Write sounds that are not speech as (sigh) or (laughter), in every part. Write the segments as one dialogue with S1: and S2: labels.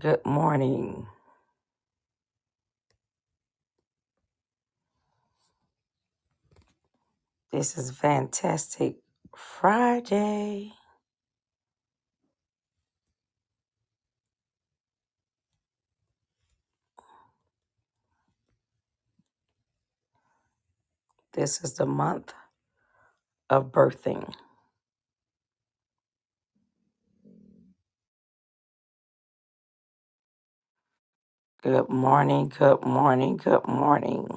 S1: Good morning. This is Fantastic Friday. This is the month of birthing. Good morning, good morning, good morning,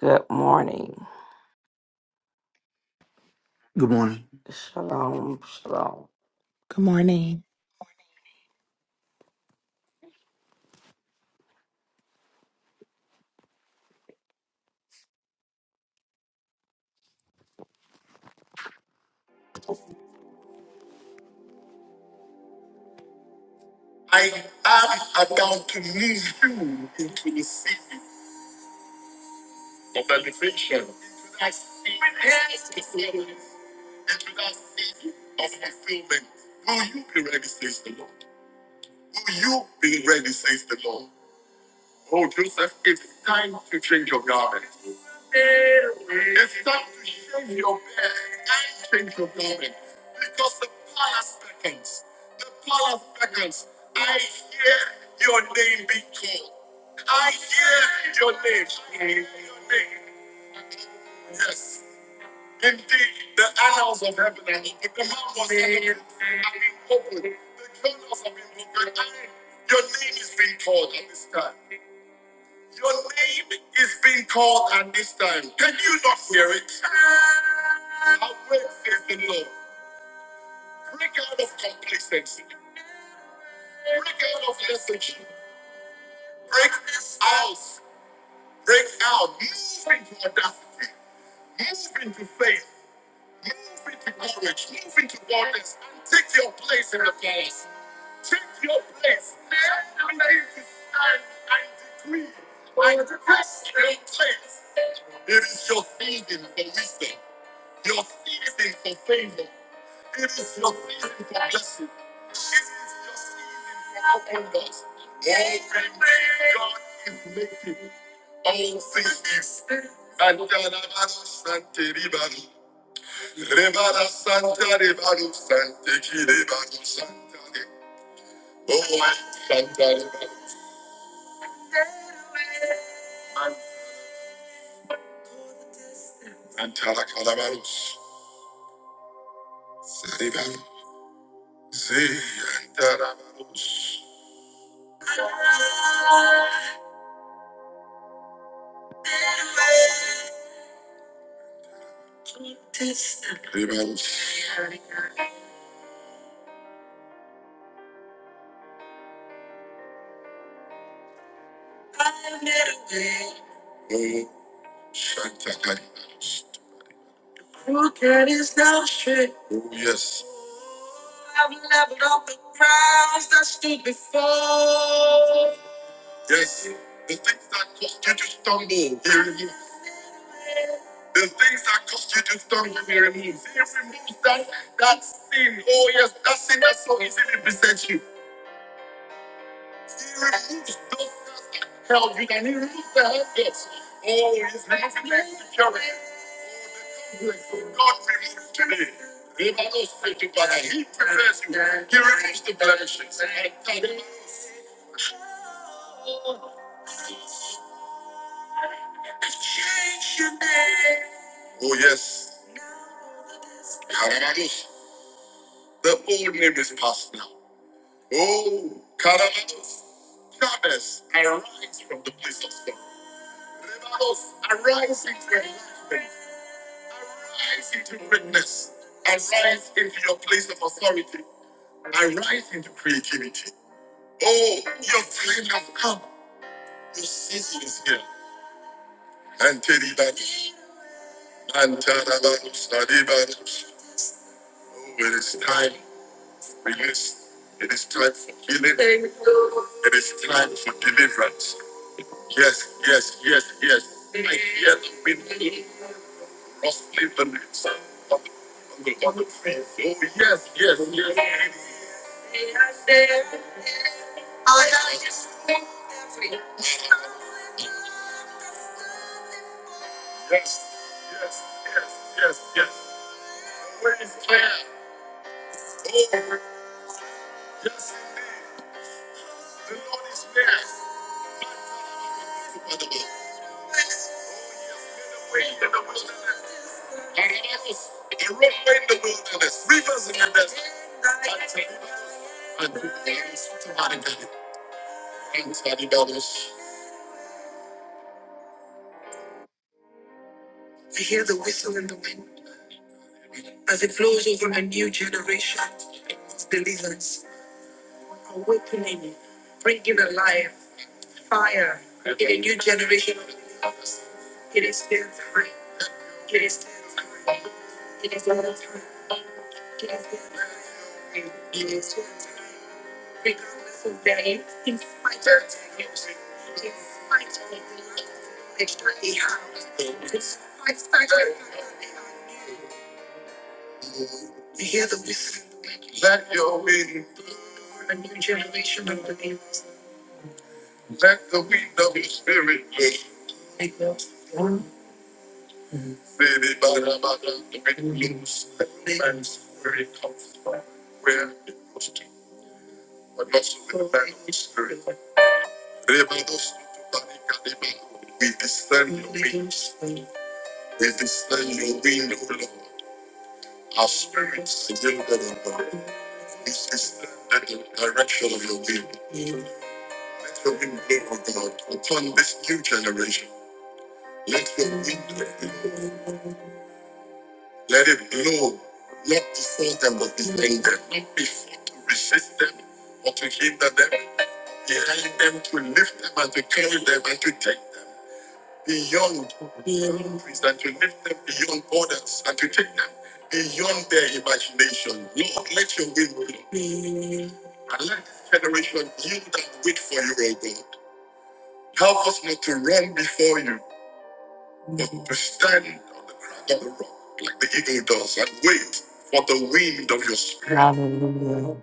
S1: good morning.
S2: Good morning.
S1: Shalom, shalom.
S3: Good morning.
S1: standing on the ground of the rock.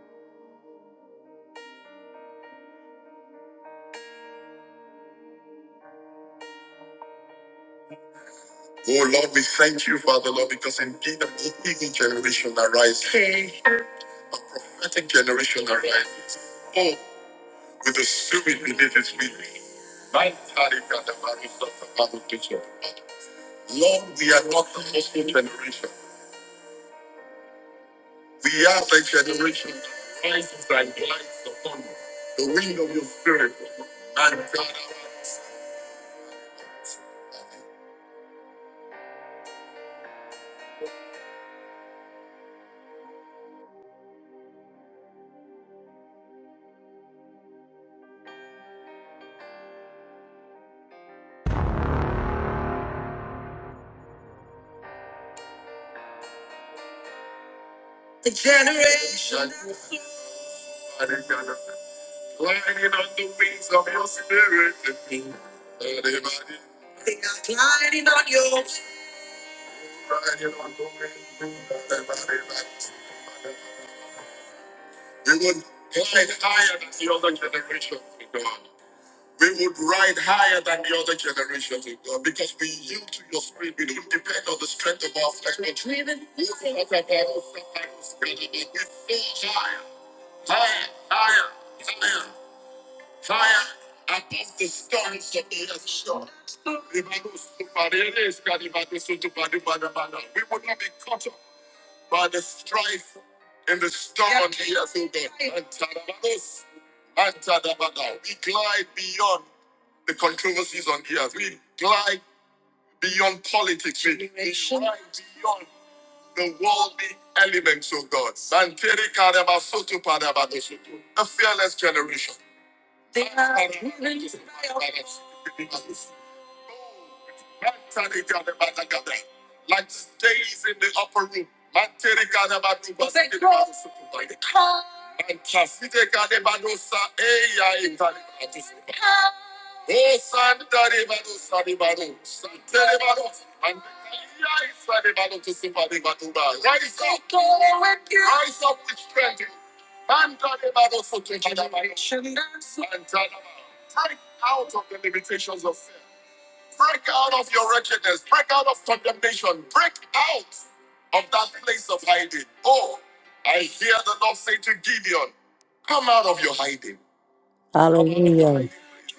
S1: Hallelujah. Hallelujah.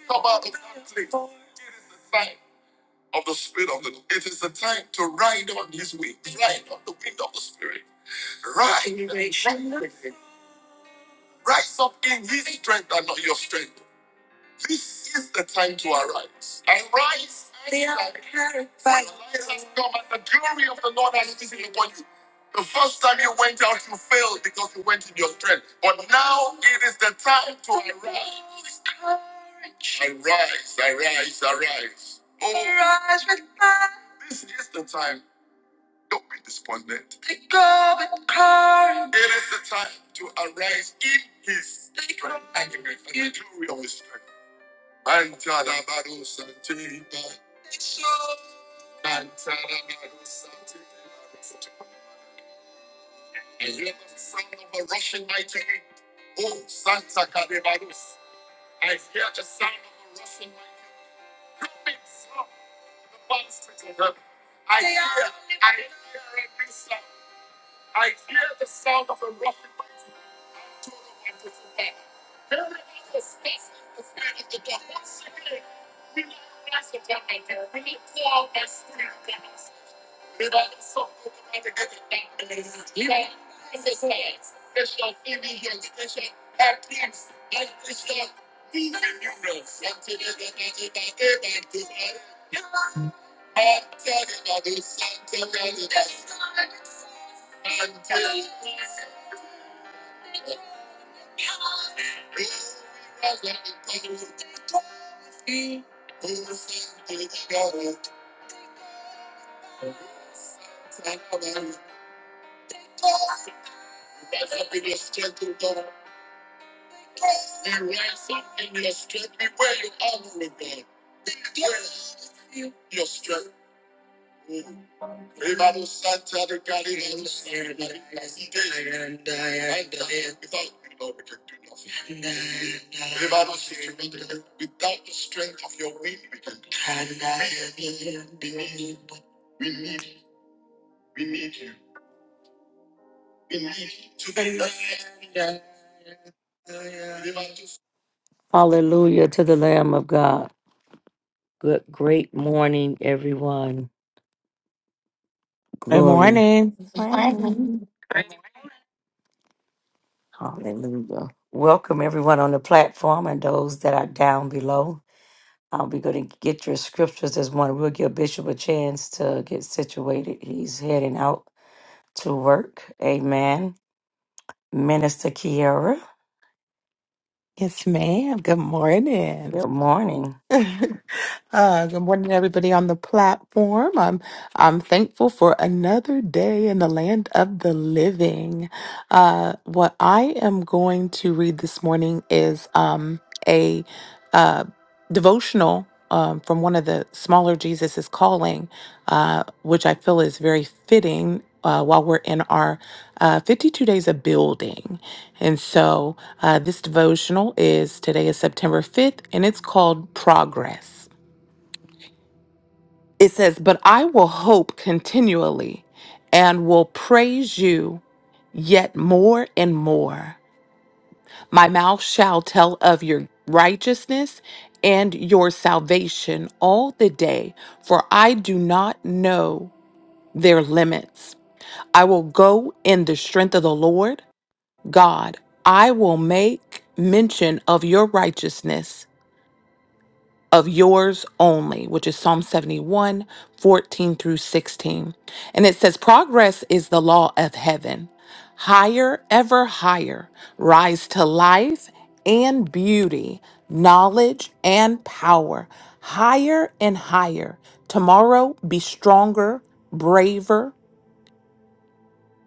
S1: Come out of conflict. Hallelujah to the Lamb of God. Good, great morning, everyone.
S3: Good
S1: Glory.
S3: morning.
S4: Morning.
S1: Hallelujah. Welcome everyone on the platform and those that are down below. I'll be going to get your scriptures this morning. We'll give Bishop a chance to get situated. He's heading out to work. Amen. Minister Kiara,
S3: Yes, ma'am. Good morning.
S1: good morning.
S3: (laughs) Uh, good morning, everybody on the platform. I'm I'm thankful for another day in the land of the living. Uh, what I am going to read this morning is um, a uh, devotional um, from one of the smaller Jesus is Calling, uh, which I feel is very fitting uh, while we're in our uh, 52 days of building. And so uh, this devotional is today is September 5th, and it's called Progress. It says, But I will hope continually and will praise you yet more and more. My mouth shall tell of your righteousness and your salvation all the day, for I do not know their limits. I will go in the strength of the Lord God. I will make mention of your righteousness of yours only, which is Psalm 71, 14 through 16. And it says, Progress is the law of heaven. Higher, ever higher, rise to life and beauty, knowledge and power. Higher and higher. Tomorrow, be stronger, braver,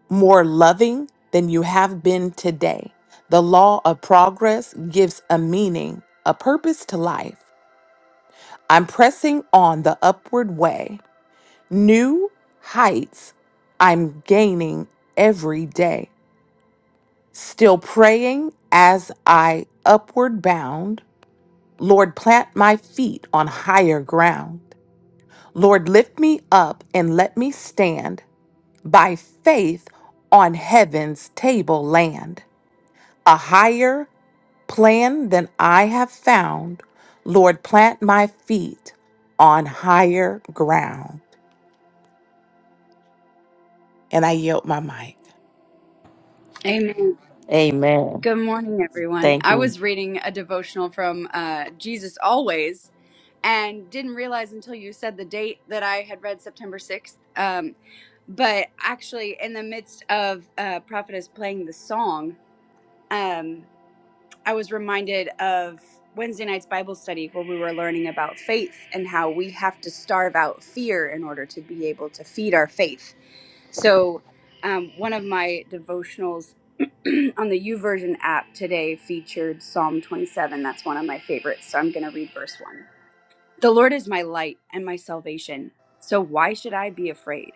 S3: more loving than you have been today. The law of progress gives a meaning, a purpose to life. I'm pressing on the upward way. New heights I'm gaining every day. Still praying as I upward bound. Lord, plant my feet on higher ground. Lord, lift me up and let me stand by faith on heaven's tableland. A higher plan than I have found. Lord, plant my feet on higher ground. And I yield my mic.
S5: Amen.
S1: Amen.
S5: Good morning, everyone.
S1: Thank
S5: I
S1: you.
S5: was reading a devotional from uh, Jesus Always and didn't realize until you said the date that I had read September 6th. Um, but actually, in the midst of uh, Prophetess playing the song, um, I was reminded of Wednesday night's Bible study where we were learning about faith and how we have to starve out fear in order to be able to feed our faith so, um, one of my devotionals (clears throat) on the YouVersion app today featured Psalm 27. That's one of my favorites. So, I'm going to read verse 1. The Lord is my light and my salvation. So, why should I be afraid?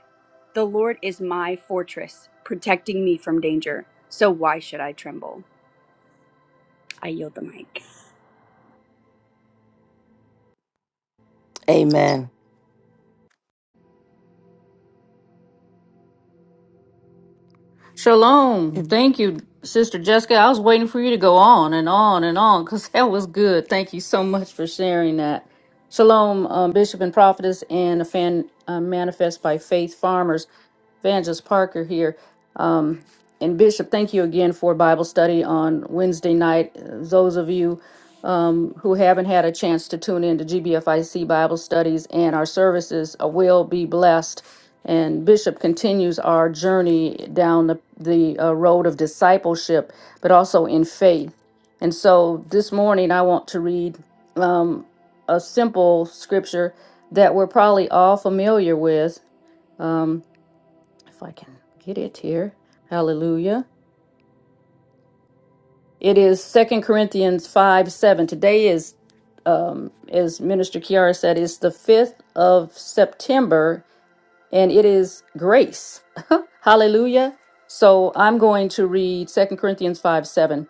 S5: The Lord is my fortress, protecting me from danger. So, why should I tremble? I yield the mic.
S1: Amen.
S6: Shalom.
S3: And
S6: Thank you, Sister Jessica. I was waiting for you to go on and on and on because that was good. Thank you so much for sharing that. Shalom, um, Bishop and Prophetess, and a fan uh, manifest by faith farmers. Evangelist Parker here. Um, and Bishop, thank you again for Bible study on Wednesday night. Those of you um, who haven't had a chance to tune in to GBFIC Bible studies and our services uh, will be blessed. And Bishop continues our journey down the, the uh, road of discipleship, but also in faith. And so this morning, I want to read um, a simple scripture that we're probably all familiar with. Um, if I can get it here. Hallelujah. It is Second Corinthians 5 7. Today is, um, as Minister Kiara said, is the 5th of September, and it is grace. Hallelujah. So I'm going to read Second Corinthians 5 7.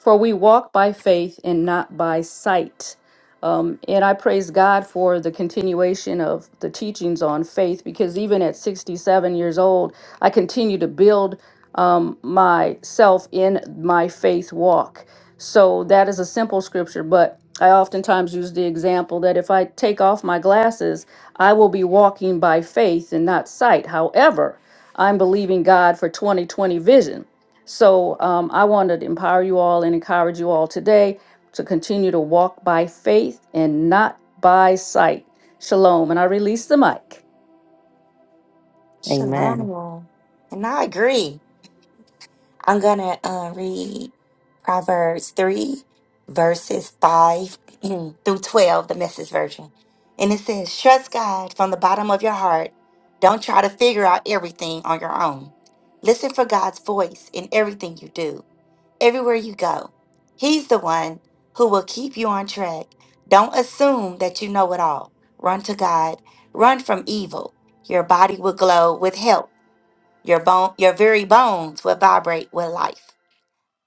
S6: For we walk by faith and not by sight. Um, and I praise God for the continuation of the teachings on faith because even at 67 years old, I continue to build um, myself in my faith walk. So that is a simple scripture, but I oftentimes use the example that if I take off my glasses, I will be walking by faith and not sight. However, I'm believing God for 2020 vision. So um, I want to empower you all and encourage you all today to continue to walk by faith and not by sight. Shalom. And I release the mic.
S1: Amen.
S4: Shalom. And I agree. I'm going to uh, read Proverbs 3, verses 5 (clears throat) through 12, the message version. And it says, Trust God from the bottom of your heart. Don't try to figure out everything on your own. Listen for God's voice in everything you do. everywhere you go. He's the one who will keep you on track. Don't assume that you know it all. Run to God. Run from evil. Your body will glow with health. Your bone, your very bones will vibrate with life.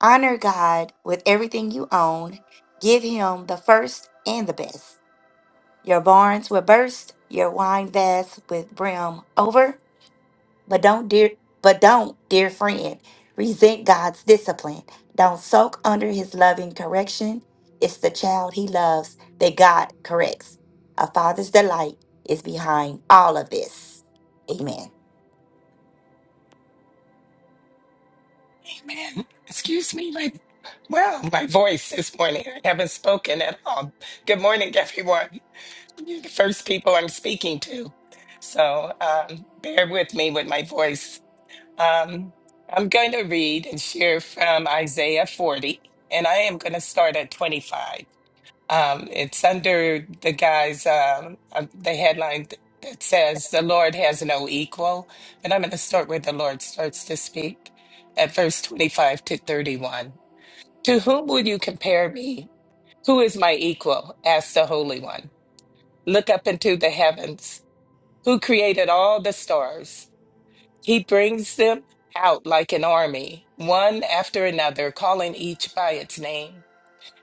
S4: Honor God with everything you own. Give him the first and the best. Your barns will burst, your wine vats with brim over, but don't, dear, but don't, dear friend, resent God's discipline. Don't soak under his loving correction. It's the child he loves that God corrects. A father's delight is behind all of this. Amen.
S7: Man, Excuse me, my well, my voice this morning. I haven't spoken at all. Good morning, everyone. You're the first people I'm speaking to, so um, bear with me with my voice. Um, I'm going to read and share from Isaiah 40, and I am going to start at 25. Um, it's under the guy's um, uh, the headline th- that says the Lord has no equal, but I'm going to start where the Lord starts to speak at verse 25 to 31. To whom will you compare me? Who is my equal? asked the Holy One. Look up into the heavens. Who created all the stars? He brings them out like an army, one after another, calling each by its name.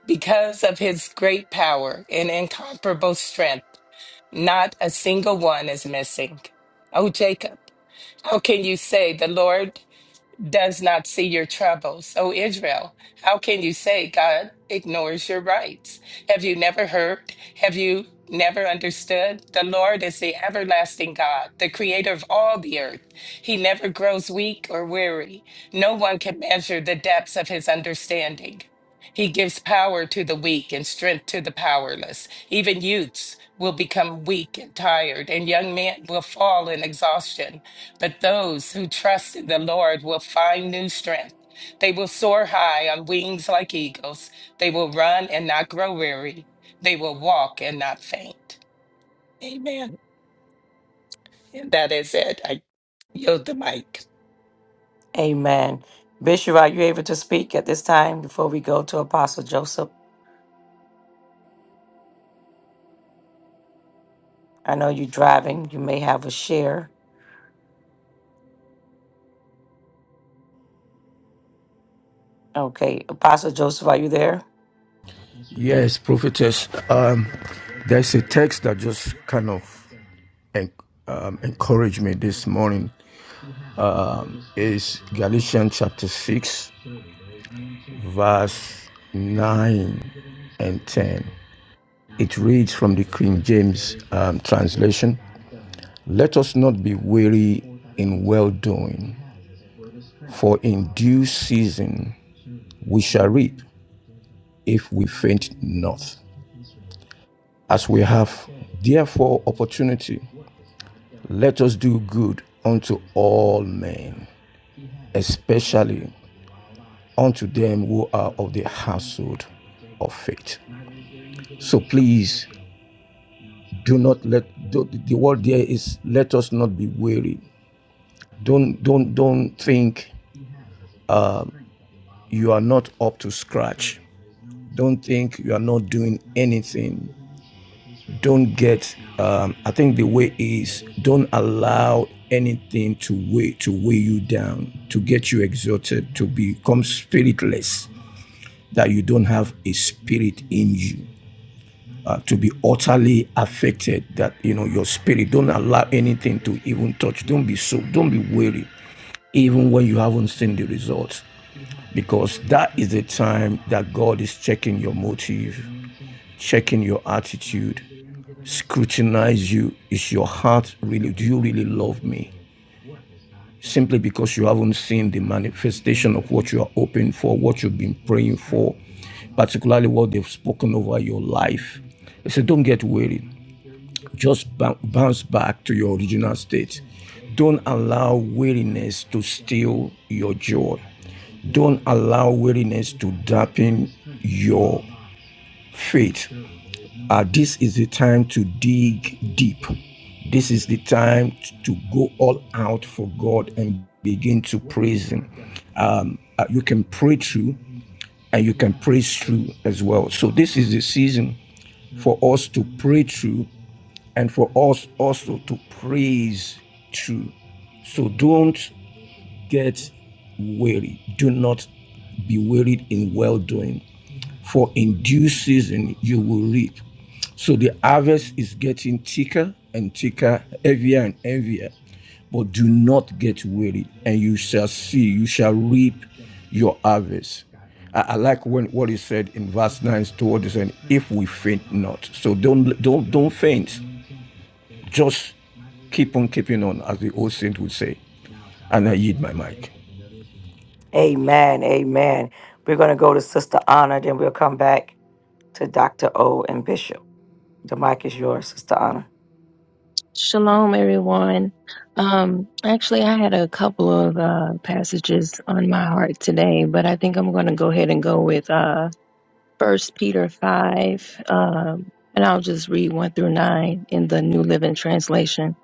S7: Because of his great power and incomparable strength, not a single one is missing. O Jacob, how can you say the Lord? does not see your troubles. O Israel, how can you say God ignores your rights? Have you never heard? Have you never understood? The Lord is the everlasting God, the creator of all the earth. He never grows weak or weary. No one can measure the depths of his understanding. He gives power to the weak and strength to the powerless. Even youths will become weak and tired, and young men will fall in exhaustion. But those who trust in the Lord will find new strength. They will soar high on wings like eagles. They will run and not grow weary. They will walk and not faint. Amen. And that is it. I yield the mic.
S1: Amen. Bishop, are you able to speak at this time before we go to Apostle Joseph? I know you're driving. You may have a share. Okay. Apostle Joseph, are you there?
S8: Yes, prophetess. Um, there's a text that just kind of en- um, encouraged me this morning. Um, is Galatians chapter six, verse nine and ten. It reads from the King James um, translation: "Let us not be weary in well doing, for in due season we shall reap if we faint not." As we have therefore opportunity, Let us do good unto all men, especially unto them who are of the household of faith. So please do not let do- the word there is let us not be weary. Don't don't don't think you are not up to scratch. Don't think you are not doing anything. Don't get. Um, I think the way is don't allow anything to weigh to weigh you down, to get you exalted, to become spiritless that you don't have a spirit in you uh, to be utterly affected that you know your spirit don't allow anything to even touch don't be so don't be weary even when you haven't seen the results because that is the time that god is checking your motive checking your attitude scrutinize you is your heart really do you really love me simply because you haven't seen the manifestation of what you are hoping for, what you've been praying for, particularly what they've spoken over your life. He said, Don't get weary, just bou- bounce back to your original state. Don't allow weariness to steal your joy. Don't allow weariness to dampen your faith. Uh, this is the time to dig deep. This is the time to go all out for God and begin to praise Him. Um, uh, you can pray through and you can praise through as well. So, this is the season for us to pray through and for us also to praise through. So, don't get weary. Do not be wearied in well doing for in due season you will reap. So the harvest is getting thicker and thicker, heavier and heavier. But do not get weary, and you shall see, you shall reap your harvest. I, I like when what he said in verse 9 toward us, and if we faint not. So don't don't don't faint. Just keep on keeping on, as the old saint would say. And I yield my mic.
S1: Amen. Amen. We're going to go to Sister Honor, then we'll come back to Dr. O and Bishop. The mic is yours, Sister Honor.
S9: Shalom, everyone. Um, actually, I had a couple of uh, passages on my heart today, but I think I'm going to go ahead and go with uh, 1 Peter 5, um, and I'll just read 1 through 9 in the New Living Translation.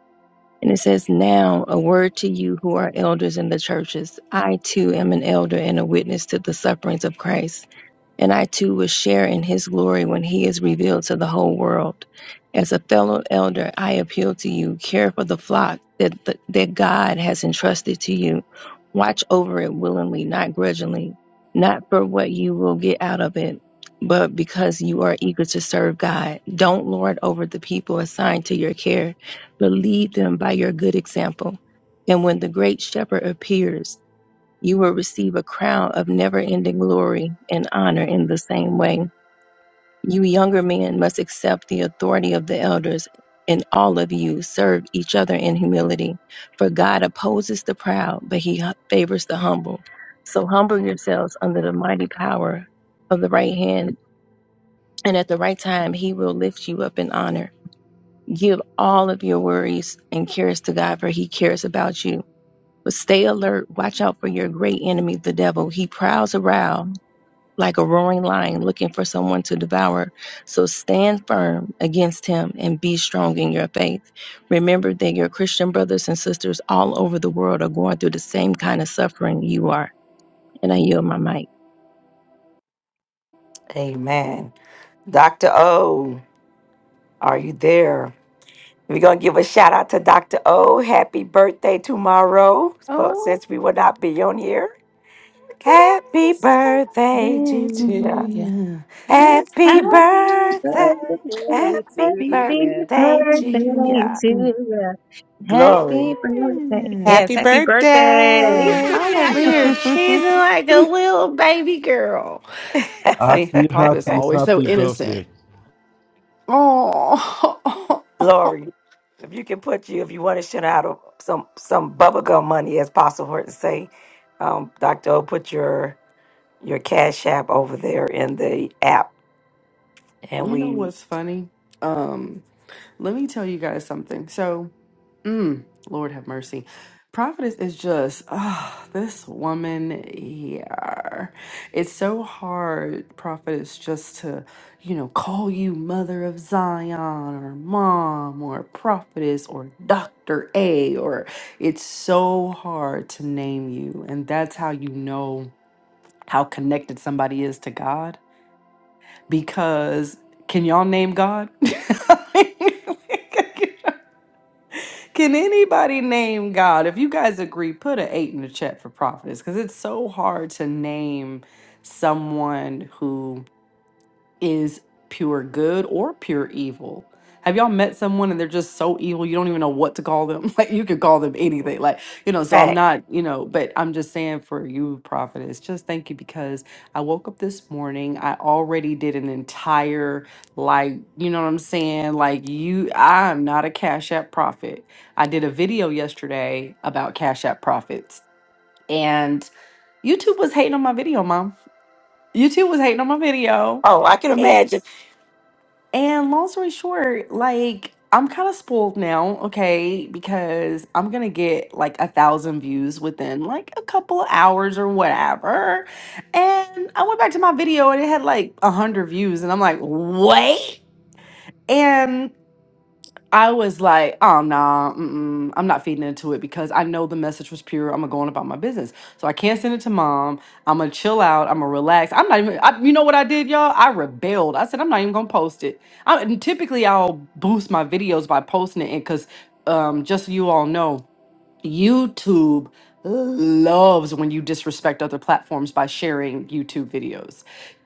S9: And it says, Now, a word to you who are elders in the churches. I too am an elder and a witness to the sufferings of Christ and I too will share in his glory when he is revealed to the whole world. As a fellow elder, I appeal to you care for the flock that, that, God has entrusted to you. Watch over it willingly, not grudgingly, not for what you will get out of it, but because you are eager to serve God. Don't lord over the people assigned to your care, but lead them by your good example. And when the great shepherd appears, you will receive a crown of never ending glory and honor in the same way. You younger men must accept the authority of the elders, and all of you serve each other in humility. For God opposes the proud, but he favors the humble. So humble yourselves under the mighty power of the right hand, and at the right time, he will lift you up in honor. Give all of your worries and cares to God, for he cares about you. But stay alert, watch out for your great enemy, the devil. He prowls around like a roaring lion looking for someone to devour. So stand firm against him and be strong in your faith. Remember that your Christian brothers and sisters all over the world are going through the same kind of suffering you are. And I yield my mic.
S1: Amen. Dr. O, are you there? We're gonna give a shout out to Dr. O. Happy birthday tomorrow. But
S10: Oh,
S1: since we will not be on here,
S10: look at
S1: happy
S10: us,
S1: birthday to
S10: baby.
S3: to
S1: you.
S3: you.
S10: Yeah.
S1: Happy
S5: Happy
S1: birthday.
S5: birthday
S1: Happy
S5: to
S9: Happy
S5: you.
S1: birthday
S9: birthday
S1: to you.
S9: to you. Happy
S1: Glory.
S9: birthday. Yes,
S3: Happy
S9: happy birthday.
S5: Feliz
S3: birthday.
S10: I'm over here
S5: cumpleaños.
S10: cheesing
S3: (laughs)
S10: like a little baby girl. See,
S8: Happy,
S10: Prophet is
S8: happy,
S1: (laughs)
S10: always so
S8: happy
S10: innocent.
S8: birthday.
S10: Oh,
S1: Glory. If you can put you, if you want to send out a- some some bubblegum money as possible for it to say, um, Dr. O, put your your cash app over there in the app
S10: (laughs)
S1: and
S10: you know
S1: we
S10: what's funny? Um. Let me tell you guys something. So, mm, Lord have mercy. Prophetess is just, ah, this woman here. It's so hard, Prophetess, just to, you know, call you Mother of Zion or Mom or Prophetess or Dr. A, or it's so hard to name you. And that's how you know how connected somebody is to God because can y'all name God? (laughs) Can anybody name God? If you guys agree, put an eight in the chat for prophets because it's so hard to name someone who is pure good or pure evil. Have y'all met someone and they're just so evil you don't even know what to call them? (laughs) Like you could call them anything. Like, you know, so I'm
S1: back.
S10: not, you know, but I'm just saying for you, prophetess, just thank you because I woke up this morning. I already did an entire like, you know what I'm saying? Like you I am not a Cash App prophet. I did a video yesterday about Cash App profits. And YouTube was hating on my video, mom. YouTube was hating on my video.
S1: Oh, I can imagine.
S10: And long story short, like I'm kind of spoiled now, okay, because I'm gonna get like a thousand views within like a couple of hours or whatever. And I went back to my video and it had like a hundred views, and I'm like, wait. and. I was like, oh no, mm-mm, I'm not feeding into it because I know the message was pure. I'm gonna go on about my business, so I can't send it to mom. I'm gonna chill out. I'm gonna relax. I'm not even. I, you know what I did, y'all? I rebelled. I said I'm not even gonna post it. I, and typically, I'll boost my videos by posting it, because um, just so you all know, YouTube loves when you disrespect other platforms by sharing YouTube videos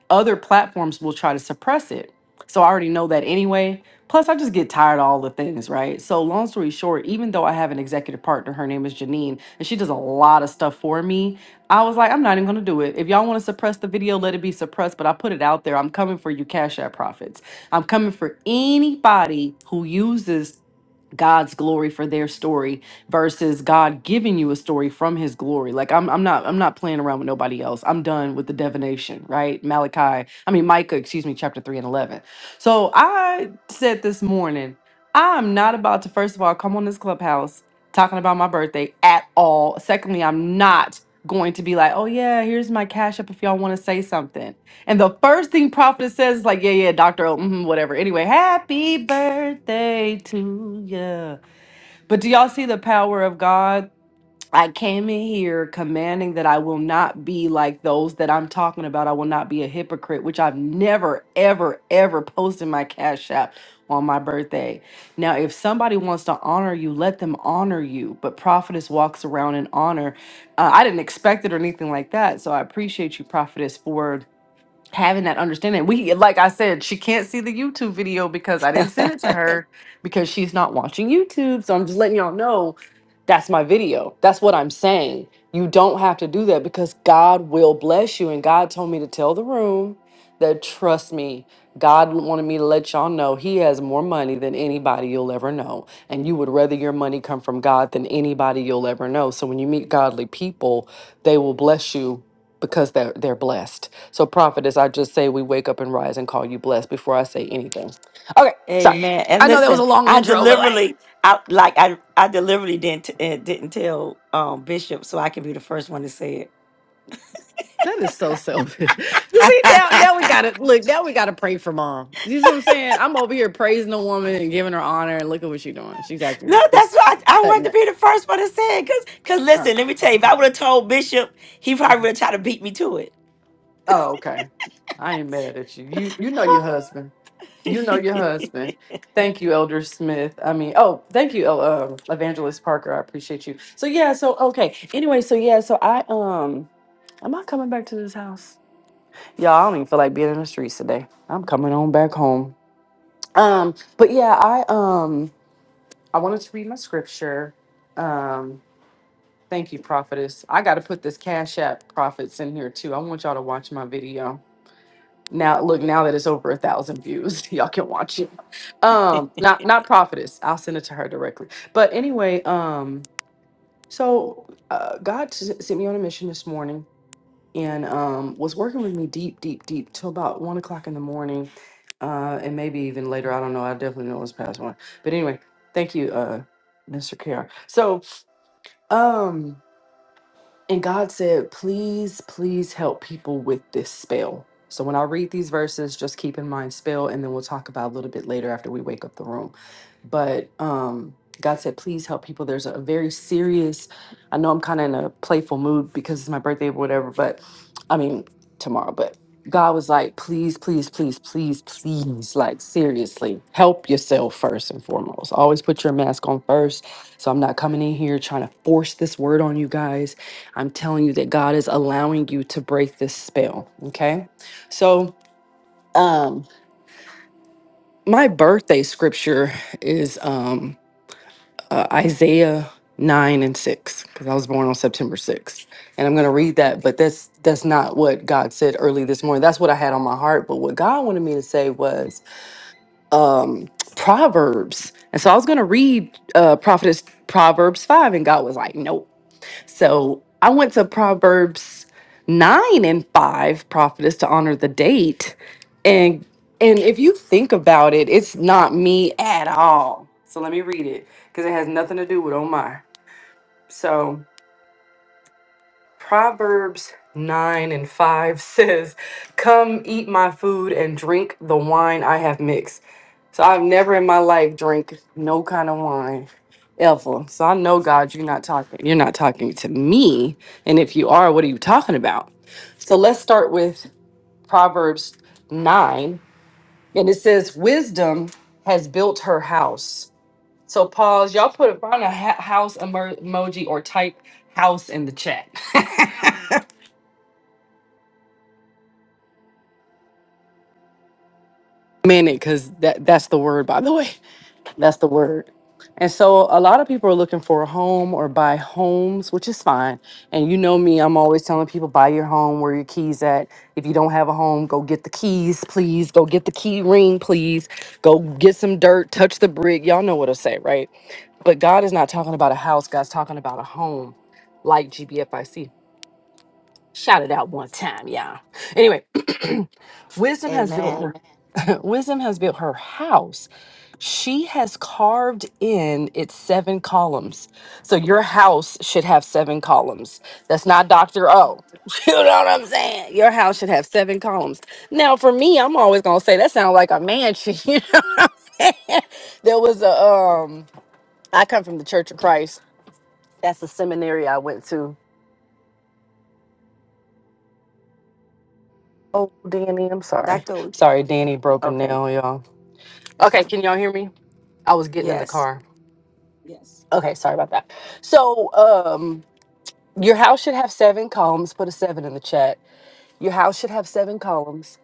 S10: other platforms will try to suppress it. So I already know that anyway. Plus, I just get tired of all the things, right? So, long story short, even though I have an executive partner, her name is Janine, and she does a lot of stuff for me. I was like, I'm not even going to do it. If y'all want to suppress the video, let it be suppressed. But I put it out there. I'm coming for you, Cash App Profits. I'm coming for anybody who uses God's glory for their story versus God giving you a story from his glory. Like I'm I'm not I'm not playing around with nobody else. I'm done with the divination, right? Malachi, I mean Micah, excuse me, chapter 3 and 11. So I said this morning, I'm not about to first of all come on this clubhouse talking about my birthday at all. Secondly, I'm not going to be like, "Oh yeah, here's my cash up if y'all want to say something." And the first thing prophetess says is like, yeah, yeah, Dr. O, mhm, whatever. Anyway, happy birthday to ya! But do y'all see the power of God? I came in here commanding that I will not be like those that I'm talking about. I will not be a hypocrite, which I've never, ever, ever posted my Cash App on my birthday. Now, if somebody wants to honor you, let them honor you. But prophetess walks around in honor. Uh, I didn't expect it or anything like that. So I appreciate you, prophetess, for having that understanding. We, like I said, she can't see the YouTube video because I didn't send it to her because she's not watching YouTube. So I'm just letting y'all know that's my video. That's what I'm saying. You don't have to do that because God will bless you. And God told me to tell the room that trust me, God wanted me to let y'all know He has more money than anybody you'll ever know. And you would rather your money come from God than anybody you'll ever know. So when you meet godly people, they will bless you because they're they're blessed. So prophetess, I just say we wake up and rise and call you blessed before I say anything. Okay, sorry.
S1: Amen. And
S10: I know that was a
S1: listen,
S10: long
S1: I
S10: intro, but like
S1: deliberately, I like, I, I deliberately didn't uh, didn't tell um, Bishop, so I can be the first one to say it.
S10: that is so selfish. (laughs) You see, now now we
S3: God
S10: gotta look, now we gotta pray for mom. You see what I'm saying? I'm over here praising the woman and giving her honor and look at what she's doing. She's
S1: No,
S10: acting
S1: that's
S10: just
S1: why I, I
S10: cutting
S1: wanted to
S10: up.
S1: be the first one to say it, cause, cause
S10: Huh.
S1: listen, let me tell you, if
S10: Okay.
S1: I would have told Bishop, he probably would
S10: Mhm.
S1: have tried to beat me to it.
S10: Oh, okay. I ain't mad at you. You you know your husband. You know your
S1: (laughs)
S10: husband. Thank you, Elder Smith. I mean, oh, thank you, El- um, Evangelist Parker. I appreciate you. So yeah, so okay. Anyway, so yeah, so I um, am I coming back to this house? Y'all, I don't even feel like being in the streets today. I'm coming on back home. Um, but yeah, I um, I wanted to read my scripture. Um, thank you, prophetess. I got to put this Cash App prophets in here too. I want y'all to watch my video. Now look, now that it's over a thousand views, (laughs) y'all can watch it. Um, not not prophetess. I'll send it to her directly. But anyway, um, so uh, God s- sent me on a mission this morning and um was working with me deep, deep, deep till about one o'clock in the morning, uh, and maybe even later. I don't know. I definitely know it's past one. But anyway, thank you, uh, Mr. Care. So um. And God said, please, please help people with this spell. So when I read these verses, just keep in mind spell, and then we'll talk about a little bit later after we wake up the room. But um, God said, please help people. There's a very serious, I know I'm kind of in a playful mood because it's my birthday or whatever, but I mean, tomorrow, but God was like, please, please, please, please, please, like seriously, help yourself first and foremost. Always put your mask on first. So I'm not coming in here trying to force this word on you guys I'm telling you that God is allowing you to break this spell. Okay. So, um, my birthday scripture is um, uh, Isaiah 9 and 6 because I was born on September 6th. And I'm going to read that, but that's that's not what God said early this morning. That's what I had on my heart, but what God wanted me to say was um Proverbs. And so I was going to read uh Prophetess Proverbs 5 and God was like, "Nope." So I went to Proverbs nine and five, prophetess, to honor the date. And and if you think about it, it's not me at all. So let me read it because it has nothing to do with Omar. So Proverbs nine and five (laughs) says, Come eat my food and drink the wine I have mixed. So I've never in my life drank no kind of wine ever. So I know God, you're not talking. You're not talking to me. And if you are, what are you talking about? So let's start with Proverbs 9. And it says, Wisdom has built her house. So pause. Y'all put find a ha- house emo- emoji or type house in the chat. (laughs) Minute, because that that's the word, by the way. That's the word. And so a lot of people are looking for a home or buy homes, which is fine. And you know me, I'm always telling people buy your home, where your keys at. If you don't have a home, go get the keys, please. Go get the key ring, please. Go get some dirt, touch the brick. Y'all know what I say, right? But God is not talking about a house, God's talking about a home like GBFIC. Shout it out one time, y'all. Anyway, (clears throat) wisdom has built
S1: Amen.
S10: her (laughs) wisdom has built her house she has carved in its seven columns. So your house should have seven columns. That's not Dr. O. (laughs) You know what I'm saying? Your house should have seven columns. Now, for me, I'm always going to say that sounds like a mansion. (laughs) You know what I'm saying? There was a, um, I come from the Church of Christ. That's the seminary I went to. Oh, Danny, I'm sorry.
S1: Doctor, we can-
S10: Sorry, Danny broken
S1: okay,
S10: now, y'all. Okay, can y'all hear me? I was getting in the
S1: yes,
S10: car. Okay, sorry about that. So, um, Your house should have seven columns. Put a seven in the chat. Your house should have seven columns,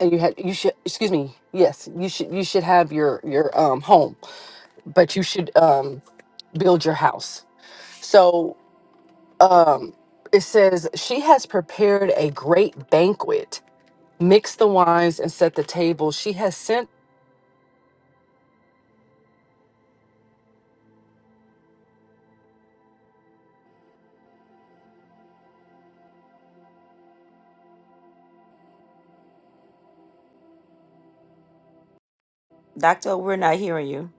S10: and you had you should excuse me. Yes, you should you should have your your um home, but you should um build your house. So um it says she has prepared a great banquet. Mix the wines and set the table. She has sent.
S1: Doctor, we're not hearing you.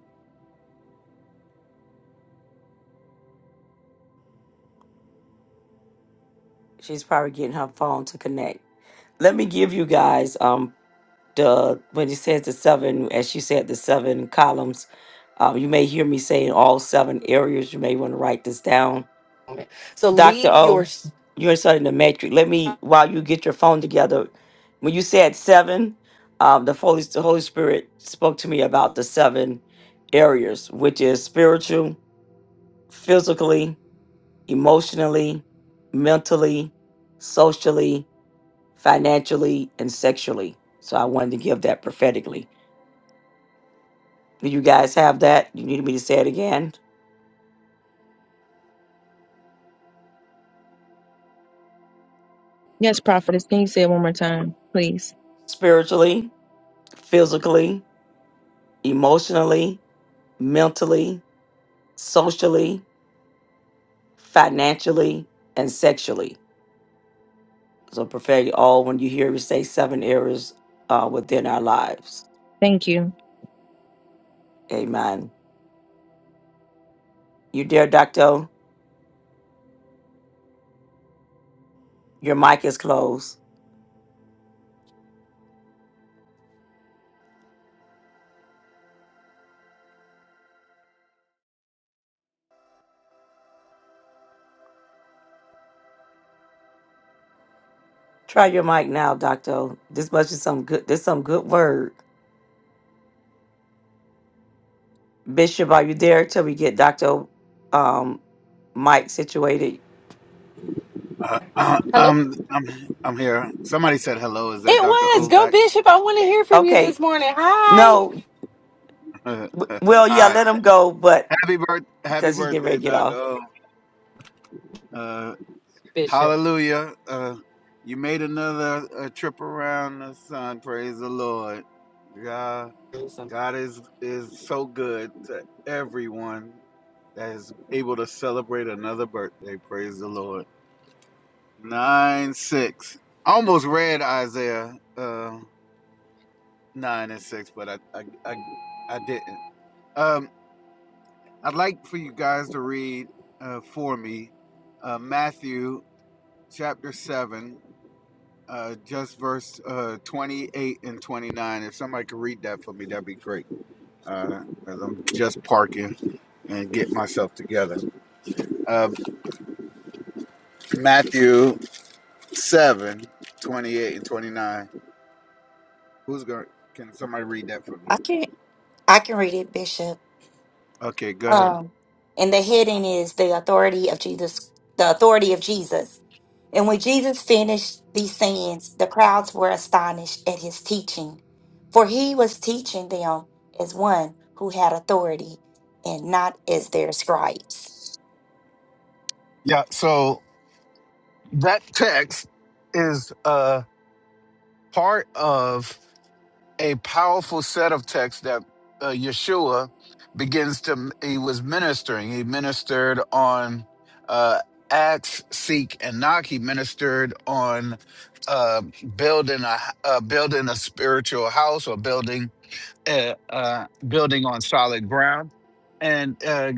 S1: She's probably getting her phone to connect. Let me give you guys. um the when it says the seven, as you said, the seven columns. Um, you may hear me saying all seven areas. You may want to write this down.
S10: So
S1: Dr.
S10: leave your
S1: O,
S10: s-
S1: you're studying the matrix. Let me, while you get your phone together, when you said seven, um, the, Holy, the Holy Spirit spoke to me about the seven areas, which is spiritual, physically, emotionally, mentally, socially, financially, and sexually. So I wanted to give that prophetically. Do you guys have that? You need me to say it again?
S9: Yes, prophetess. Can you say it one more time, please?
S1: Spiritually, physically, emotionally, mentally, socially, financially, and sexually. So, perfect all when you hear me say seven areas uh, within our lives.
S9: Thank you.
S1: Amen. You there, Doctor, your mic is closed. Try your mic now, Doctor. This must be some good. This some good word. Bishop, are you there till we get Doctor um, mic situated?
S2: Uh,
S10: hello.
S2: um, I'm I'm here. Somebody said hello. Is that
S10: It
S2: Dr.
S10: was
S2: O
S10: go
S2: back?
S10: Bishop. I want to hear from you
S1: Okay.
S10: this morning. Hi,
S1: No,
S2: (laughs)
S1: W- Well, yeah,
S2: Hi.
S1: let him go, but
S2: Happy birth Happy
S1: because he's getting
S2: birthday,
S1: ready to get
S2: Dr.
S1: off.
S2: O. Uh,
S10: Bishop.
S2: hallelujah. Uh, you made another uh, trip around the sun. Praise the Lord. God, God is is so good to everyone that is able to celebrate another birthday. Praise the Lord. Nine six. I almost read Isaiah. uh, nine and six, but I I I, I didn't. Um, I'd like for you guys to read uh, for me uh, Matthew chapter seven, uh, just verse uh, twenty eight and twenty nine. If somebody could read that for me, that'd be great. Uh, as I'm just parking and get myself together. Uh, Matthew seven, twenty eight and twenty nine. Who's going? to Can somebody read that for
S4: I
S2: me?
S4: can I can read it, Bishop.
S2: Okay, go ahead.
S4: Um, and the heading is the authority of Jesus, the authority of Jesus. And when Jesus finished these sayings, the crowds were astonished at his teaching, for he was teaching them as one who had authority and not as their scribes.
S2: Yeah, so that text is uh. part of a powerful set of texts that uh, Yeshua begins to, he was ministering. He ministered on uh, Acts, Seek, and Knock. He ministered on uh, building a uh, building a spiritual house or building uh, uh, building on solid ground, and uh,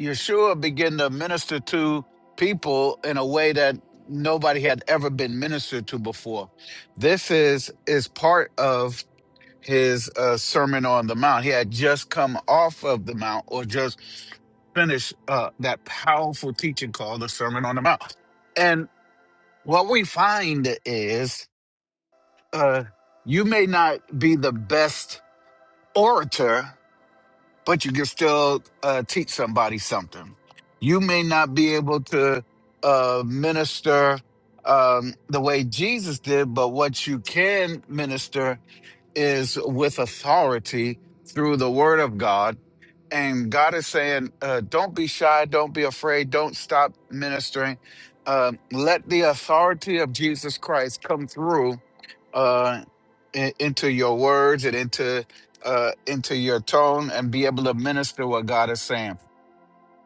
S2: Yeshua began to minister to people in a way that nobody had ever been ministered to before. This is is part of his uh, sermon on the mount. He had just come off of the mount, or just finished uh, that powerful teaching called the Sermon on the Mount. And what we find is, uh, you may not be the best orator but you can still uh, teach somebody something. You may not be able to uh, minister um, the way Jesus did, but what you can minister is with authority through the Word of God and God is saying, uh, don't be shy, don't be afraid, don't stop ministering. Um, let the authority of Jesus Christ come through uh, in, into your words and into uh, into your tone, and be able to minister what God is saying.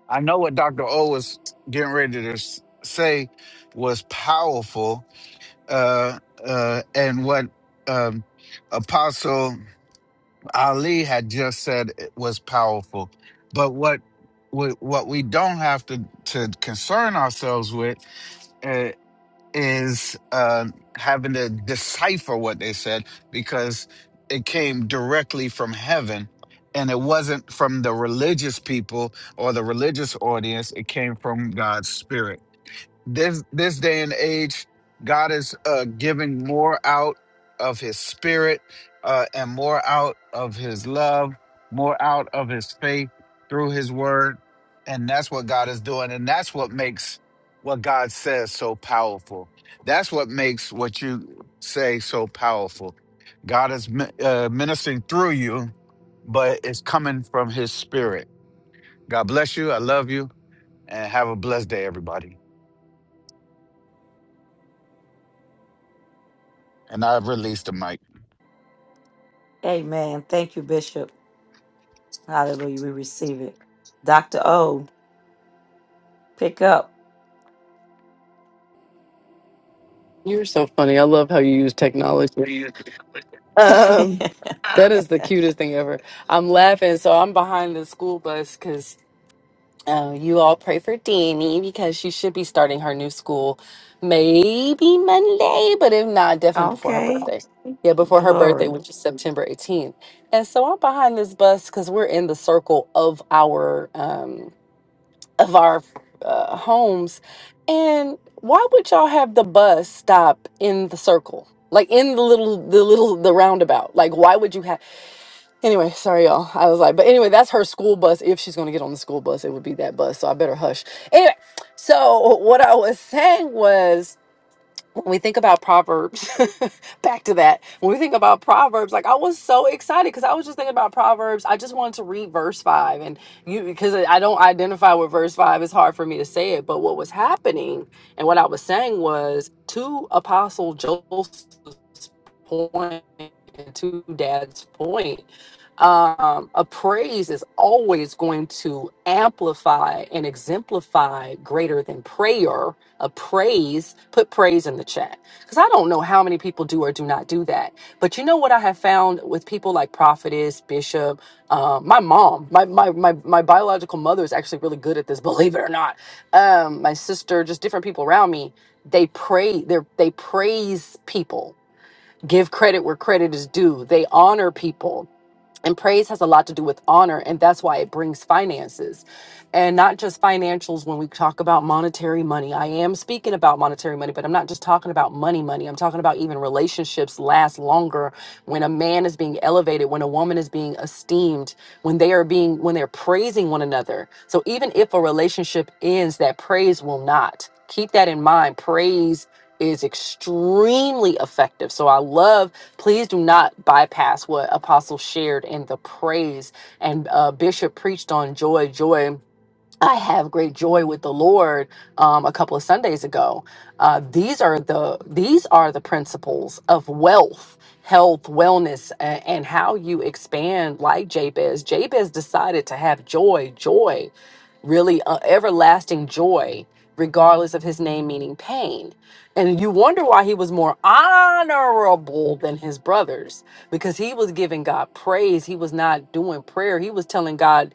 S2: I know what Doctor O was getting ready to s- say was powerful, uh, uh, and what um, Apostle Ali had just said it was powerful. But what what, what we don't have to, to concern ourselves with uh, is uh, having to decipher what they said because it came directly from heaven and it wasn't from the religious people or the religious audience. It came from God's spirit this this day and age god is uh giving more out of his spirit uh and more out of his love more out of his faith through his word and that's what god is doing and that's what makes what god says so powerful that's what makes what you say so powerful god is mi- uh, ministering through you but it's coming from his spirit god bless you i love you and have a blessed day everybody and i've released the mic
S1: Amen. Thank you, Bishop. Hallelujah. We receive it. Dr. O, pick up.
S10: You're so funny. I love how you use technology. Um,
S1: (laughs)
S10: that is the cutest thing ever. I'm laughing, so I'm behind the school bus because uh, you all pray for Danny because she should be starting her new school maybe Monday, but if not, definitely before her
S1: okay.
S10: birthday. Yeah, before her birthday,
S1: Glory.
S10: which is September 18th. And so I'm behind this bus because we're in the circle of our um of our uh, homes. And why would y'all have the bus stop in the circle? Like in the little the little the roundabout. Like why would you have Anyway, sorry y'all. I was like, but anyway, that's her school bus. If she's gonna get on the school bus, it would be that bus. So I better hush. Anyway, so what I was saying was when we think about proverbs (laughs) back to that when we think about proverbs like i was so excited because i was just thinking about proverbs i just wanted to read verse 5 and you because i don't identify with verse 5 it's hard for me to say it but what was happening and what i was saying was to apostle joseph's point and to dad's point um a praise is always going to amplify and exemplify greater than prayer a praise, put praise in the chat. Because I don't know how many people do or do not do that. But you know what I have found with people like prophetess, bishop, um, my mom, my, my, my, my biological mother is actually really good at this, (laughs) believe it or not. Um, my sister, just different people around me, they pray, they're, they praise people. Give credit where credit is due. They honor people and praise has a lot to do with honor, and that's why it brings finances and not just financials when we talk about monetary money. I am speaking about monetary money, but I'm not just talking about money, money. I'm talking about even relationships last longer when a man is being elevated, when a woman is being esteemed, when they are being, when they're praising one another. So even if a relationship ends, that praise will not. Keep that in mind. Praise is extremely effective. So I love Please do not bypass what Apostle shared in the praise and uh, Bishop preached on joy, joy. I have great joy with the Lord um, a couple of Sundays ago. Uh, these are the these are the principles of wealth, health, wellness, and, and how you expand. Like Jabez, Jabez decided to have joy, joy, really uh, everlasting joy, regardless of his name meaning pain. And you wonder why he was more honorable than his brothers because he was giving God praise. He was not doing prayer. He was telling God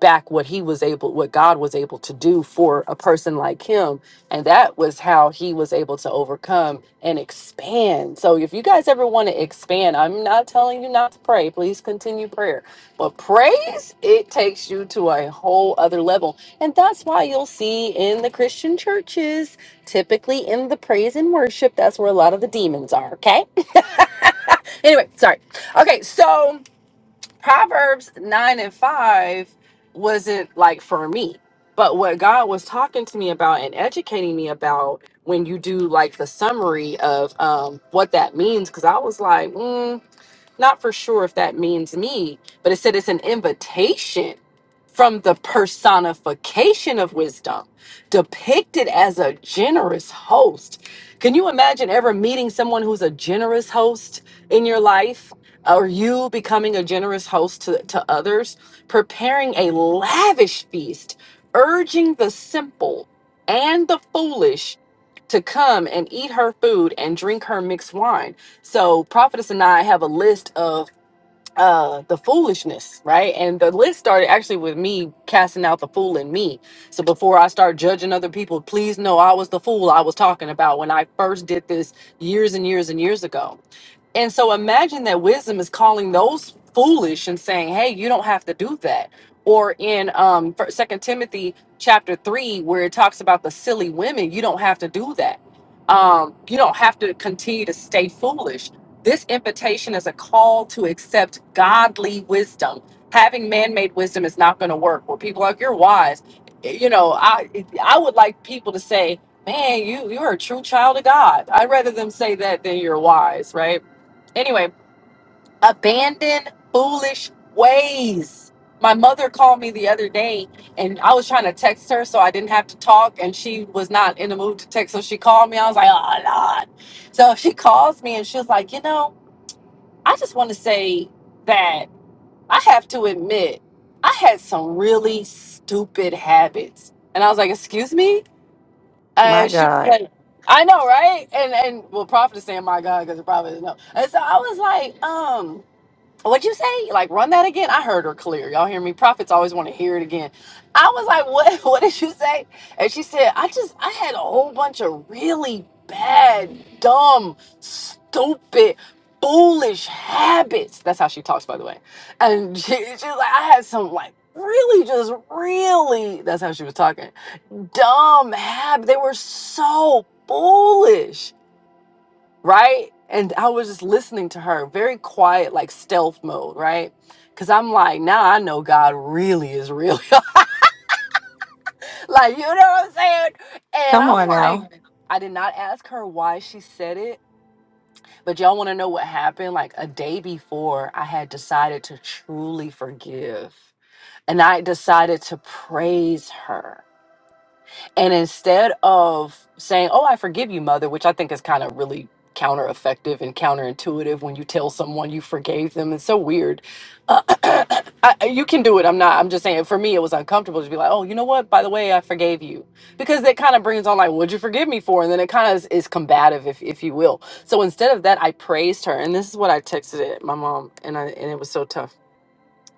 S10: back what he was able what God was able to do for a person like him and that was how he was able to overcome and expand. So if you guys ever want to expand, I'm not telling you not to pray. Please continue prayer. But praise it takes you to a whole other level. And that's why you'll see in the Christian churches, typically in the praise and worship, that's where a lot of the demons are, okay? (laughs) anyway, sorry. Okay, so Proverbs 9 and 5 wasn't like for me. But what God was talking to me about and educating me about when you do like the summary of um, what that means, because I was like, mm, not for sure if that means me, but it said it's an invitation from the personification of wisdom, depicted as a generous host. Can you imagine ever meeting someone who's a generous host in your life? Or you becoming a generous host to, to others, preparing a lavish feast, urging the simple and the foolish to come and eat her food and drink her mixed wine. So Prophetess and I have a list of uh the foolishness, right? And the list started actually with me casting out the fool in me. So before I start judging other people, please know I was the fool I was talking about when I first did this years and years and years ago. And so imagine that wisdom is calling those foolish and saying, "Hey, you don't have to do that." Or in um Second Timothy chapter 3 where it talks about the silly women, you don't have to do that. Um, you don't have to continue to stay foolish this invitation is a call to accept godly wisdom. Having man-made wisdom is not going to work. Where people are like you're wise, you know, I I would like people to say, "Man, you you're a true child of God." I'd rather them say that than you're wise, right? Anyway, abandon foolish ways. My mother called me the other day, and I was trying to text her, so I didn't have to talk, and she was not in the mood to text, so she called me. I was like, "Oh Lord." So she calls me, and she was like, "You know." I just want to say that I have to admit, I had some really stupid habits. And I was like, excuse me?
S1: My
S10: And she was
S1: God.
S10: like, I know, right? And and well, prophet is saying, my God, because the prophet is no. And so I was like, um, What'd you say? Like run that again? I heard her clear. Y'all hear me? Prophets always want to hear it again. I was like, what (laughs) what did you say? And she said, I just I had a whole bunch of really bad, dumb, stupid, foolish habits. That's how she talks, by the way. And (laughs) she, she's like, I had some like really just really that's how she was talking. Dumb habits. They were so foolish right? And I was just listening to her, very quiet, like stealth mode, right? Because I'm like, now I know God really is real. (laughs) like, you know what I'm saying? And
S1: Come
S10: I'm
S1: on
S10: like,
S1: now.
S10: Mhm. I did not ask her why she said it, but y'all want to know what happened? Like, a day before, I had decided to truly forgive and I decided to praise her And instead of saying, Oh, I forgive you, mother, which I think is kind of really counter effective and counterintuitive when you tell someone you forgave them. It's so weird. Uh, (clears throat) I, you can do it. I'm not, I'm just saying for me, it was uncomfortable to be like, Oh, you know what? By the way, I forgave you. Because that kind of brings on, like, What'd you forgive me for? And then it kind of is, is combative, if, if you will. So instead of that, I praised her. And this is what I texted it, my mom, and, I, and it was so tough.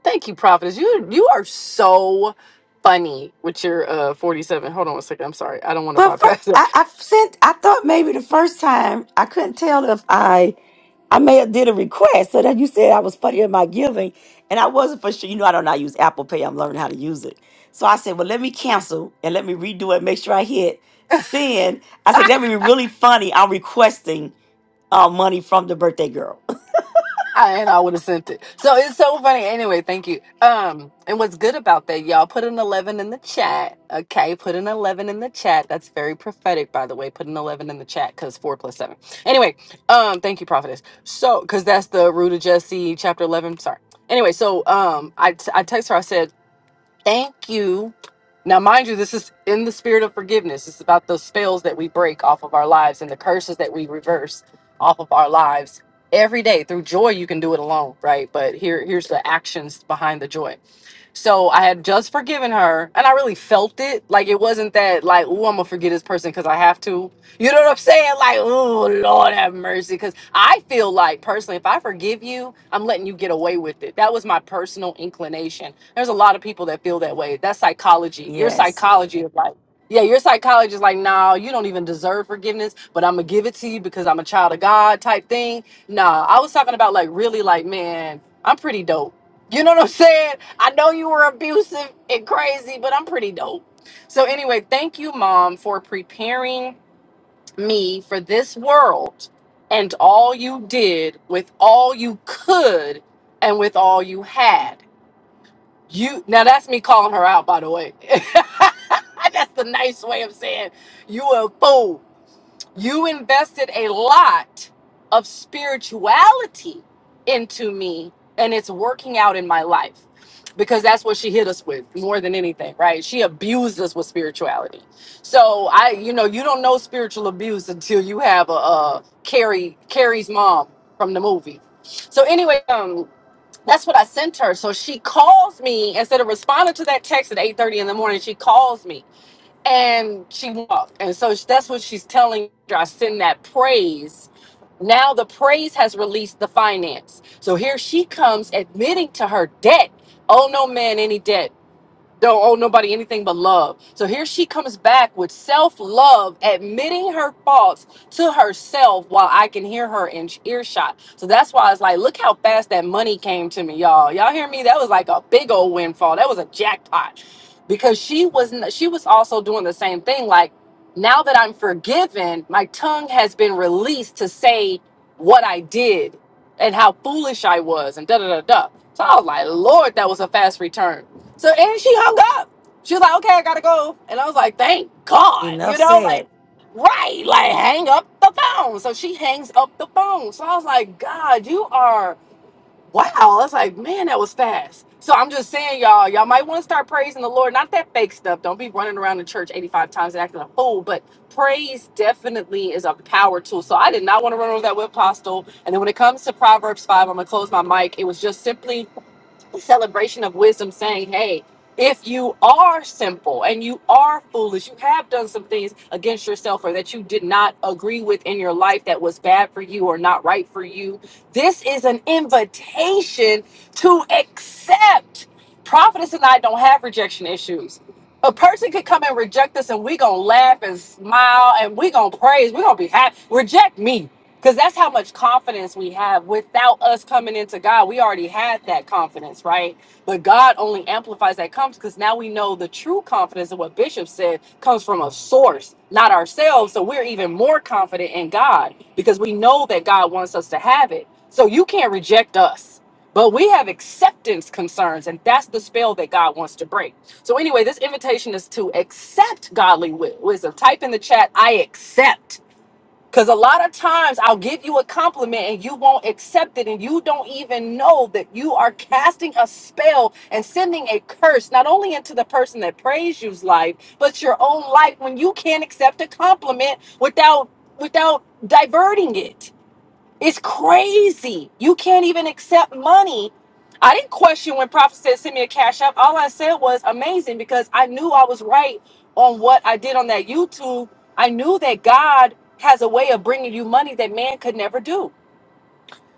S10: Thank you, Prophetess. You you are so funny with your uh 47. Hold on a second. I'm sorry. I don't want to
S1: But for
S10: bypass
S1: I,
S10: it. (laughs)
S1: I sent. I thought maybe the first time I couldn't tell if I I may have did a request. So then you said I was funny in my giving, and I wasn't for sure. You know, I don't know how to use Apple Pay. I'm learning how to use it. So I said, well, let me cancel and let me redo it. Make sure I hit send. I said that would be really funny. I'm requesting uh, money from the birthday girl.
S10: I and I would have sent it. So it's so funny. Anyway, thank you. Um, and what's good about that, y'all? Put an 11 in the chat. Okay, put an 11 in the chat. That's very prophetic, by the way. Put an 11 in the chat because four plus seven. Anyway, um, thank you, Prophetess. So, because that's the root of Jesse, chapter 11. Sorry. Anyway, so um, I t- I text her. I said. Thank you. Now, mind you, this is in the spirit of forgiveness. It's about those spells that we break off of our lives and the curses that we reverse off of our lives every day. Through joy, you can do it alone, right? But here, here's the actions behind the joy. So I had just forgiven her, and I really felt it. Like it wasn't that like, oh, I'm gonna forget this person because I have to. You know what I'm saying? Like, oh Lord have mercy. Cause I feel like personally, if I forgive you, I'm letting you get away with it. That was my personal inclination. There's a lot of people that feel that way. That's
S1: (laughs)
S10: psychology. Your
S1: yes.
S10: psychology is like, yeah, your psychology is like, nah, you don't even deserve forgiveness, but I'm gonna give it to you because I'm a child of God type thing. Nah, I was talking about like really like, man, I'm pretty dope. You know what I'm (laughs) saying? I know you were abusive and crazy, but I'm pretty dope. So anyway, thank you, mom, for preparing me for this world and all you did with all you could and with all you had. You now that's me calling her out by the way. (laughs) that's the nice way of saying you a fool. You invested a lot of spirituality into me, and it's working out in my life because that's what she hit us with more than anything, right? She abused us with spirituality. So I, you know, you don't know spiritual abuse until you have a, a Carrie Carrie's mom from the movie. So anyway, um. That's what I sent her. So she calls me instead of responding to that text at 8:30 in the morning. She calls me and she walked. And so that's what she's telling her. I send that praise. Now the praise has released the finance. So here she comes admitting to her debt. Oh no man any debt don't owe nobody anything but love. So here she comes back with self love, admitting her faults to herself while I can hear her in earshot. So that's why it's like, look how fast that money came to me, y'all. Y'all hear me? That was like a big old windfall. That was a jackpot because she was n- she was also doing the same thing. Like now that I'm forgiven, my tongue has been released to say what I did and how foolish I was and da da da da. So I was like, Lord, that was a fast return. So and she hung up. She was like, okay, I gotta go. And I was like, thank God, you
S1: Enough
S10: know, like,
S1: said.
S10: right, like hang up the phone. So she hangs up the phone. So I was like, God, you are wow, I was like, man, that was fast. So I'm just saying, y'all, y'all might want to start praising the Lord. Not that fake stuff. Don't be running around the church 85 times and acting a fool, but praise definitely is a power tool. So I did not want to run over that with Apostle. And then when it comes to Proverbs 5, I'm going to close my mic. It was just simply the celebration of wisdom saying, hey, if you are simple and you are foolish, you have done some things against yourself or that you did not agree with in your life that was bad for you or not right for you. This is an invitation to accept. Prophetess and I don't have rejection issues. A person could come and reject us, and we gonna laugh and smile, and we gonna praise. We gonna be happy. Reject me, because that's how much confidence we have. Without us coming into God, we already had that confidence, right? But God only amplifies that comes because now we know the true confidence of what Bishop said comes from a source, not ourselves. So we're even more confident in God because we know that God wants us to have it. So you can't reject us but we have acceptance concerns and that's the spell that god wants to break so anyway this invitation is to accept godly wi- wisdom type in the chat i accept because a lot of times i'll give you a compliment and you won't accept it and you don't even know that you are casting a spell and sending a curse not only into the person that praised you's life but your own life when you can't accept a compliment without without diverting it it's crazy. You can't even accept money. I didn't question when Prophet said send me a cash app. All I said was amazing because I knew I was right on what I did on that YouTube. I knew that God has a way of bringing you money that man could never do.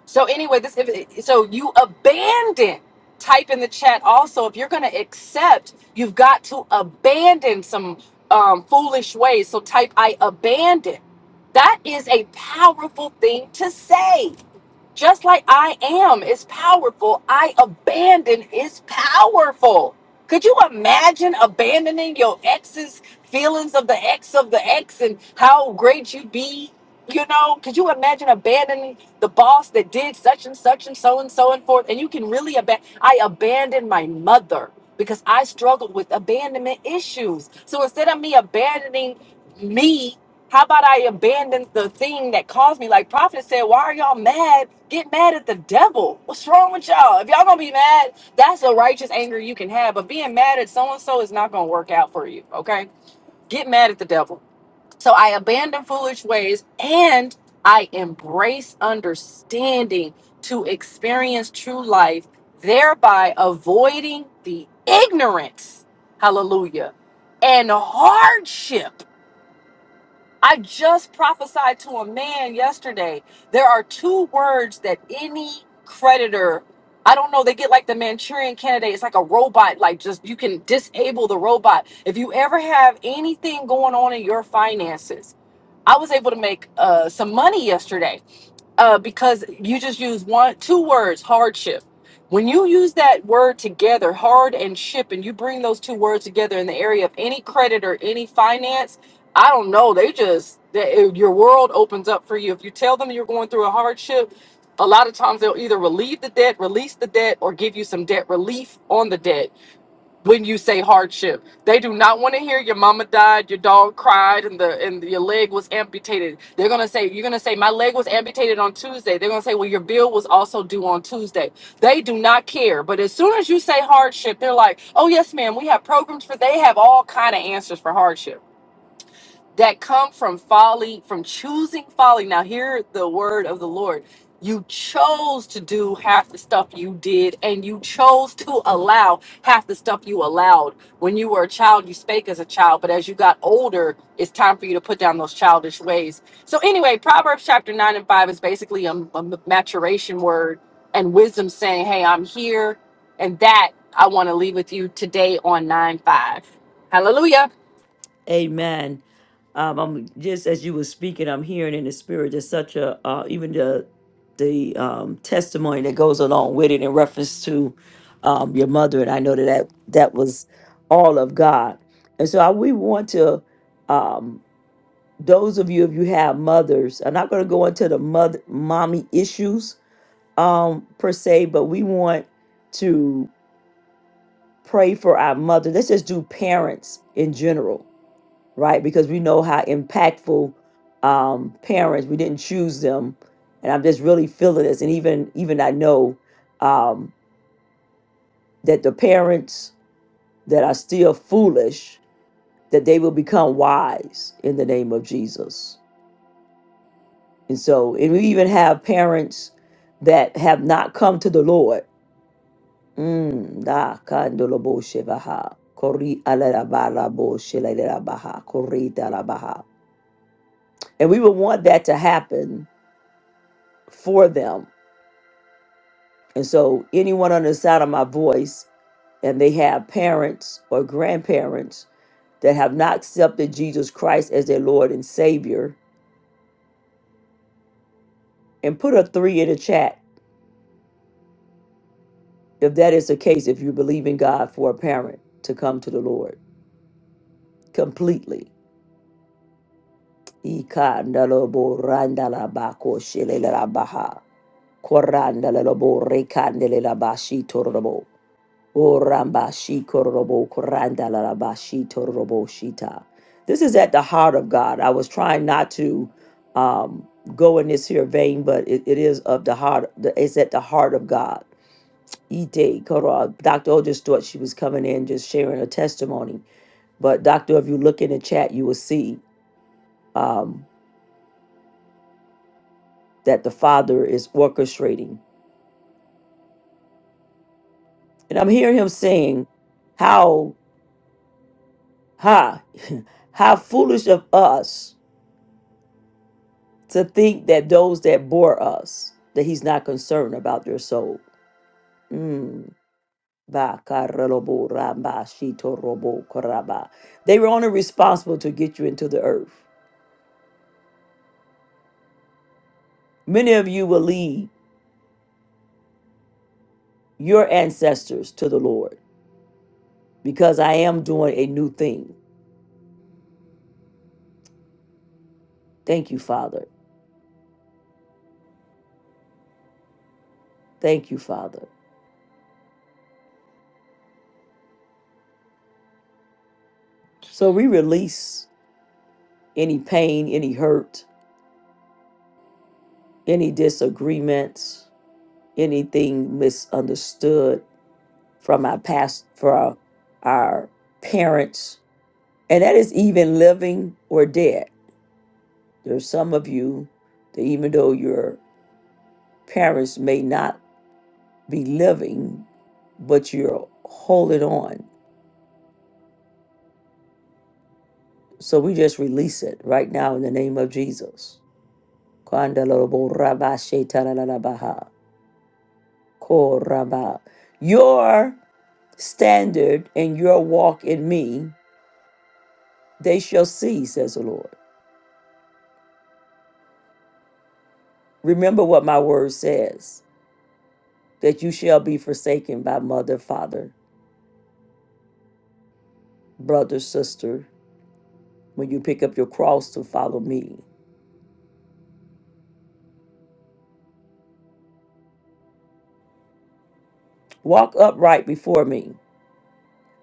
S10: So anyway, this if, so you abandon. Type in the chat also if you're going to accept, you've got to abandon some um, foolish ways. So type I abandon. That is a powerful thing to say. Just like I am is powerful, I abandon is powerful. Could you imagine abandoning your ex's feelings of the ex of the ex and how great you be? You know, could you imagine abandoning the boss that did such and such and so and so and forth? And you can really abandon. I abandoned my mother because I struggled with abandonment issues. So instead of me abandoning me how about I abandon the thing that caused me? Like Prophet said, why are y'all mad? Get mad at the devil. What's wrong with y'all? If y'all gonna be mad, that's a righteous anger you can have. But being mad at so and so is not gonna work out for you. Okay? Get mad at the devil. So I abandon foolish ways and I embrace understanding to experience true life, thereby avoiding the ignorance, hallelujah, and hardship I just prophesied to a man yesterday. There are two words that any creditor, I don't know, they get like the Manchurian candidate. It's like a robot, like just you can disable the robot. If you ever have anything going on in your finances, I was able to make uh, some money yesterday uh, because you just use one two words hardship when you use that word together hard and ship and you bring those two words together in the area of any credit or any finance i don't know they just they, eh, your world opens up for you if you tell them you're going through a hardship a lot of times they'll either relieve the debt release the debt or give you some debt relief on the debt when you say hardship. They do not want to hear your mama died, your dog cried, and the and your leg was amputated. They're gonna say you're gonna say my leg was amputated on Tuesday. They're gonna say well your bill was also due on Tuesday. They do not care. But as soon as you say hardship, they're like, oh yes ma'am, we have programs for. They have all kind of answers for hardship that come from folly, from choosing folly. Now, hear the word of the Lord. You chose to do half the stuff you did, and you chose to allow half the stuff you allowed. When you were a child, you spake as a child, but as you got older, it's time for you to put down those childish ways. So, anyway, Proverbs chapter 9 and 5 is basically a, a maturation word and wisdom saying, Hey, I'm here, and that I want to leave with you today on 9 5. Hallelujah.
S1: Amen. Um, I'm just as you were speaking, I'm hearing in the spirit just such a uh, even the the um, testimony that goes along with it in reference to um, your mother, and I know that that, that was all of God. And so I, we want to um, those of you if you have mothers. I'm not going to go into the mother mommy issues um, per se, but we want to pray for our mother. Let's just do parents in general right? Because we know how impactful um, parents. We didn't choose them, and I'm just really feeling this. And even even I know um, that the parents that are still foolish that they will become wise in the name of Jesus. And so, and we even have parents that have not come to the Lord. Mm, da kandolobo shebaha, kori alarabalabo shelelerabaha, kori dalabaha. And we would want that to happen for them And so, anyone on the side of my voice, and they have parents or grandparents that have not accepted Jesus Christ as their Lord and Savior, and put a three in the chat if that is the case, if you believe in God for a parent to come to the Lord completely. Ikandaloborandalabakoshilelabaha, korandalaborekandelabashitorabo. Orambashi korobo korandalarabashi torobo shita. This is at the heart of God. I was trying not to um, go in this here vein, but it, it is of the heart. the- It's at the heart of God. Ite koro. Dr. O just thought she was coming in just sharing her testimony. But Doctor, if you look in the chat, you will see um, that the Father is orchestrating. And I'm hearing him saying, how, ha, (laughs) how foolish of us to think that those that bore us, that he's not concerned about their soul. Mm. Ba ka ra lo bo They were only responsible to get you into the earth. Many of you will lead your ancestors to the Lord because I am doing a new thing. Thank you, Father. Thank you, Father. So we release any pain, any hurt, any disagreements, anything misunderstood from our past, from our parents, and that is even living or dead. There's some of you that even though your parents may not be living, but you're holding on. So we just release it right now in the name of Jesus. Kandalaborabachetaralabaha. Koraba. Your standard and your walk in me, they shall see, says the Lord. Remember what my word says. that you shall be forsaken by mother, father, brother, sister, when you pick up your cross to follow me. Walk upright before me.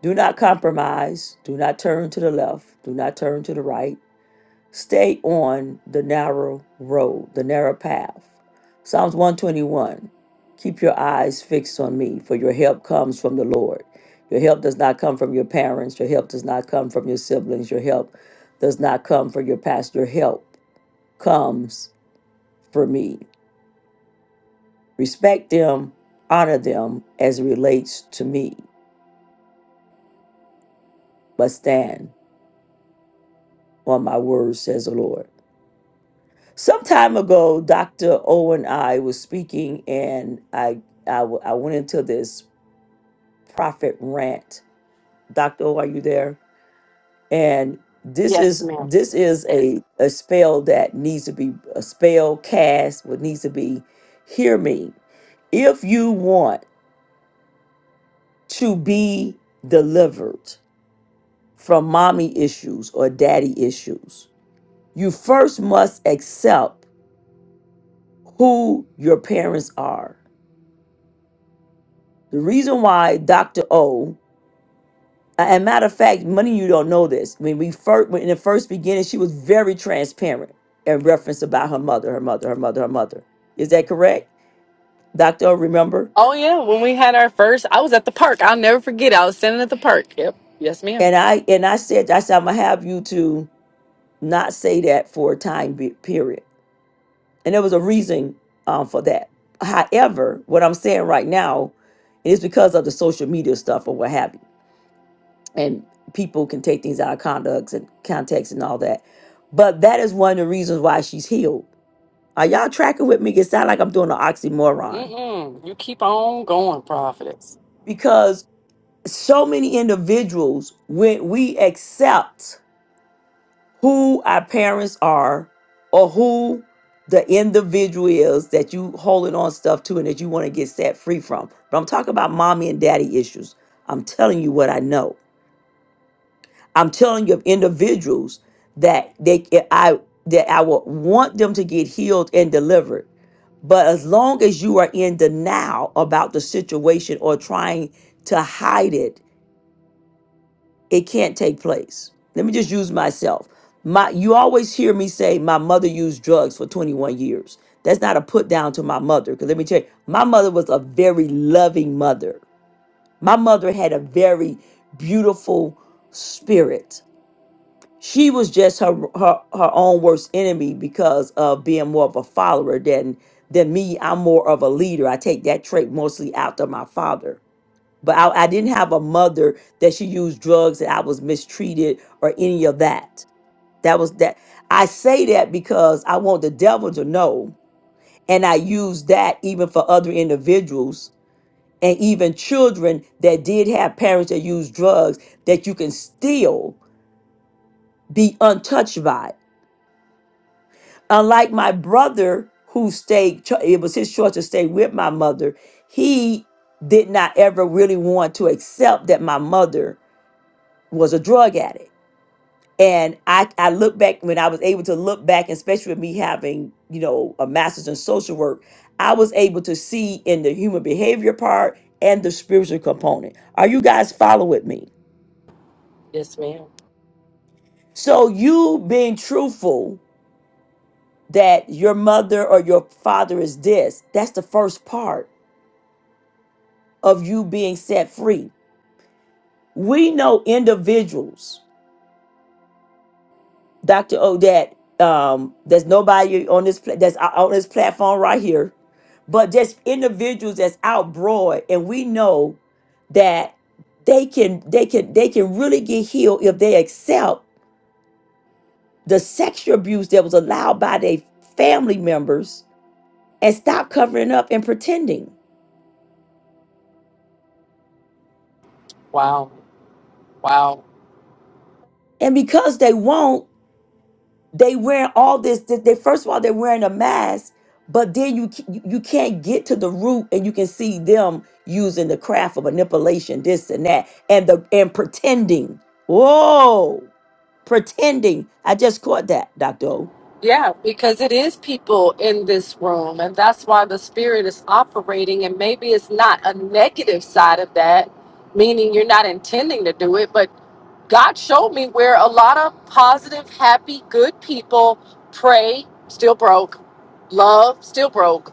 S1: Do not compromise. Do not turn to the left. Do not turn to the right. Stay on the narrow road, the narrow path. Psalms 121 Keep your eyes fixed on me, for your help comes from the Lord. Your help does not come from your parents. Your help does not come from your siblings. Your help does not come from your past. Your help comes for me. Respect them, honor them as it relates to me, but stand on my word, says the Lord. Some time ago, Dr. O and I was speaking, and I, I, w- I went into this prophet rant. Dr. O, are you there? And this is this is a, a spell that needs to be a spell cast, what needs to be hear me. If you want to be delivered, from mommy issues or daddy issues. You first must accept who your parents are. The reason why Dr. O, and matter of fact, many of you don't know this. When we first, when in the first beginning, she was very transparent in reference about her mother, her mother, her mother, her mother. Is that correct, Dr. O? Remember?
S10: Oh yeah, when we had our first, I was at the park. I'll never forget. I was standing at the park. Yep. Yes, ma'am.
S1: And I and I said, I said, I'm gonna have you to not say that for a time be- period And there was a reason um, for that. However, what I'm saying right now is because of the social media stuff or what have you. And people can take things out of conducts and context and all that. But that is one of the reasons why she's healed. Are y'all tracking with me? It sounds like I'm doing an oxymoron
S10: Mm-mm. You keep on going, prophetess.
S1: because so many individuals, when we accept who our parents are or who the individual is that you holding on stuff to and that you want to get set free from. But I'm talking about mommy and daddy issues. I'm telling you what I know. I'm telling you of individuals that they I that I would want them to get healed and delivered. But as long as you are in denial about the situation or trying to hide it, it can't take place. Let me just use myself. My you always hear me say my mother used drugs for 21 years. That's not a put down to my mother cuz let me tell you, my mother was a very loving mother. My mother had a very beautiful spirit. She was just her her, her own worst enemy because of being more of a follower than than me. I'm more of a leader. I take that trait mostly after my father but I, I didn't have a mother that she used drugs and I was mistreated or any of that. That was that. I say that because I want the devil to know, and I use that even for other individuals and even children that did have parents that used drugs that you can still be untouched by. it. Unlike my brother who stayed, cho- it was his choice to stay with my mother. He did not ever really want to accept that my mother was a drug addict and I I look back when I was able to look back, especially with me having you know a master's in social work, I was able to see in the human behavior part and the spiritual component. Are you guys following with me?
S10: Yes, ma'am.
S1: So you being truthful that your mother or your father is this, that's the first part of you being set free. We know individuals. Dr. Odette, um, there's nobody on this pla- that's out- on this platform right here, but just individuals that's out broad, and we know that they can they can they can really get healed if they accept the sexual abuse that was allowed by their family members and stop covering up and pretending.
S10: Wow. Wow.
S1: And because they won't. they wearing all this, this they first of all they're wearing a mask but then you c- you you can't get to the root and you can see them using the craft of manipulation this and that and the and pretending whoa pretending i just caught that dr o
S10: Yeah, because it is people in this room, and that's why the spirit is operating. And maybe it's not a negative side of that, meaning you're not intending to do it, but God showed me where a lot of positive, happy, good people pray, still broke, love, still broke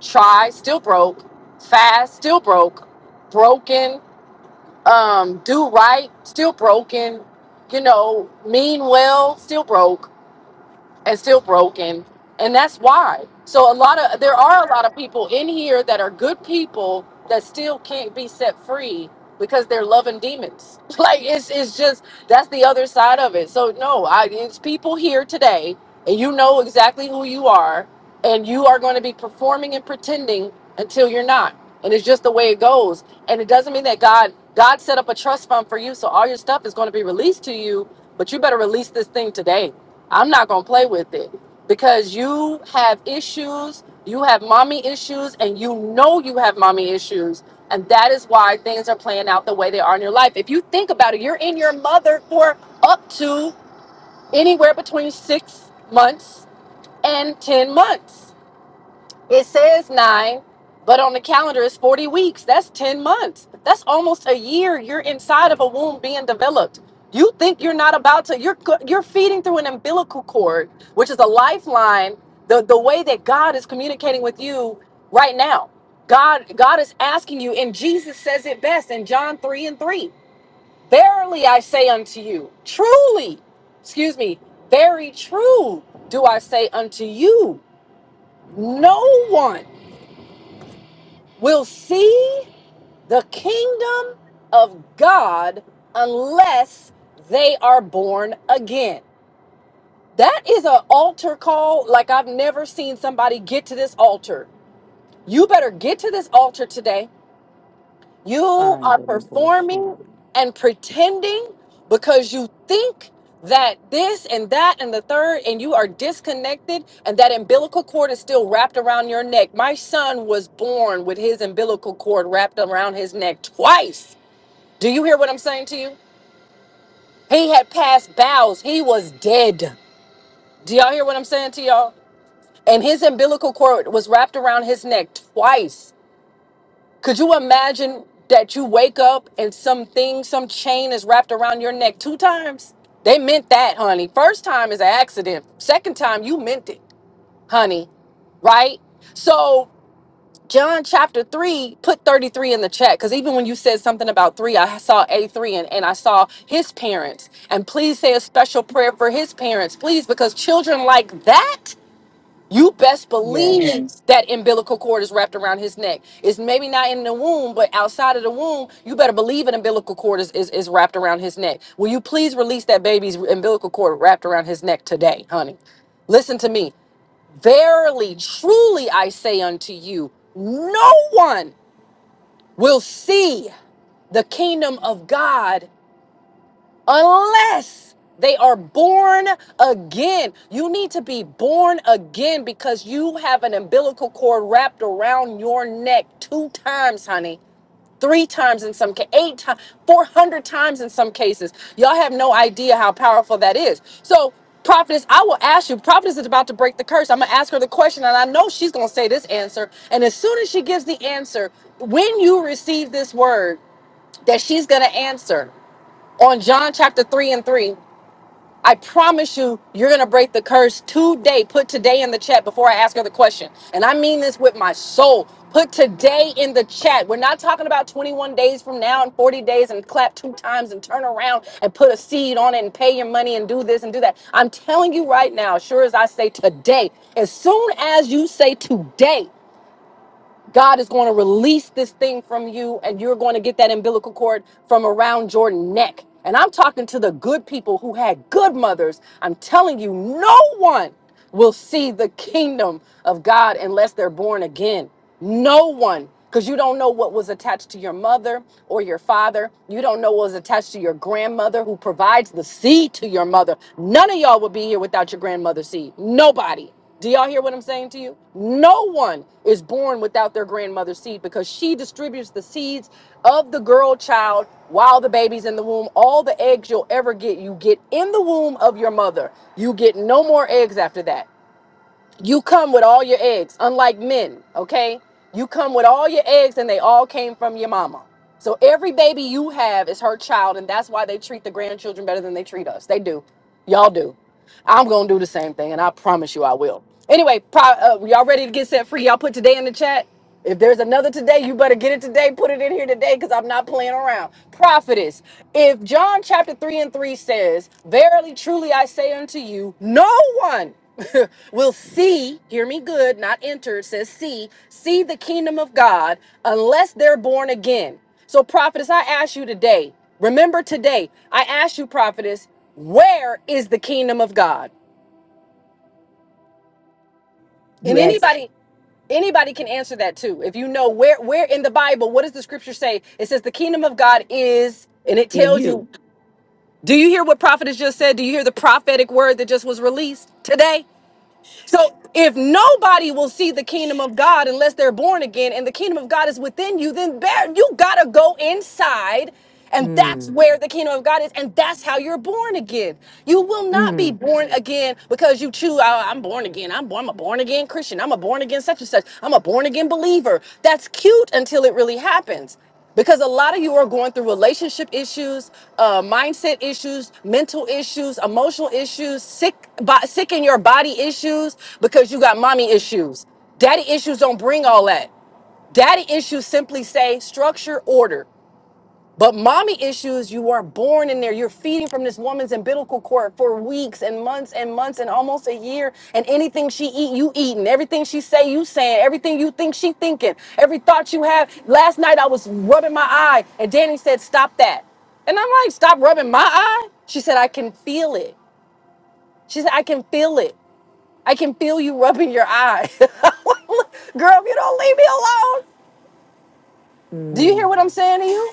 S10: try still broke fast still broke broken um do right still broken you know mean well still broke and still broken and that's why so a lot of there are a lot of people in here that are good people that still can't be set free because they're loving demons (laughs) like it's it's just that's the other side of it so no i it's people here today and you know exactly who you are and you are going to be performing and pretending until you're not and it's just the way it goes and it doesn't mean that god god set up a trust fund for you so all your stuff is going to be released to you but you better release this thing today I'm not going to play with it because you have issues, you have mommy issues, and you know you have mommy issues. And that is why things are playing out the way they are in your life. If you think about it, you're in your mother for up to anywhere between six months and 10 months it says nine, but on the calendar it's 40 weeks. That's 10 months. That's almost a year you're inside of a womb being developed. You think you're not about to, you're, go- you're feeding through an umbilical cord, which is a lifeline, the, the way that God is communicating with you right now. God, God is asking you, and Jesus says it best in John 3 and 3. Verily I say unto you, truly, excuse me, very true do I say unto you, no one will see the kingdom of God unless they are born again. That is an altar call like I've never seen somebody get to this altar. You better get to this altar today you are performing
S1: Andalaboshi.
S10: and pretending because you think that this and that and the third, and you are disconnected, and that umbilical cord is still wrapped around your neck. My son was born with his umbilical cord wrapped around his neck twice. Do you hear what I'm saying to you? He had passed bowels, he was dead. Do y'all hear what I'm saying to y'all? And his umbilical cord was wrapped around his neck twice. Could you imagine that you wake up and some thing, some chain is wrapped around your neck two times? They meant that, honey. First time is an accident. Second time, you meant it, honey. Right? So, John chapter 3, put 33 in the chat. Because even when you said something about 3, I saw A3 and, and I saw his parents. And please say a special prayer for his parents, please, because children like that you best
S1: Yes.
S10: believe that umbilical cord is wrapped around his neck. It's maybe not in the womb, but outside of the womb, you better believe an umbilical cord is, is, is wrapped around his neck. Will you please release that baby's umbilical cord wrapped around his neck today, honey? Listen to me. Verily, truly, I say unto you, no one will see the kingdom of God unless they are born again. You need to be born again because you have an umbilical cord wrapped around your neck two times, honey. Three times in some cases, eight times, 400 times in some cases. Y'all have no idea how powerful that is. So, prophetess, I will ask you, prophetess is about to break the curse. I'm going to ask her the question, and I know she's going to say this answer. And as soon as she gives the answer, when you receive this word, that she's going to answer on John chapter 3 and 3. I promise you, you're going to break the curse today. Put today in the chat before I ask her the question. And I mean this with my soul. Put today in the chat. We're not talking about 21 days from now and 40 days and clap two times and turn around and put a seed on it and pay your money and do this and do that. I'm telling you right now, sure as I say today, as soon as you say today, God is going to release this thing from you, and you're going to get that umbilical cord from around your neck. And I'm talking to the good people who had good mothers. I'm telling you, no one will see the kingdom of God unless they're born again. No one. Because you don't know what was attached to your mother or your father. You don't know what was attached to your grandmother who provides the seed to your mother. None of y'all would be here without your grandmother's seed. Nobody. Do y'all hear what I'm saying to you? No one is born without their grandmother's seed because she distributes the seeds of the girl child while the baby's in the womb. All the eggs you'll ever get, you get in the womb of your mother. You get no more eggs after that. You come with all your eggs, unlike men, okay? You come with all your eggs and they all came from your mama. So every baby you have is her child, and that's why they treat the grandchildren better than they treat us. They do. Y'all do. I'm going to do the same thing, and I promise you I will. Anyway, pro- uh, y'all ready to get set free? Y'all put today in the chat? If there's another today, you better get it today. Put it in here today because I'm not playing around. Prophetess, if John chapter 3 and 3 says, Verily, truly, I say unto you, no one (laughs) will see, hear me good, not enter, it says see, see the kingdom of God unless they're born again. So, prophetess, I ask you today, remember today, I ask you, prophetess, where is the kingdom of God? And
S1: you asked
S10: anybody anybody can answer that too if you know where where in the bible what does the scripture say it says the kingdom of god is and it
S1: in
S10: tells
S1: you
S10: you do you hear what prophet has just said do you hear the prophetic word that just was released today so if nobody will see the kingdom of God unless they're born again and the kingdom of God is within you, then there you gotta go inside. And that's
S1: Mm.
S10: where the kingdom of God is, and that's how you're born again. You will not be
S1: Mm.
S10: born again because you choose. "Oh, I'm born again. I'm born. I'm a born again Christian. I'm a born again such and such. I'm a born again believer. That's cute until it really happens because a lot of you are going through relationship issues, uh, mindset issues, mental issues, emotional issues, sick, bo- sick in your body issues because you got mommy issues. Daddy issues don't bring all that. Daddy issues simply say structure, order. But mommy issues, you are born in there. You're feeding from this woman's umbilical cord for weeks and months and months and almost a year. And anything she eat, you eating. Everything she say, you saying. Everything you think, she thinking. Every thought you have. Last night I was rubbing my eye, and Danny said, "Stop that." And I'm like, "Stop rubbing my eye." She said, "I can feel it." She said, "I can feel it. I can feel you rubbing your eye." (laughs) Girl, if you don't leave me alone, do you hear
S1: Mm.
S10: what I'm saying to you?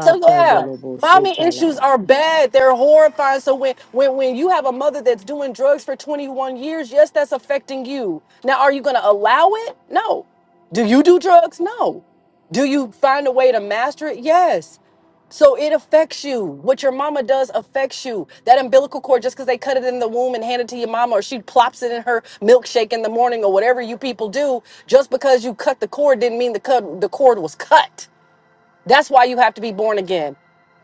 S10: So yeah, mommy issues
S1: tala.
S10: are bad. They're horrifying. So when when when you have a mother that's doing drugs for 21 years, yes, that's affecting you. Now, are you going to allow it? No. Do you do drugs? No. Do you find a way to master it? Yes. So it affects you. What your mama does affects you. That umbilical cord, just because they cut it in the womb and hand it to your mama, or she plops it in her milkshake in the morning, or whatever you people do, just because you cut the cord didn't mean the cut the cord was cut. That's why you have to be born again.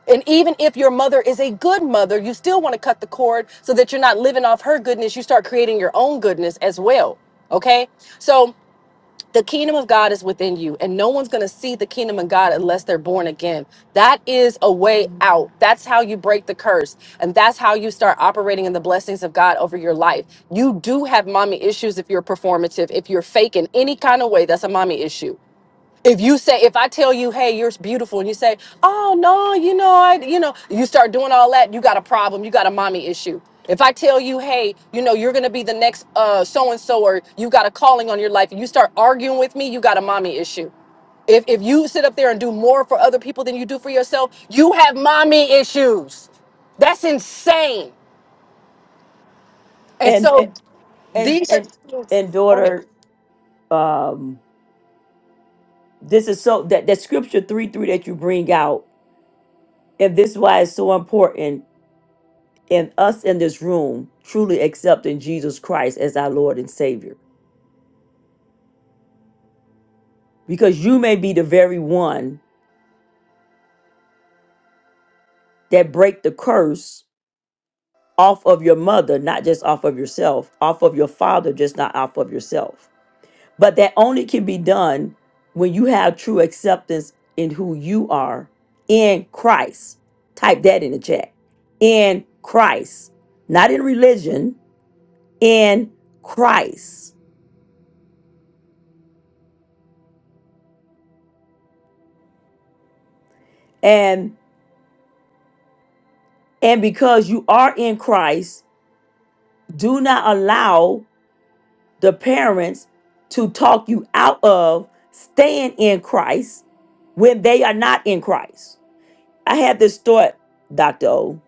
S10: And even if your mother is a good mother, you still want to cut the cord so that you're not living off her goodness. You start creating your own goodness as well. Okay? So the kingdom of God is within you, and no one's going to see the kingdom of God unless they're born again. That is a way out. That's how you break the curse, and that's how you start operating in the blessings of God over your life. You do have mommy issues if you're performative, if you're faking any kind of way, that's a mommy issue if you say if i tell you hey you're beautiful and you say oh no you know i you know you start doing all that you got a problem you got a mommy issue if i tell you hey you know you're gonna be the next uh so and so or you got a calling on your life and you start arguing with me you got a mommy issue if if you sit up there and do more for other people than you do for yourself you have mommy issues that's insane and
S1: and
S10: so
S1: and and
S10: these are
S1: and, and daughter um this is so that that scripture 3 3 that you bring out and this is why it's so important in us in this room truly accepting jesus christ as our lord and savior because you may be the very one that break the curse off of your mother not just off of yourself off of your father just not off of yourself but that only can be done when you have true acceptance in who you are in christ type that in the chat in christ not in religion in Christ. And and because you are in Christ, do not allow the parents to talk you out of staying in Christ when they are not in Christ. I had this thought, Dr. O,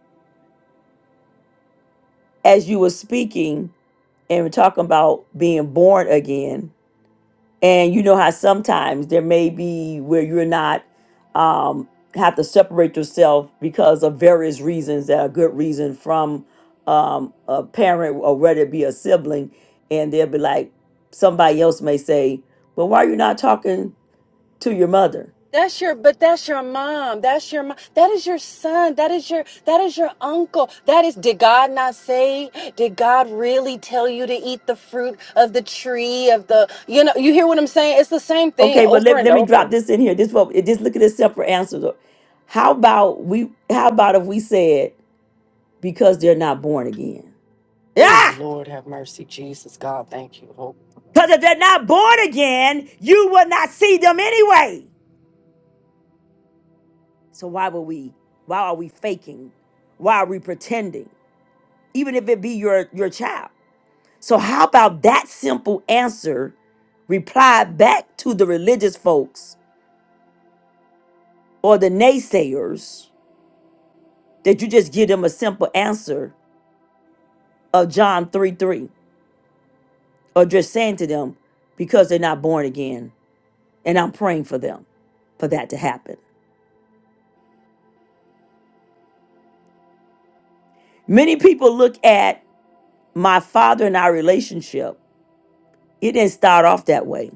S1: as you were speaking and we're talking about being born again. and you know how sometimes there may be where you're not um have to separate yourself because of various reasons that are good reason from um a parent or whether it be a sibling and they'll be like somebody else may say well why are you not talking to your mother
S10: That's your, but that's your mom. That's your mom. That is your son. That is your, that is your uncle. That is, did God not say, did God really tell you to eat the fruit of the tree of the, you know, you hear what I'm saying? It's the same thing
S1: okay but
S10: over
S1: let,
S10: and
S1: let me drop
S10: over.
S1: this in here this what just look at this separate answer how about we how about if we said because they're not born again
S10: Oh,
S1: Yeah.
S10: Lord have mercy. Jesus, God, thank you. Oh,
S1: Because if they're not born again, you will not see them anyway. So why would we? Why are we faking? Why are we pretending? Even if it be your your child. So how about that simple answer replied back to the religious folks or the naysayers that you just give them a simple answer of John 3 3 or just saying to them because they're not born again and I'm praying for them for that to happen. Many people look at my father and our relationship, it didn't start off that way.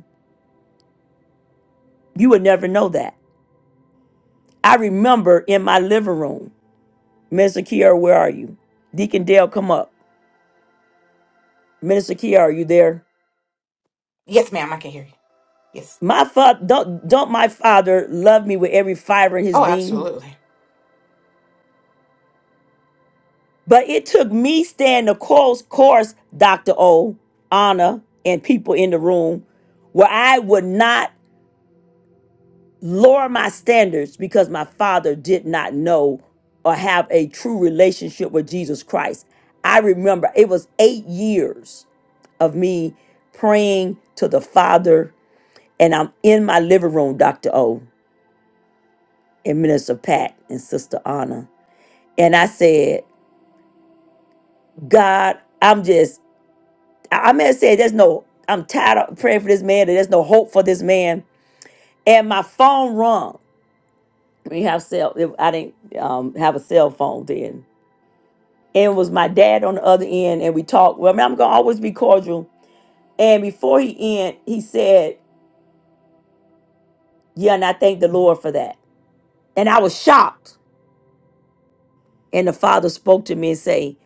S1: You would never know that. I remember in my living room, Minister Kiara, where are you? Deacon Dale, come up. Minister Kiara, are you there? My father, don't, don't my father love me with every fiber in his being? But it took me staying the course, course, Dr. O, Anna, and people in the room where I would not lower my standards because my father did not know or have a true relationship with Jesus Christ. I remember it was eight years of me praying to the Father, and I'm in my living room, Dr. O, and Minister Pat and Sister Anna. And I said, God, I'm just, I I may have said, there's no, I'm tired of praying for this man, that there's no hope for this man. And my phone rung. We have cell, I didn't um, have a cell phone then and it was my dad on the other end, and we talked. Well, I mean, I'm gonna always be cordial. And before he end, he said, "Yeah," and I thank the Lord for that. And I was shocked. And the Father spoke to me and say,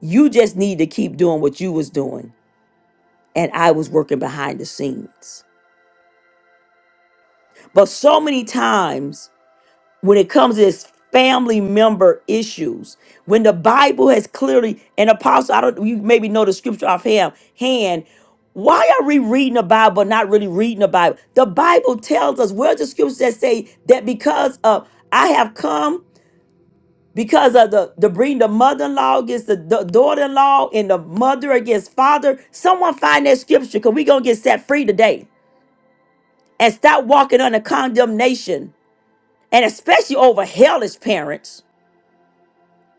S1: "You just need to keep doing what you was doing." And I was working behind the scenes. But so many times when it comes to this family member issues when the bible has clearly an apostle i don't you maybe know the scripture offhand hand why are we reading the bible but not really reading the bible the bible tells us where's the scriptures that say that because of i have come because of the the bring the mother-in-law against the, the daughter-in-law and the mother against father someone find that scripture because we gonna get set free today and stop walking under condemnation and especially over hellish parents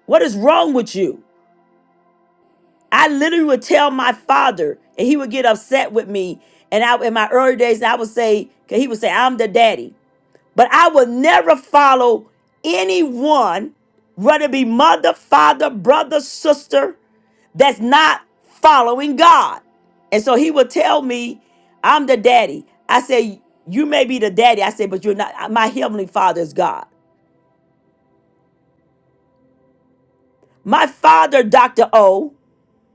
S1: What is wrong with you? I literally would tell my father, and he would get upset with me. And I, in my early days, I would say, 'cause he would say, I'm the daddy. But I would never follow anyone, whether it be mother, father, brother, sister, that's not following God. And so he would tell me, I'm the daddy. I say, You may be the daddy. I say, But you're not. uh, My heavenly father is God. My father, Dr. O,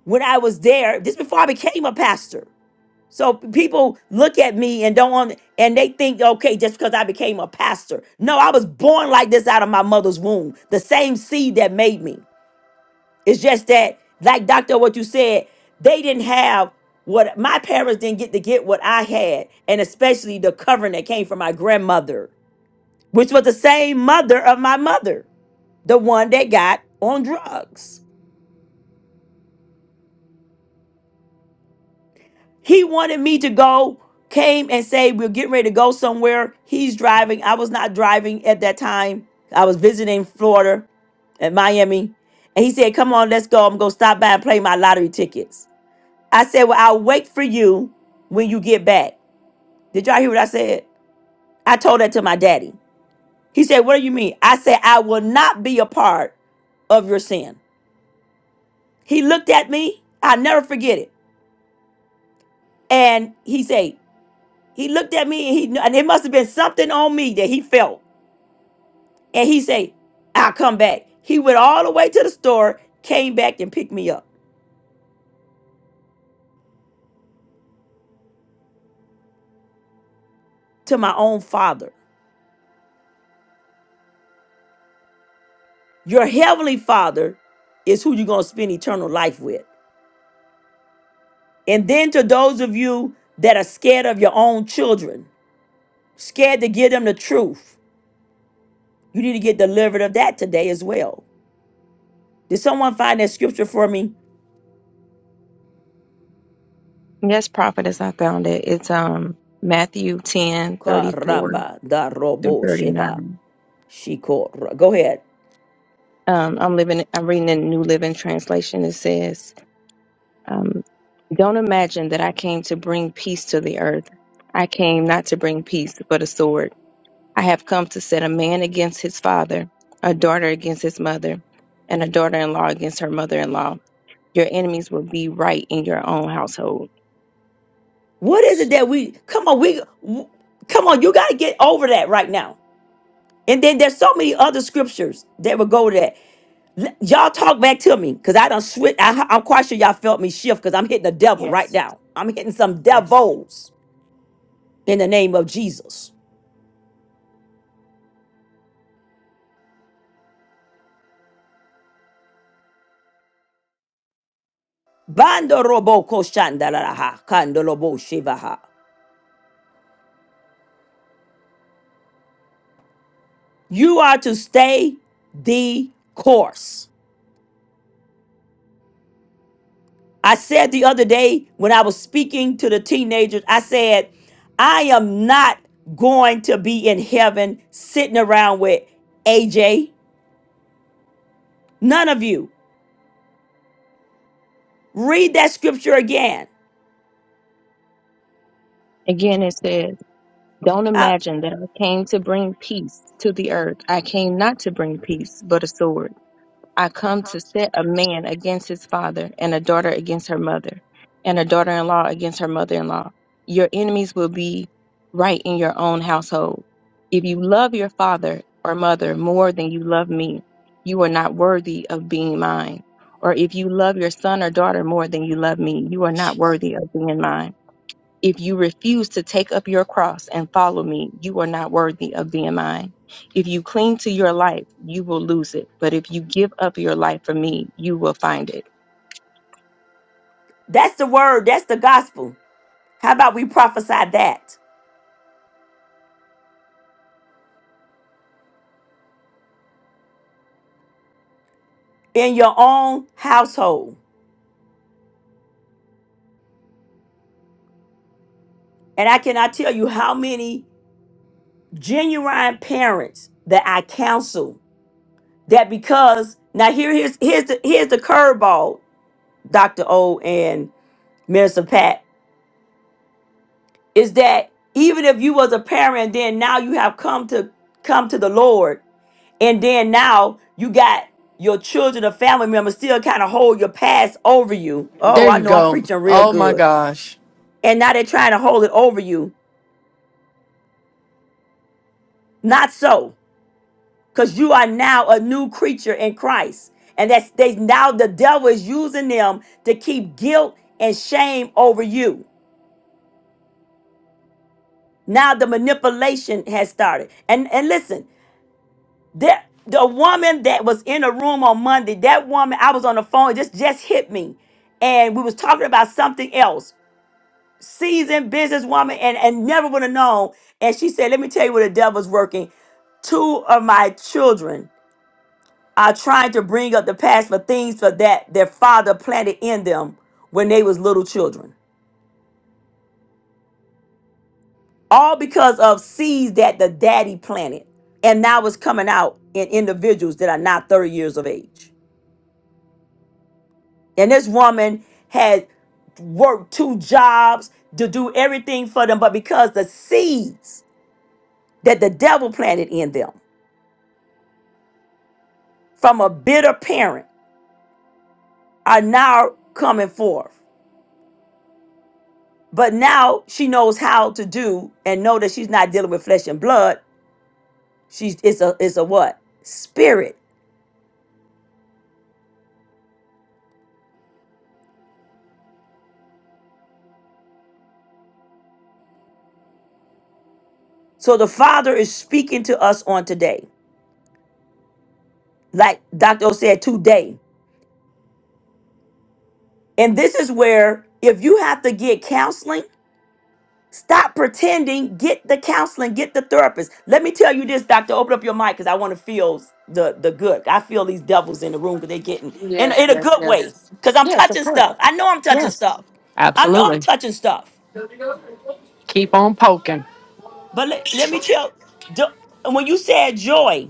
S1: when I was there, this before I became a pastor. So p- people look at me and don't want, and they think, okay, just because I became a pastor. No, I was born like this out of my mother's womb. The same seed that made me. It's just that, like Doctor, what you said, they didn't have what my parents didn't get to get what I had, and especially the covering that came from my grandmother, which was the same mother of my mother, the one that got on drugs. He wanted me to go, came and say, We're getting ready to go somewhere. He's driving. I was not driving at that time. I was visiting Florida at Miami. And he said, Come on, let's go. I'm going to stop by and play my lottery tickets. I said, Well, I'll wait for you when you get back. Did y'all hear what I said? I told that to my daddy. He said, What do you mean? I said, I will not be a part of your sin. He looked at me. I'll never forget it. And he said, He looked at me and he knew- and it must have been something on me that he felt. And he said, I'll come back. He went all the way to the store, came back and picked me up to my own father. Your heavenly father is who you're gonna spend eternal life with. And then to those of you that are scared of your own children, scared to give them the truth, you need to get delivered of that today as well. Did someone find that scripture for me?
S9: Yes, prophetess, I found it. It's um Matthew ten thirty four
S1: Caramba da
S9: through
S1: robo
S9: thirty
S1: sheva.
S9: nine.
S1: Shiko. Go ahead.
S9: Um, I'm living. I'm reading the New Living Translation. It says, um, "Don't imagine that I came to bring peace to the earth. I came not to bring peace, but a sword. I have come to set a man against his father, a daughter against his mother, and a daughter-in-law against her mother-in-law. Your enemies will be right in your own household."
S1: What is it that we come on? We come on. You got to get over that right now. And then there's so many other scriptures that would go to that. L- Y'all talk back to me because I don't switch. I, I'm quite sure y'all felt me shift because I'm hitting the devil right now. I'm hitting some devils in the name of Jesus. Bando robo ko shandalaraha, kandolobo shivaha. You are to stay the course. I said the other day when I was speaking to the teenagers, I said, I am not going to be in heaven sitting around with AJ. None of you. Read that scripture again.
S9: Again, it says. Don't
S1: Uh,
S9: imagine that I came to bring peace to the earth. I came not to bring peace, but a sword. I come to set a man against his father, and a daughter against her mother, and a daughter in law against her mother in law. Your enemies will be right in your own household. If you love your father or mother more than you love me, you are not worthy of being mine. Or if you love your son or daughter more than you love me, you are not worthy of being mine. If you refuse to take up your cross and follow me, you are not worthy of being mine. If you cling to your life, you will lose it. But if you give up your life for me, you will find it.
S1: that's the word, that's the gospel. How about we prophesy that in your own household? And I cannot tell you how many genuine parents that I counsel that because now here here's here's the here's the curveball, Dr. O and Minister Pat, is that even if you was a parent and then now you have come to come to the Lord, and then now you got your children or family members still kind of hold your past over you.
S10: There
S1: Oh, I
S10: you
S1: know I'm
S10: go.
S1: preaching real
S10: Oh my
S1: good.
S10: gosh.
S1: And now they're trying to hold it over you. Not so. Because you are now a new creature in Christ. And that's they now the devil is using them to keep guilt and shame over you. Now the manipulation has started. And and listen, That the woman that was in the room on Monday, that woman, I was on the phone, it just just hit me. And we was talking about something else. Seasoned businesswoman and, and never would have known. And she said, Let me tell you where the devil's working. Two of my children are trying to bring up the past for things for that their father planted in them when they was little children. All because of seeds that the daddy planted. And now it's coming out in individuals that are not 30 years of age. And this woman had worked two jobs to do everything for them, but because the seeds that the devil planted in them from a bitter parent are now coming forth. But now she knows how to do and know that she's not dealing with flesh and blood. She's it's a it's a what? Spirit. So the Father is speaking to us on today. Like Dr. O said, today. And this is where if you have to get counseling, Stop pretending. Get the counseling. Get the therapist. Let me tell you this, doctor. Open up your mic because I want to feel the the good. I feel these devils in the room because they're getting in
S10: yes,
S1: in a
S10: yes,
S1: good way.
S10: yes.
S1: Because I'm
S10: Yes, of
S1: touching
S10: course.
S1: stuff. I know I'm touching
S10: Yes,
S1: stuff. I know I'm
S10: Absolutely.
S1: touching stuff.
S10: Keep on poking.
S1: But let, let me tell. do- when you said joy,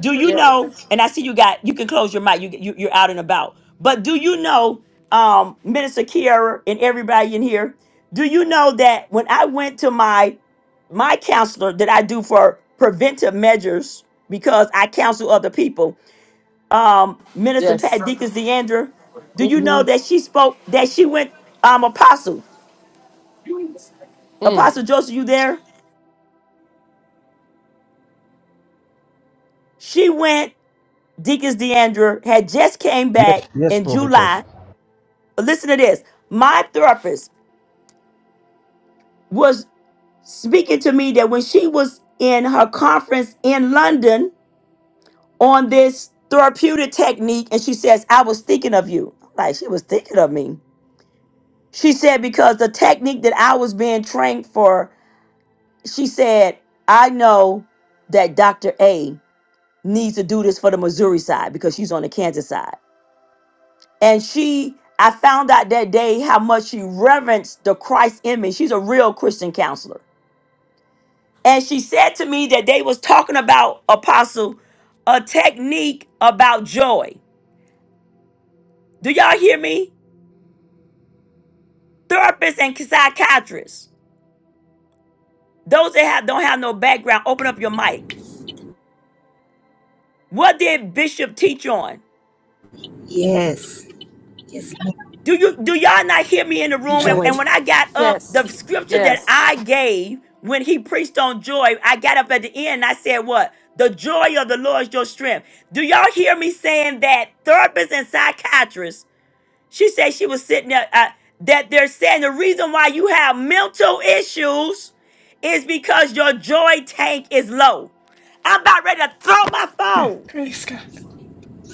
S1: Do you
S10: yes,
S1: know? And I see you got. You can close your mic. You, you you're out and about. But do you know, um, Minister Kiara and everybody in here? Do you know that when I went to my my counselor that I do for preventive measures because I counsel other people, um, Minister
S10: yes,
S1: Pat Deacons Deandra, do you know that she spoke that she went um apostle apostle Joseph? You there? She went. Deacons Deandra had just came
S8: Yes,
S1: back
S8: yes,
S1: in
S8: prophetess.
S1: July listen to this. My therapist was speaking to me that when she was in her conference in London on this therapeutic technique, and she says, I was thinking of you. I'm like, she was thinking of me. She said, because the technique that I was being trained for, she said, I know that Dr. A needs to do this for the Missouri side because she's on the Kansas side. And she, I found out that day how much she reverenced the Christ in me. She's a real Christian counselor and she said to me that they was talking about apostle a technique about joy do y'all hear me therapists and psychiatrists those that have don't have no background open up your mic what did bishop teach on
S4: Yes. Yes. Lord.
S1: do you do y'all not hear me in the room and,
S4: Joy.
S1: and
S7: Yes.
S1: when i got up
S10: yes,
S1: the scripture that
S10: yes.
S1: i gave when he preached on joy i got up at the end and i said what the joy of the lord is your strength do y'all hear me saying that therapists and psychiatrists She said she was sitting there. Uh, that they're saying the reason why you have mental issues is because your joy tank is low. I'm about ready to throw my
S7: Yeah.
S1: phone.
S7: Praise God.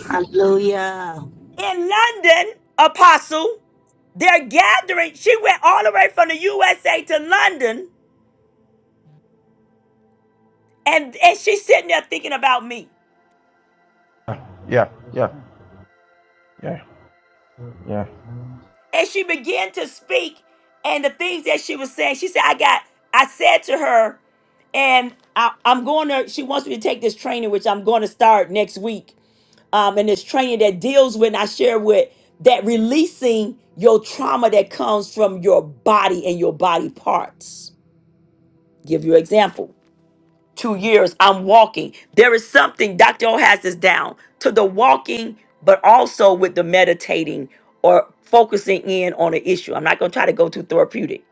S4: Hallelujah.
S1: In London, Apostle, they're gathering. She went all the way from the USA to London, and and she's sitting there thinking about me.
S8: Yeah, yeah, yeah. Yeah.
S1: And she began to speak, and the things that she was saying, she said, I got, I said to her, and I, I'm going to, she wants me to take this training, which I'm going to start next week. Um, and this training that deals with, and I share with, that releasing your trauma that comes from your body and your body parts. Give you an example two years, I'm walking. There is something, Dr. O has this down to the walking, but also with the meditating or focusing in on an issue. I'm not going to try to go too therapeutic,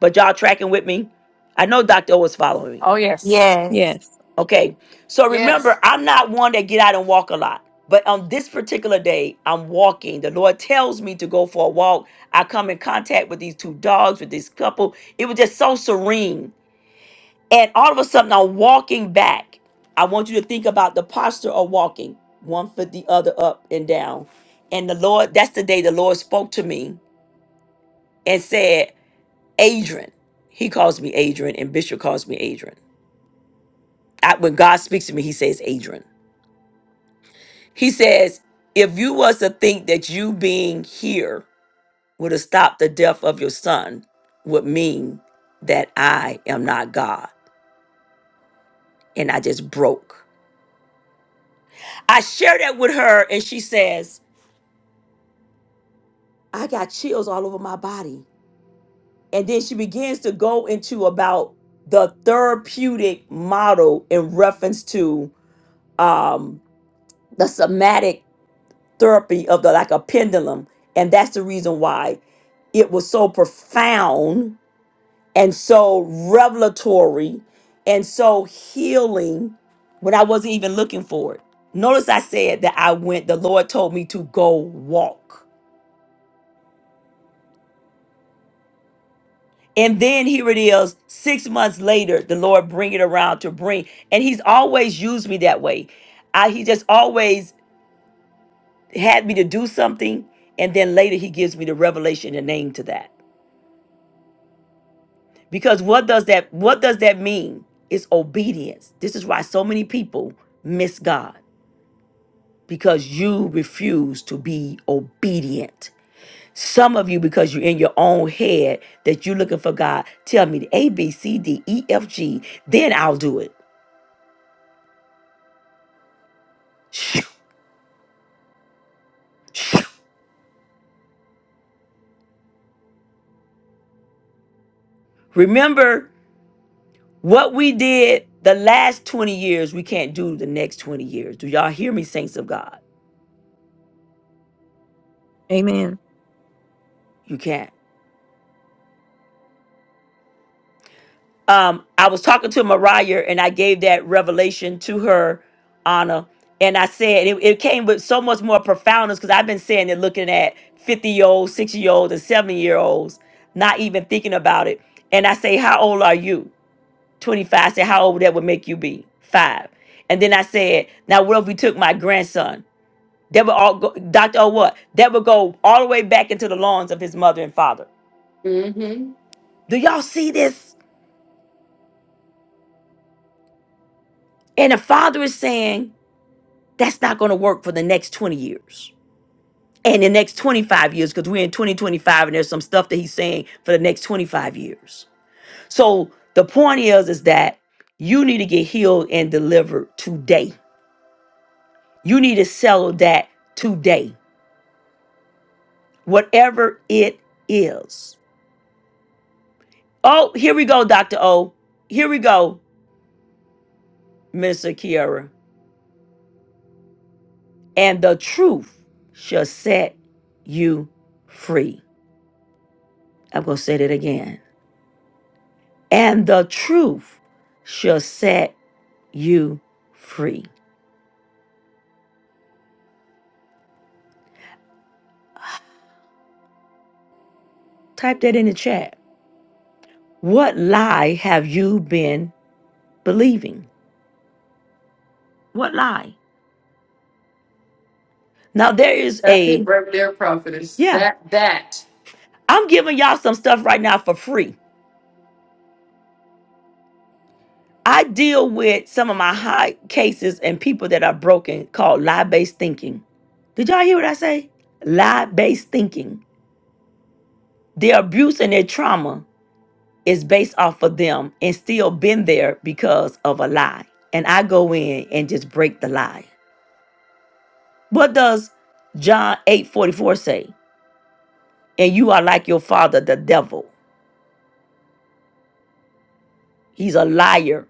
S1: but y'all tracking with me? I know Dr. O is following me.
S10: Oh, yes.
S4: Yes,
S9: Yes.
S1: Okay. So
S6: Yes.
S1: remember, I'm not one that get out and walk a lot. But on this particular day, I'm walking. The Lord tells me to go for a walk. I come in contact with these two dogs, with this couple. It was just so serene and all of a sudden, I'm walking back. I want you to think about the posture of walking, one foot, the other up and down. And the Lord, that's the day the Lord spoke to me and said, Adrian. He calls me Adrian, and Bishop calls me Adrian. I, when God speaks to me, he says, Adrian. He says, if you was to think that you being here would have stopped the death of your son, would mean that I am not God. And I just broke. I shared that with her, and she says, I got chills all over my body. And then she begins to go into about the therapeutic model in reference to um, the somatic therapy of the like a pendulum. And that's the reason why it was so profound and so revelatory and so healing when I wasn't even looking for it. Notice I said that I went, the Lord told me to go walk. And then here it is, six months later, the Lord bring it around to bring. And he's always used me that way. I, he just always had me to do something. And then later he gives me the revelation and name to that. Because what does that what does that mean? It's obedience. This is why so many people miss God. Because you refuse to be obedient. Some of you, because you're in your own head, that you're looking for God. Tell me the A, B, C, D, E, F, G, then I'll do it. Remember what we did the last 20 years, we can't do the next 20 years. Do y'all hear me, saints of God?
S9: Amen.
S1: You can't. Um, I was talking to Mariah and I gave that revelation to her, Anna, and I said it, it came with so much more profoundness because I've been saying it looking at 50 year olds, 60 year olds, and 70 year olds, not even thinking about it. And I say, How old are you? 25. I said, How old that would make you be? Five. And then I said, Now, what if we took my grandson? That would all go, Dr. O what? That would go all the way back into the lawns of his mother and father.
S10: Mm-hmm.
S1: Do y'all see this? And the father is saying, that's not going to work for the next 20 years. And the next 25 years, because we're in 2025 and there's some stuff that he's saying for the next 25 years. So the point is, is that you need to get healed and delivered today. You need to settle that today, whatever it is. Oh, here we go, Dr. O. Here we go, Mr. Kiara. and the truth shall set you free. I'm going to say that again. And the truth shall set you free. Type that in the chat. What lie have you been believing? What lie? Now, there is
S10: That's it
S1: a,
S10: right there, prophetess.
S1: yeah,
S10: That that
S1: I'm giving y'all some stuff right now for free. I deal with some of my high cases and people that are broken called lie based thinking. Did y'all hear what I say? Lie based thinking. Their abuse and their trauma is based off of them and still been there because of a lie. And I go in and just break the lie. What does John 8 44 say? And you are like your father, the devil. He's a liar.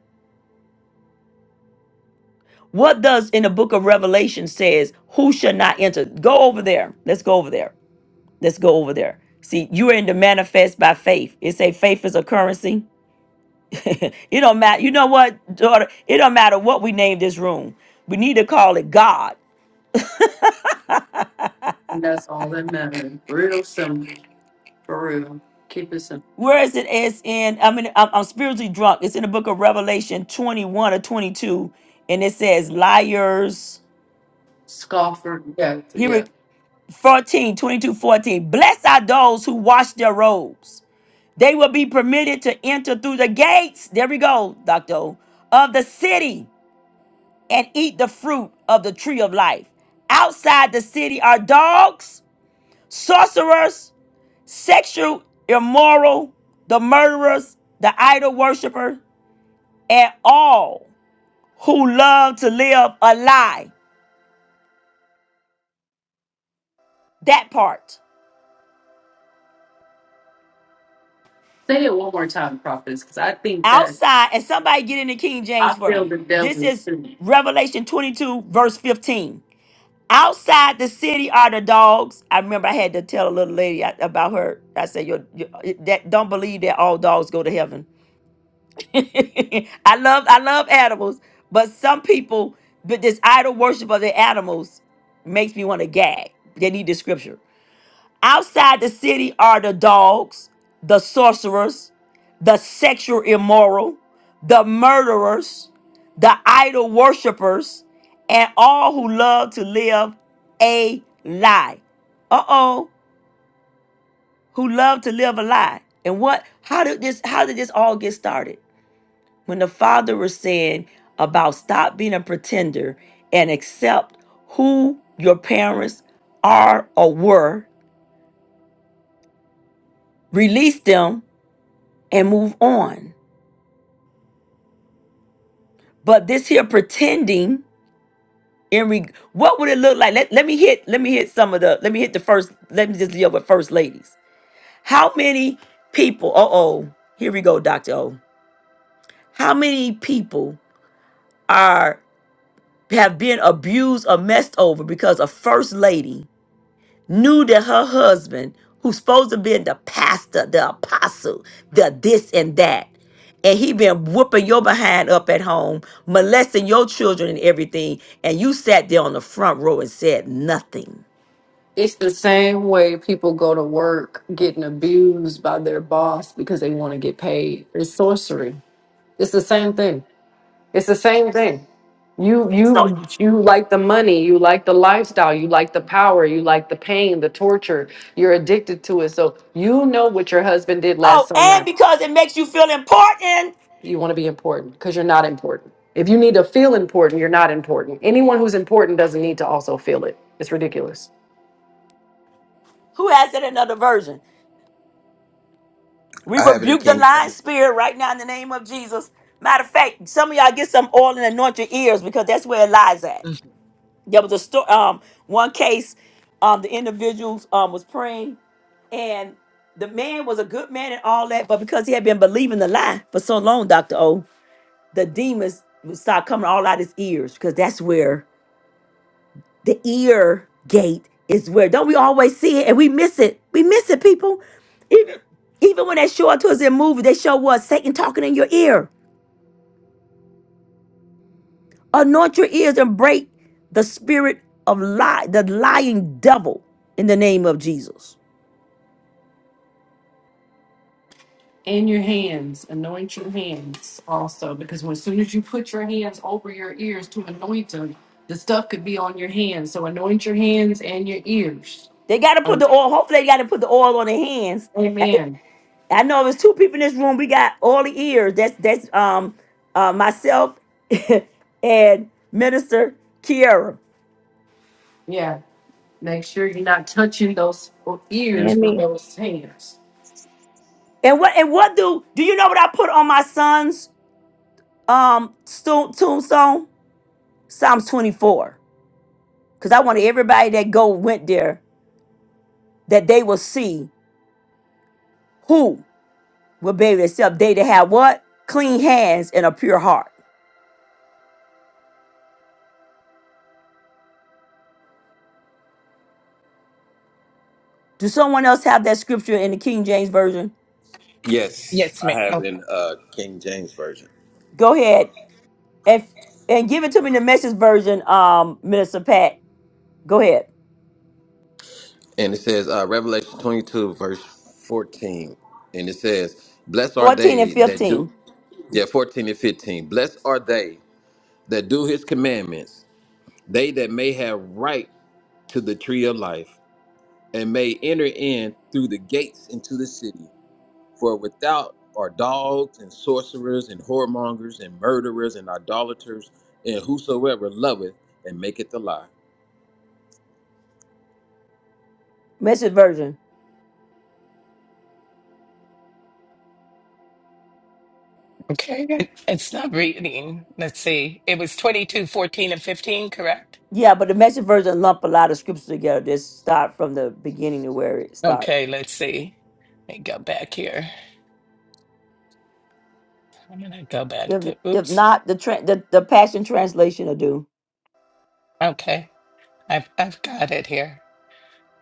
S1: What does in the book of Revelation says, who shall not enter? Go over there. Let's go over there. Let's go over there. See, you are in the manifest by faith. It say faith is a currency. It don't matter. You know what, daughter? It don't matter what we name this room. We need to call it God.
S10: and that's all that matters. Real simple. For real. Keep it simple.
S1: Where is it? It's in. I mean, I'm, I'm spiritually drunk. It's in the book of Revelation 21 or 22, and it says, "Liars."
S10: Scoffer. Yeah,
S1: Here,
S10: yeah.
S1: it 14, 22, fourteen. Blessed are those who wash their robes. They will be permitted to enter through the gates. There we go, Doctor. O, Of the city and eat the fruit of the tree of life. Outside the city are dogs, sorcerers sexual, immoral, the murderers, the idol worshiper, and all who love to live a lie. That part.
S10: Say it one more time, prophetess, because I think that
S1: Outside, and somebody get in the King
S10: I
S1: James for
S10: feel
S1: me.
S10: the
S1: This
S10: devil
S1: is
S10: too.
S1: Revelation 22, verse 15. Outside the city are the dogs. I remember I had to tell a little lady I- about her. I said, "Your your- that don't believe that all dogs go to heaven." (laughs) I love I love animals, but some people, but this idol worship of the animals makes me want to gag. They need the scripture. Outside the city are the dogs, the sorcerers, the sexual immoral, the murderers, the idol worshipers, and all who love to live a lie. Uh-oh, who love to live a lie. And what how did this how did this all get started? when the father was saying about stop being a pretender and accept who your parents are or were, release them and move on. But this here pretending in reg what would it look like? Let, let me hit let me hit some of the let me hit the first let me just deal with first ladies. How many people? Uh oh, here we go, Doctor O. How many people are have been abused or messed over because a first lady knew that her husband, who's supposed to be the pastor, the apostle, the this and that, and he been whooping your behind up at home, molesting your children and everything, and you sat there on the front row and said nothing.
S10: It's the same way people go to work getting abused by their boss because they want to get paid. It's sorcery. It's the same thing. It's the same thing. You
S1: So,
S10: you you like the money, you like the lifestyle, you like the power, you like the pain, the torture. You're addicted to it. So you know what your husband did last
S1: oh, and
S10: summer.
S1: because it makes you feel important,
S10: You want to be important because you're not important. If you need to feel important, you're not important. Anyone who's important doesn't need to also feel it. It's ridiculous.
S1: who has it in another version? We
S11: I have it in
S1: rebuke the
S11: King
S1: lying
S11: James.
S1: spirit right now in the name of Jesus. Matter of fact, some of y'all get some oil and anoint your ears because that's where it lies at.
S7: Mhm.
S1: There was a story. Um, one case, um, the individuals um was praying, and the man was a good man and all that, but because he had been believing the lie for so long, Doctor O, the demons would start coming all out his ears because that's where the ear gate is. Where don't we always see it and we miss it? We miss it, people. Even even when they show it to us in movies, they show what Satan talking in your ear. Anoint your ears and break the spirit of lie, the lying devil, in the name of Jesus.
S10: And your hands, anoint your hands also, because when, as soon as you put your hands over your ears to anoint them, the stuff could be on your hands. So anoint your hands and your ears.
S1: They got to put
S10: Um,
S1: the oil. Hopefully, they got to put the oil on their hands. I,
S10: Amen.
S1: I know there's two people in this room. We got all the ears. That's that's um uh, myself (laughs) and Minister Kiara.
S10: Yeah. Make sure you're not touching those
S9: And
S10: ears with
S9: me.
S10: those hands.
S1: And what and what do do you know what I put on my son's um sto- tombstone? Psalms 24. Because I wanted everybody that go went there that they will see who will baby themselves. They to have what clean hands and a pure heart. Do someone else have that scripture in the King James version?
S11: Yes,
S7: Yes, ma'am.
S11: I have it
S7: Oh,
S11: in uh, King James version,
S1: Go ahead, If and give it to me in the message version, um, Minister Pat. Go ahead.
S11: and it says uh, Revelation twenty two verse fourteen, and it says, "Blessed are
S1: 14 and
S11: they that
S1: 15.
S11: do." Yeah, fourteen and fifteen. Blessed are they that do His commandments, they that may have right to the tree of life, and may enter in through the gates into the city. For without are dogs and sorcerers and whoremongers and murderers and idolaters and whosoever loveth and maketh a lie.
S1: Message version.
S7: okay. It- It's not reading. Let's see. It was 22, 14, and 15, correct?
S1: Yeah, but the message version lump a lot of scriptures together. Just start from the beginning to where it starts.
S7: Okay, let's see. Let me go back here. I'm going to go back
S1: If
S7: to,
S1: if
S7: oops.
S1: not, the tra- the, the passion translation will do.
S7: Okay. I've I've got it here.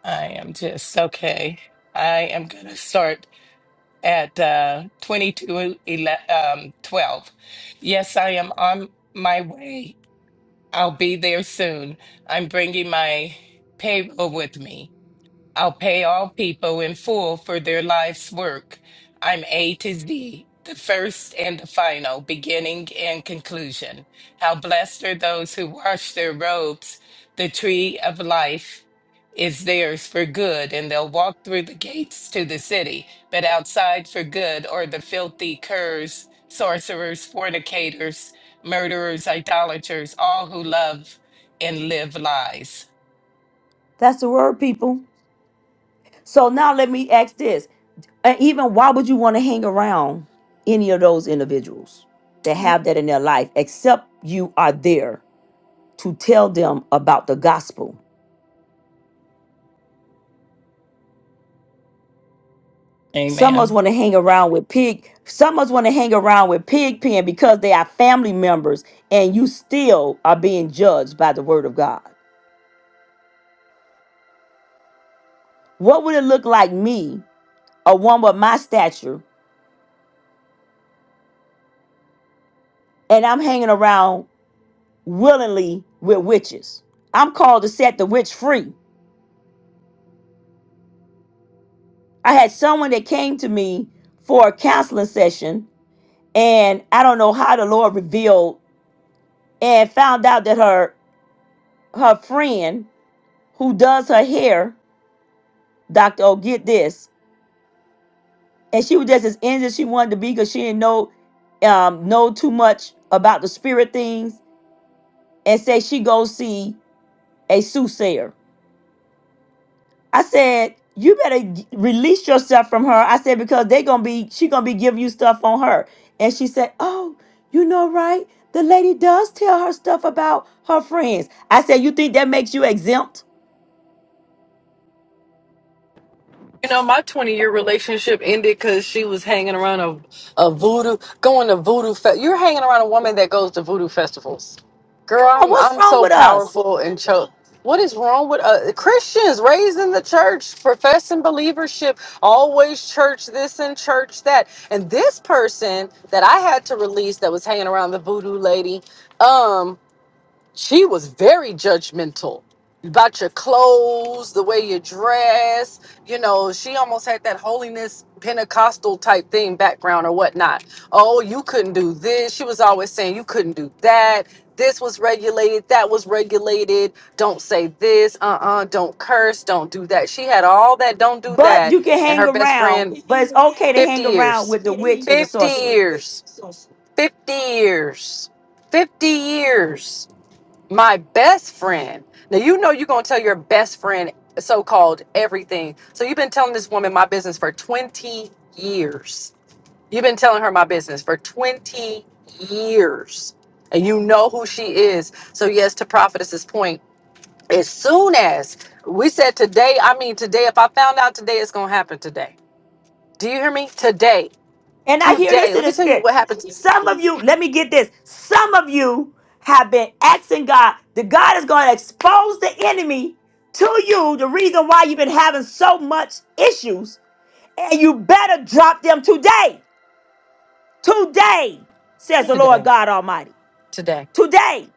S7: I am just okay. I am gonna start at uh 22 ele- um 12. Yes, I am on my way. I'll be there soon. I'm bringing my payroll with me. I'll pay all people in full for their life's work. I'm A to Z, the first and the final, beginning and conclusion. How blessed are those who wash their robes. The tree of life is theirs for good, and they'll walk through the gates to the city, but outside for good are the filthy curs, sorcerers, fornicators, murderers, idolaters, all who love and live lies.
S1: That's the word, people. So now let me ask this. And even why would you want to hang around any of those individuals that have that in their life, except you are there to tell them about the gospel? Some of us
S7: Amen.
S1: want to hang around with pig. Some of us want to hang around with pig pen because they are family members, and you still are being judged by the word of God. What would it look like me, a one with my stature, and I'm hanging around willingly with witches? I'm called to set the witch free. I had someone that came to me for a counseling session, and I don't know how the Lord revealed and found out that her her friend who does her hair Dr. Oh, get this. And she was just as innocent as she wanted to be because she didn't know um know too much about the spirit things and said she go see a soothsayer. I said, you better g- release yourself from her. I said, because they gonna be she gonna be giving you stuff on her. And she said, Oh, you know right? The lady does tell her stuff about her friends. I said, You think that makes you exempt?
S10: You know, my 20 year relationship ended because she was hanging around a, a voodoo, going to voodoo. Fe- You're hanging around a woman that goes to voodoo festivals. Girl,
S1: Come on,
S10: I'm
S1: what's
S10: I'm
S1: wrong
S10: so
S1: with us?
S10: powerful and cho- What is wrong with uh, Christians raised in the church, professing believership, always church this and church that? And this person that I had to release that was hanging around the voodoo lady, um. she was very judgmental about your clothes, the way you dress. You know, she almost had that holiness Pentecostal type thing background or whatnot. Oh, you couldn't do this. She was always saying you couldn't do that. This was regulated. That was regulated. Don't say this. Uh uh-uh, uh. do not curse. Don't do that. She had all that. Don't do
S1: But
S10: that.
S1: you can
S10: And
S1: hang
S10: her best
S1: around,
S10: friend,
S1: but it's okay to
S10: 50
S1: hang around
S10: years.
S1: with the
S10: 50
S1: witch and the sorcerer.
S10: years. 50 years. 50 years my best friend. Now you know you're gonna tell your best friend so-called everything. So you've been telling this woman my business for 20 years. You've been telling her my business for 20 years. And you know who she is. So yes, to prophetess's point, as soon as we said today, I mean today, if I found out today, it's gonna happen today. Do you hear me? Today.
S1: And I hear this
S10: Today.
S1: in
S10: Let
S1: the
S10: me tell you
S1: spirit.
S10: what happened
S1: Some of
S10: to-
S1: you, let me get this. Some of you have been asking God that God is going to expose the enemy to you, the reason why you've been having so much issues. And you better drop them today. Today, says the Lord
S10: today.
S1: God Almighty.
S10: Today.
S1: Today.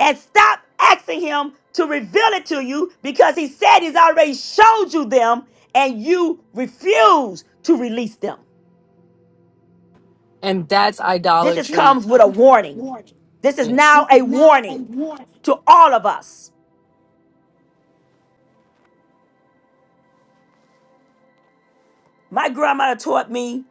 S1: And stop asking Him to reveal it to you because He said He's already showed you them and you refuse to release them.
S10: And that's
S1: This is
S10: idolatry.
S1: comes
S10: Yes.
S1: with a warning. This is now a warning to all of us. My grandmother taught me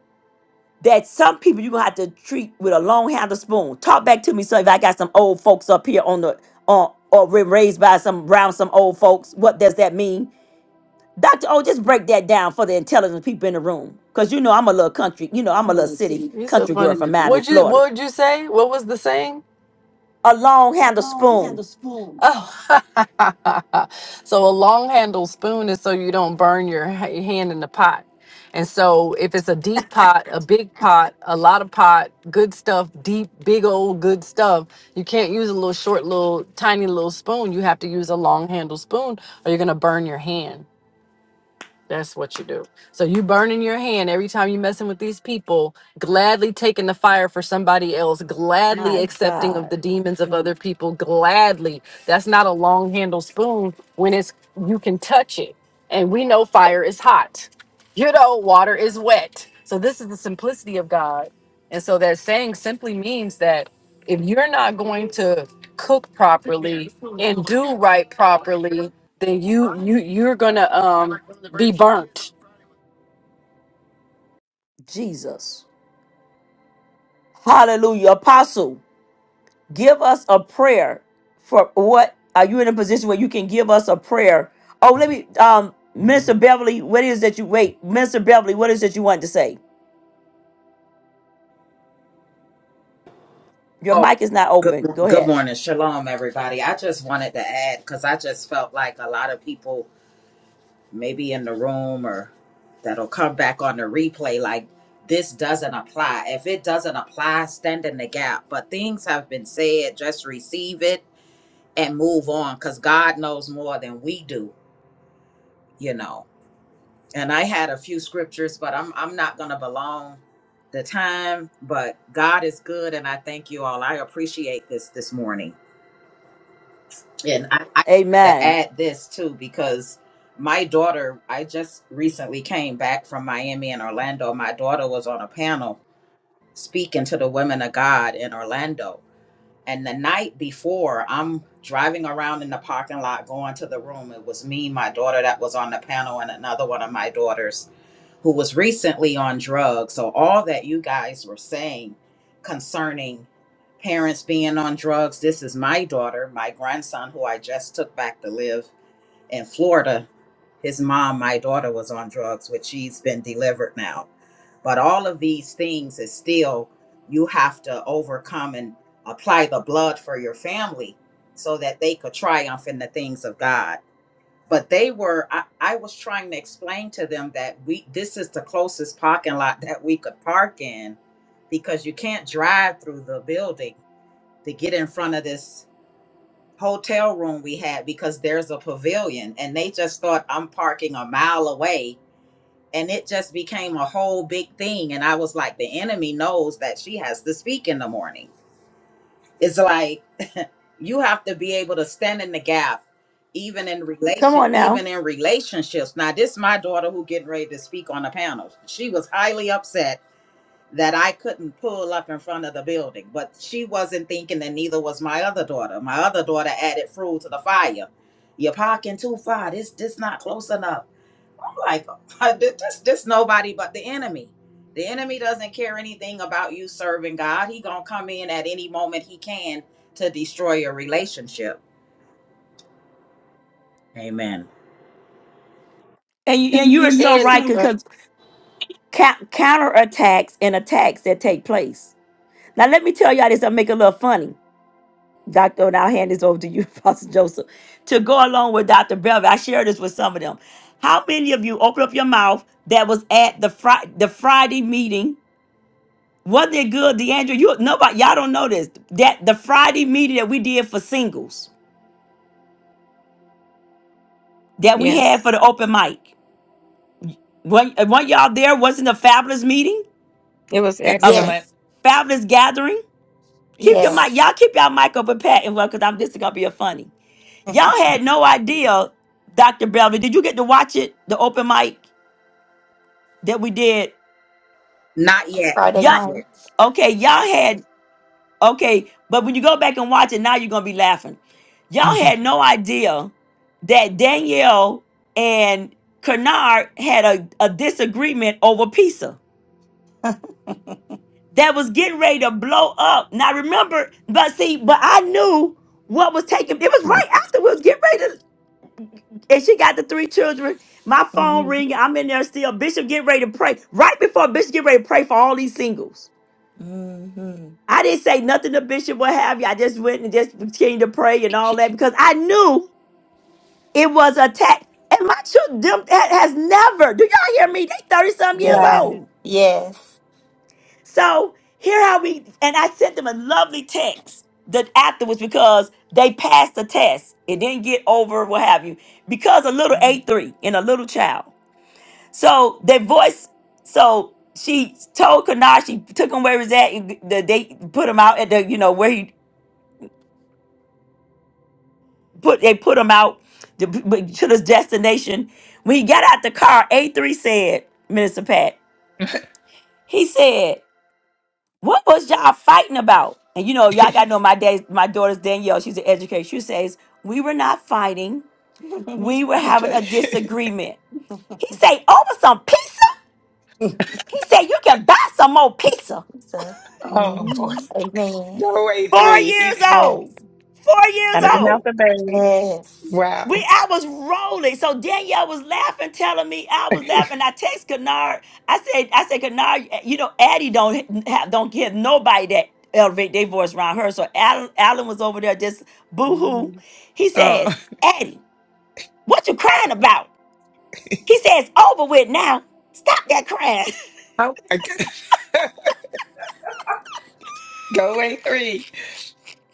S1: that some people you gonna have to treat with a long handle spoon. Talk back to me, so if I got some old folks up here on the on or were raised by some around some old folks, what does that mean? Dr. O, just break that down for the intelligent people in the room. Cause you know I'm a little country, you know, I'm a
S10: I'm a
S1: little
S10: little
S1: city
S10: city. You're so
S1: country girl
S10: funny.
S1: from Miami,
S10: What'd you
S1: Florida.
S10: what'd you say? What was the saying?
S1: A long
S10: A
S1: handle
S10: long
S1: spoon.
S10: handle spoon. Oh (laughs) so a long handle spoon is so you don't burn your ha- your hand in the pot. And so if it's a deep pot, a big pot, a lot of pot, good stuff, deep, big old good stuff, you can't use a little short little tiny little spoon. You have to use a long handle spoon or you're gonna burn your hand. That's what you do. So you burning your hand every time you messing with these people, gladly taking the fire for somebody else, gladly
S1: My
S10: accepting of
S1: God.
S10: the demons of other people, gladly. That's not a long handle spoon when it's you can touch it. And we know fire is hot. You know, water is wet. So this is the simplicity of God. And so that saying simply means that if you're not going to cook properly and do right properly, then you you you're gonna um be burnt.
S1: Jesus. Hallelujah. Apostle. give us a prayer for what are you in a position where you can give us a prayer oh let me um minister beverly what is that you wait minister beverly what is that you want to say your
S12: Oh,
S1: mic is not
S12: good,
S1: open go
S12: good
S1: ahead
S12: morning. Shalom, everybody. I just wanted to add because I just felt like a lot of people, maybe in the room or that'll come back on the replay, like this doesn't apply. If it doesn't apply, stand in the gap. But things have been said, just receive it and move on because God knows more than we do, you know. And I had a few scriptures, but I'm, I'm not going to belong the time. But God is good, and I thank you all. I appreciate this this morning. And I, I wanted to
S1: amen
S12: add this too because my daughter, I just recently came back from Miami and Orlando. My daughter was on a panel speaking to the women of God in Orlando. And the night before, I'm driving around in the parking lot going to the room. It was me, my daughter that was on the panel, and another one of my daughters who was recently on drugs. So all that you guys were saying concerning parents being on drugs, this is my daughter, my grandson who I just took back to live in Florida. His mom, my daughter was on drugs, which she's been delivered now. But all of these things is still you have to overcome and apply the blood for your family so that they could triumph in the things of God but they were I, I was trying to explain to them that we this is the closest parking lot that we could park in because you can't drive through the building to get in front of this hotel room we had because there's a pavilion and they just thought I'm parking a mile away and it just became a whole big thing and I was like the enemy knows that she has to speak in the morning. It's like you have to be able to stand in the gap even in
S1: come
S12: relation
S1: on now
S12: even in relationships now this is my daughter who getting ready to speak on the panel she was highly upset that i couldn't pull up in front of the building but she wasn't thinking and neither was my other daughter my other daughter added fuel to the fire you're parking too far this this not close enough like (laughs) just just nobody but the enemy the enemy doesn't care anything about you serving god he gonna come in at any moment he can to destroy your relationship amen
S1: and you, and you are so right
S10: And uh,
S1: because counter attacks and attacks that take place now let me tell y'all this i'll make it a little funny Dr. And I'll hand this over to you, (laughs) Pastor Joseph, to go along with Dr. Belvin. I shared this with some of them. How many of you open up your mouth that was at the Friday the Friday meeting? Wasn't it good, DeAndre? You nobody y'all don't know this. That the Friday meeting that we did for singles that we
S9: Yes.
S1: had for the open mic. When weren't y'all there, wasn't a fabulous meeting,
S9: It was
S1: a f-
S9: excellent.
S7: Excellent.
S4: yes,
S1: fabulous gathering. Keep your
S4: yes.
S7: Yes.
S1: mic, y'all keep y'all mic open, Pat, and well, because I'm this is gonna be a funny.
S4: (laughs)
S1: Y'all had no idea, Dr. Belvin. Did you get to watch it? The open mic that we did?
S12: not yet
S4: Friday
S12: not
S1: Y'all,
S12: yet
S4: nights.
S1: okay, y'all had, okay, but when you go back and watch it, now you're going to be laughing. Y'all
S7: Mhm.
S1: had no idea that Danielle and Kennard had a, a disagreement over pizza that was getting ready to blow up. Now remember, but see, but I knew what was taking. It was right after we was getting ready. and she got the three children. My phone
S4: hmm
S1: ringing. I'm in there still. Bishop, get ready to pray. Right before Bishop get ready to pray for all these singles.
S4: hmm
S1: I didn't say nothing to Bishop, what have you. I just went and just continued to pray and all that because I knew it was a attack. And my children them ha- has never, do y'all hear me? They 30 some years
S4: Yes,
S9: Wow.
S1: old.
S4: yes.
S1: So here how we, and I sent them a lovely text that afterwards because they passed the test. It didn't get over, what have you, because a little A3 in a little child. So the voice, so she told Kana, she took him where he was at. and the- They put him out at the, you know, where he put, they put him out to, to this destination. When he got out the car, A3 said, Minister Pat, he said, what was y'all fighting about? And you know, y'all gotta know my dad's, my daughter's Danielle, she's an educator. She says, we were not fighting.
S4: (laughs)
S1: We
S4: so,
S1: were having a disagreement. He say, over some pizza? He said, you can buy some more pizza.
S7: Oh boy.
S4: mhm. amen.
S7: Go away
S1: Four
S7: three.
S1: years
S7: He, (laughs)
S1: old.
S4: Yes.
S1: Four years
S9: Out of the mouth
S1: old.
S9: of babes.
S4: Yes.
S7: wow.
S1: We I was rolling. So Danielle was laughing, telling me I was laughing. I text Kennard. I said, I said, Kennard, eh, you know, Addie don't have don't give nobody that elevate their voice around her. So Alan, Alan was over there just boo-hoo.
S4: Mhm.
S1: He
S7: Oh, oh
S1: says, Addie, what you crying about? He says, over with now. Stop that crying. (laughs)
S7: my god. (laughs) go away three.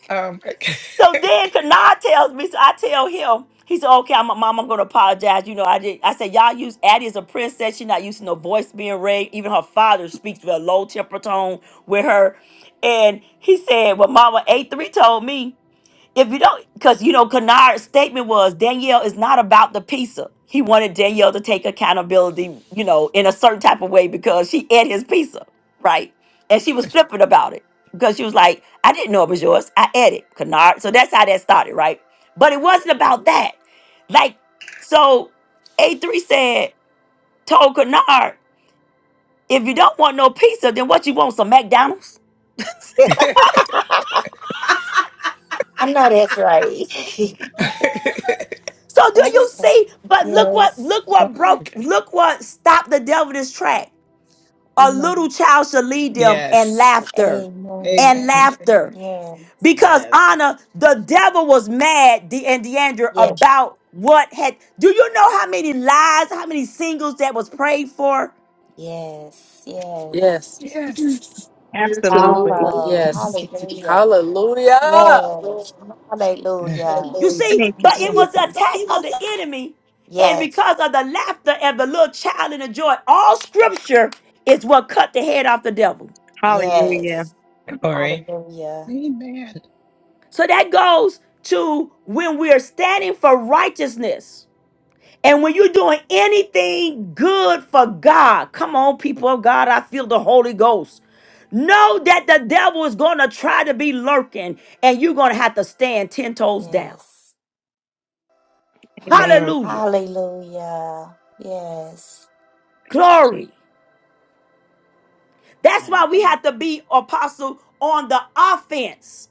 S7: Oh my
S1: So then Kanad tells me, so I tell him, he said, okay, I'm mom, I'm gonna apologize. You know, I did I said, Y'all use Addie as a princess, she's not used to no voice being raised. Even her father speaks with a low temper tone with her. And he said, Well, Mama A3 told me. If you don't, because you know, Kennard's statement was Danielle is not about the pizza. He wanted Danielle to take accountability, you know, in a certain type of way because she ate his pizza, right? And she was flippant about it because she was like, I didn't know it was yours. I ate it, Kennard. So that's how that started, right? But it wasn't about that. Like, so A3 said, told Kennard, if you don't want no pizza, then what you want, some McDonald's?
S4: (laughs) I know that's right.
S7: god. (laughs)
S4: (laughs)
S1: So do you
S4: Okay.
S1: see? But look what
S4: yes.
S1: look
S7: oh
S1: what
S7: my
S1: broke
S7: god.
S1: look what stopped the devil this track. A little
S4: Amen.
S1: child shall lead them and
S7: Yes.
S1: laughter.
S4: Amen.
S1: And
S7: Amen.
S1: laughter.
S4: Yeah.
S1: Because
S12: yes
S1: Anna, the devil was mad, De- and Deandra,
S4: Yes.
S1: about what had do you know how many lies, how many singles that was prayed for?
S4: Yes. Yes.
S10: yes,
S7: Yes.
S10: absolutely,
S9: Absolutely.
S4: Powerful.
S7: (laughs)
S10: yes,
S4: Hallelujah.
S10: hallelujah.
S4: Yes. Hallelujah.
S1: You see,
S9: Thank you,
S1: but it was the
S4: Yes.
S9: Jesus.
S1: attack of the enemy, and
S4: Yes.
S1: because of the laughter and the little child and the joy, all scripture is what cut the head off the devil.
S9: Hallelujah.
S4: Yes.
S7: Glory.
S4: Hallelujah.
S7: Amen.
S1: So that goes to when we're standing for righteousness. And when you're doing anything good for God, come on, people of God, I feel the Holy Ghost. Know that the devil is going to try to be lurking and you're going to have to stand 10 toes down.
S4: Yes.
S9: Amen.
S1: Hallelujah.
S4: Hallelujah. Yes.
S1: Glory. That's why
S12: and
S1: we
S12: and
S1: have to be apostle on the offense.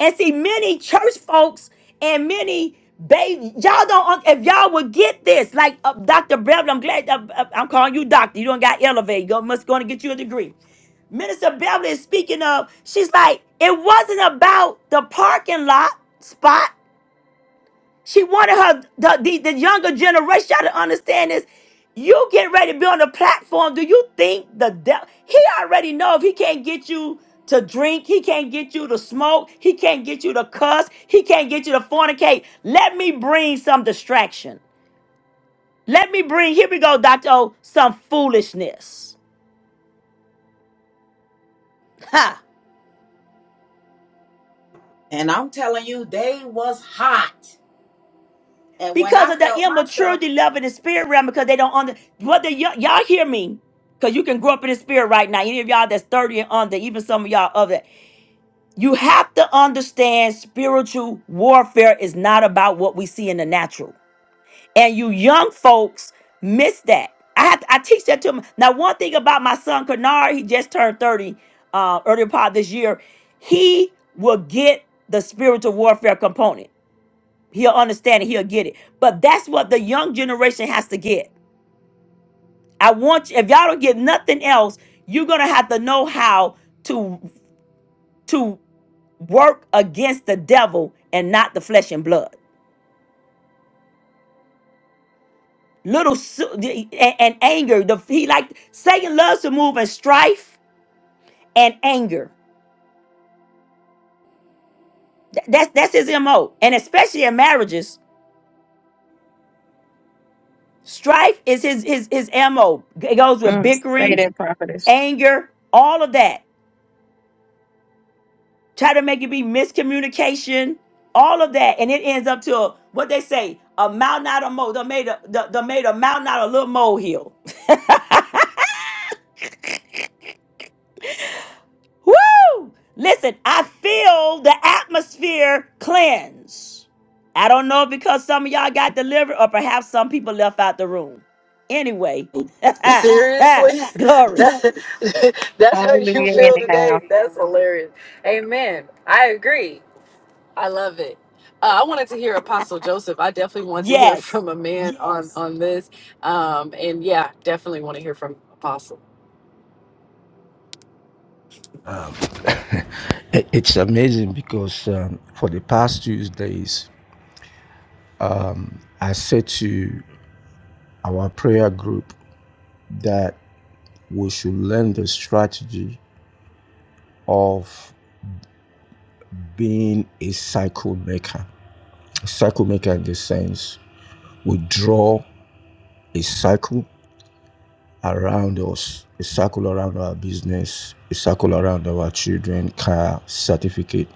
S1: And see, many church folks and many baby, y'all don't. un- If y'all would get this, like uh, Doctor Beverly, I'm glad that, uh, I'm calling you doctor. You don't got elevated. You must going to get you a degree. Minister Beverly is speaking of. She's like, it wasn't about the parking lot spot. She wanted her the, the, the younger generation y'all to understand this. You get ready to be on the platform. Do you think the devil he already know if he can't get you to drink, he can't get you to smoke, he can't get you to cuss, he can't get you to fornicate. Let me bring some distraction. Let me bring, here we go, Dr. O, some foolishness. Ha!
S12: and i'm telling you they was hot and when
S1: because
S12: i
S1: of the
S12: felt myself
S1: immaturity level in the spirit realm because they don't under whether y- y'all hear me because you can grow up in the spirit right now any of y'all that's 30 and under even some of y'all other you have to understand spiritual warfare is not about what we see in the natural and you young folks miss that i have to, i teach that to them now one thing about my son kanar he just turned 30 uh earlier part of this year he will get the spiritual warfare component He'll understand it. He'll get it. But that's what the young generation has to get. I want you, if y'all don't get nothing else, you're gonna have to know how to to work against the devil and not the flesh and blood. Little su- and, and anger. The he like Satan loves to move in strife and anger. Th- That's that's his mo. And especially in marriages, strife is his his his mo. It goes with
S9: Mm, say
S1: bickering,
S9: that, prophetess.
S1: anger, all of that. try to make it be miscommunication, all of that, and it ends up to a, what they say, a mountain out of mole. They made a the, they made a mountain out of a little molehill. (laughs) Woo! Listen, I feel the atmosphere cleanse. I don't know if because some of y'all got delivered, or perhaps some people left out the room. Anyway, (laughs)
S10: Seriously, (laughs)
S1: glory.
S10: that, (laughs) that's how you
S9: Hallelujah,
S10: feel
S9: anyhow.
S10: today. That's hilarious. Amen. I agree. I love it. Uh, I wanted to hear Apostle Joseph. I definitely want to hear (laughs)
S1: Yes,
S10: from a man on Yes. on this, um, and yeah, definitely want to hear from Apostle.
S8: It's amazing because um, for the past Tuesdays, I said to our prayer group that we should learn the strategy of being a cycle maker. A cycle maker in the sense we draw a cycle around us, a cycle around our business, a cycle around our children, car, certificate.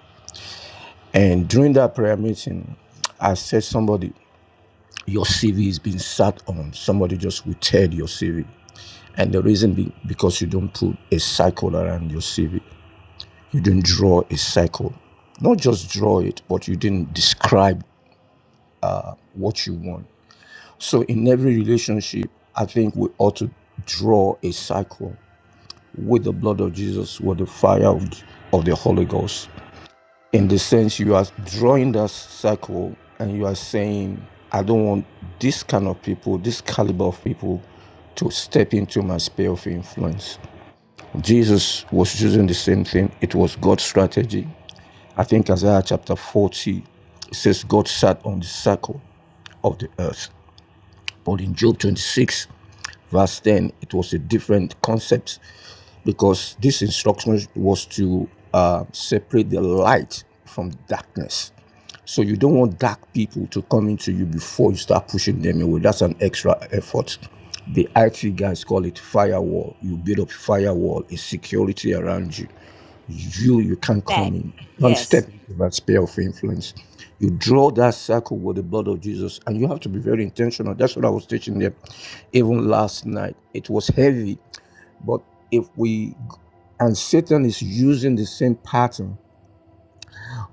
S8: And during that prayer meeting, I said somebody your CV is being sat on. Somebody just will tear your CV. And the reason being because you don't put a cycle around your CV. You didn't draw a cycle. Not just draw it, but you didn't describe what you want. So in every relationship, I think we ought to draw a cycle with the blood of Jesus, with the fire of, of the Holy Ghost. in the sense you are drawing that circle and you are saying i don't want this kind of people this caliber of people to step into my sphere of influence jesus was using the same thing it was god's strategy i think isaiah chapter 40 it says god sat on the circle of the earth but in job 26 verse 10 it was a different concept because this instruction was to uh, separate the light from darkness. So you don't want dark people to come into you before you start pushing them away. That's an extra effort. The IT guys call it firewall. You build up firewall, a security around you. You you can't
S1: fact.
S8: come in, you can't
S1: Yes,
S8: step into that sphere of influence. You draw that circle with the blood of Jesus, and you have to be very intentional. That's what I was teaching them, even last night. It was heavy but if we, and Satan is using the same pattern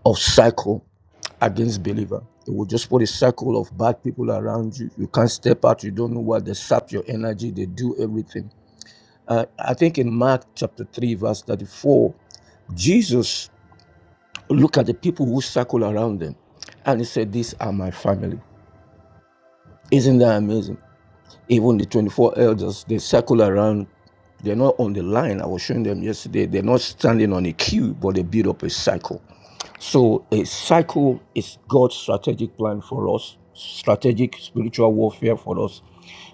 S8: of cycle against believer. It will just put a cycle of bad people around you. You can't step out. You don't know what they sap your energy. They do everything. Uh, I think in Mark chapter 3, verse 34, Jesus looked at the people who circle around them and he said, These are my family. Isn't that amazing? Even the 24 elders, they circle around. They're not on the line. I was showing them yesterday. They're not standing on a queue, but they build up a cycle. So a cycle is God's strategic plan for us, strategic spiritual warfare for us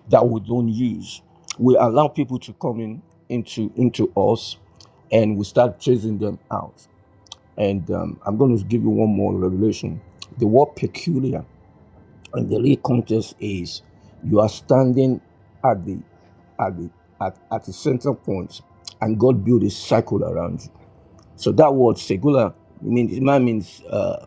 S8: that we don't use. We allow people to come in into into us, and we start chasing them out. And um, I'm going to give you one more revelation. The word peculiar. And the real contest is you are standing at the at the at, at the center point and God built a circle around you. So that word secular means it might means uh,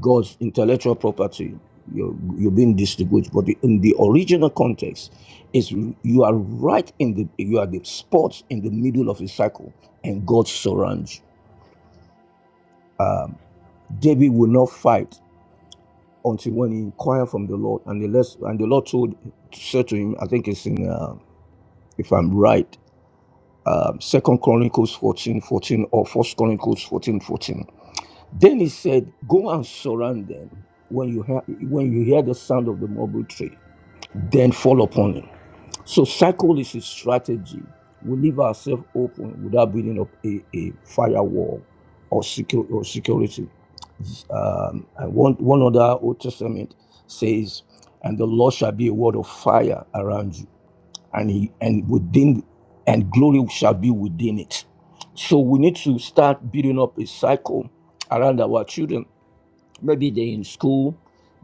S8: God's intellectual property. You're, you're being distinguished, but in the original context, is you are right in the you are the spot in the middle of a circle, and God surrounds you. David will not fight until when he inquired from the Lord, and the less, and the Lord told said to him, I think it's in uh, if I'm right, um, Second Chronicles 14:14 or First Chronicles 14:14. Then he said, Go and surround them. When you hear when you hear the sound of the mulberry tree, then fall upon him. So cycle is a strategy. We leave ourselves open without building up a, a firewall or, secure, or security. Um, and one, one other Old Testament says, "And the Lord shall be a word of fire around you, and he and within, and glory shall be within it." So we need to start building up a cycle around our children maybe they're in school,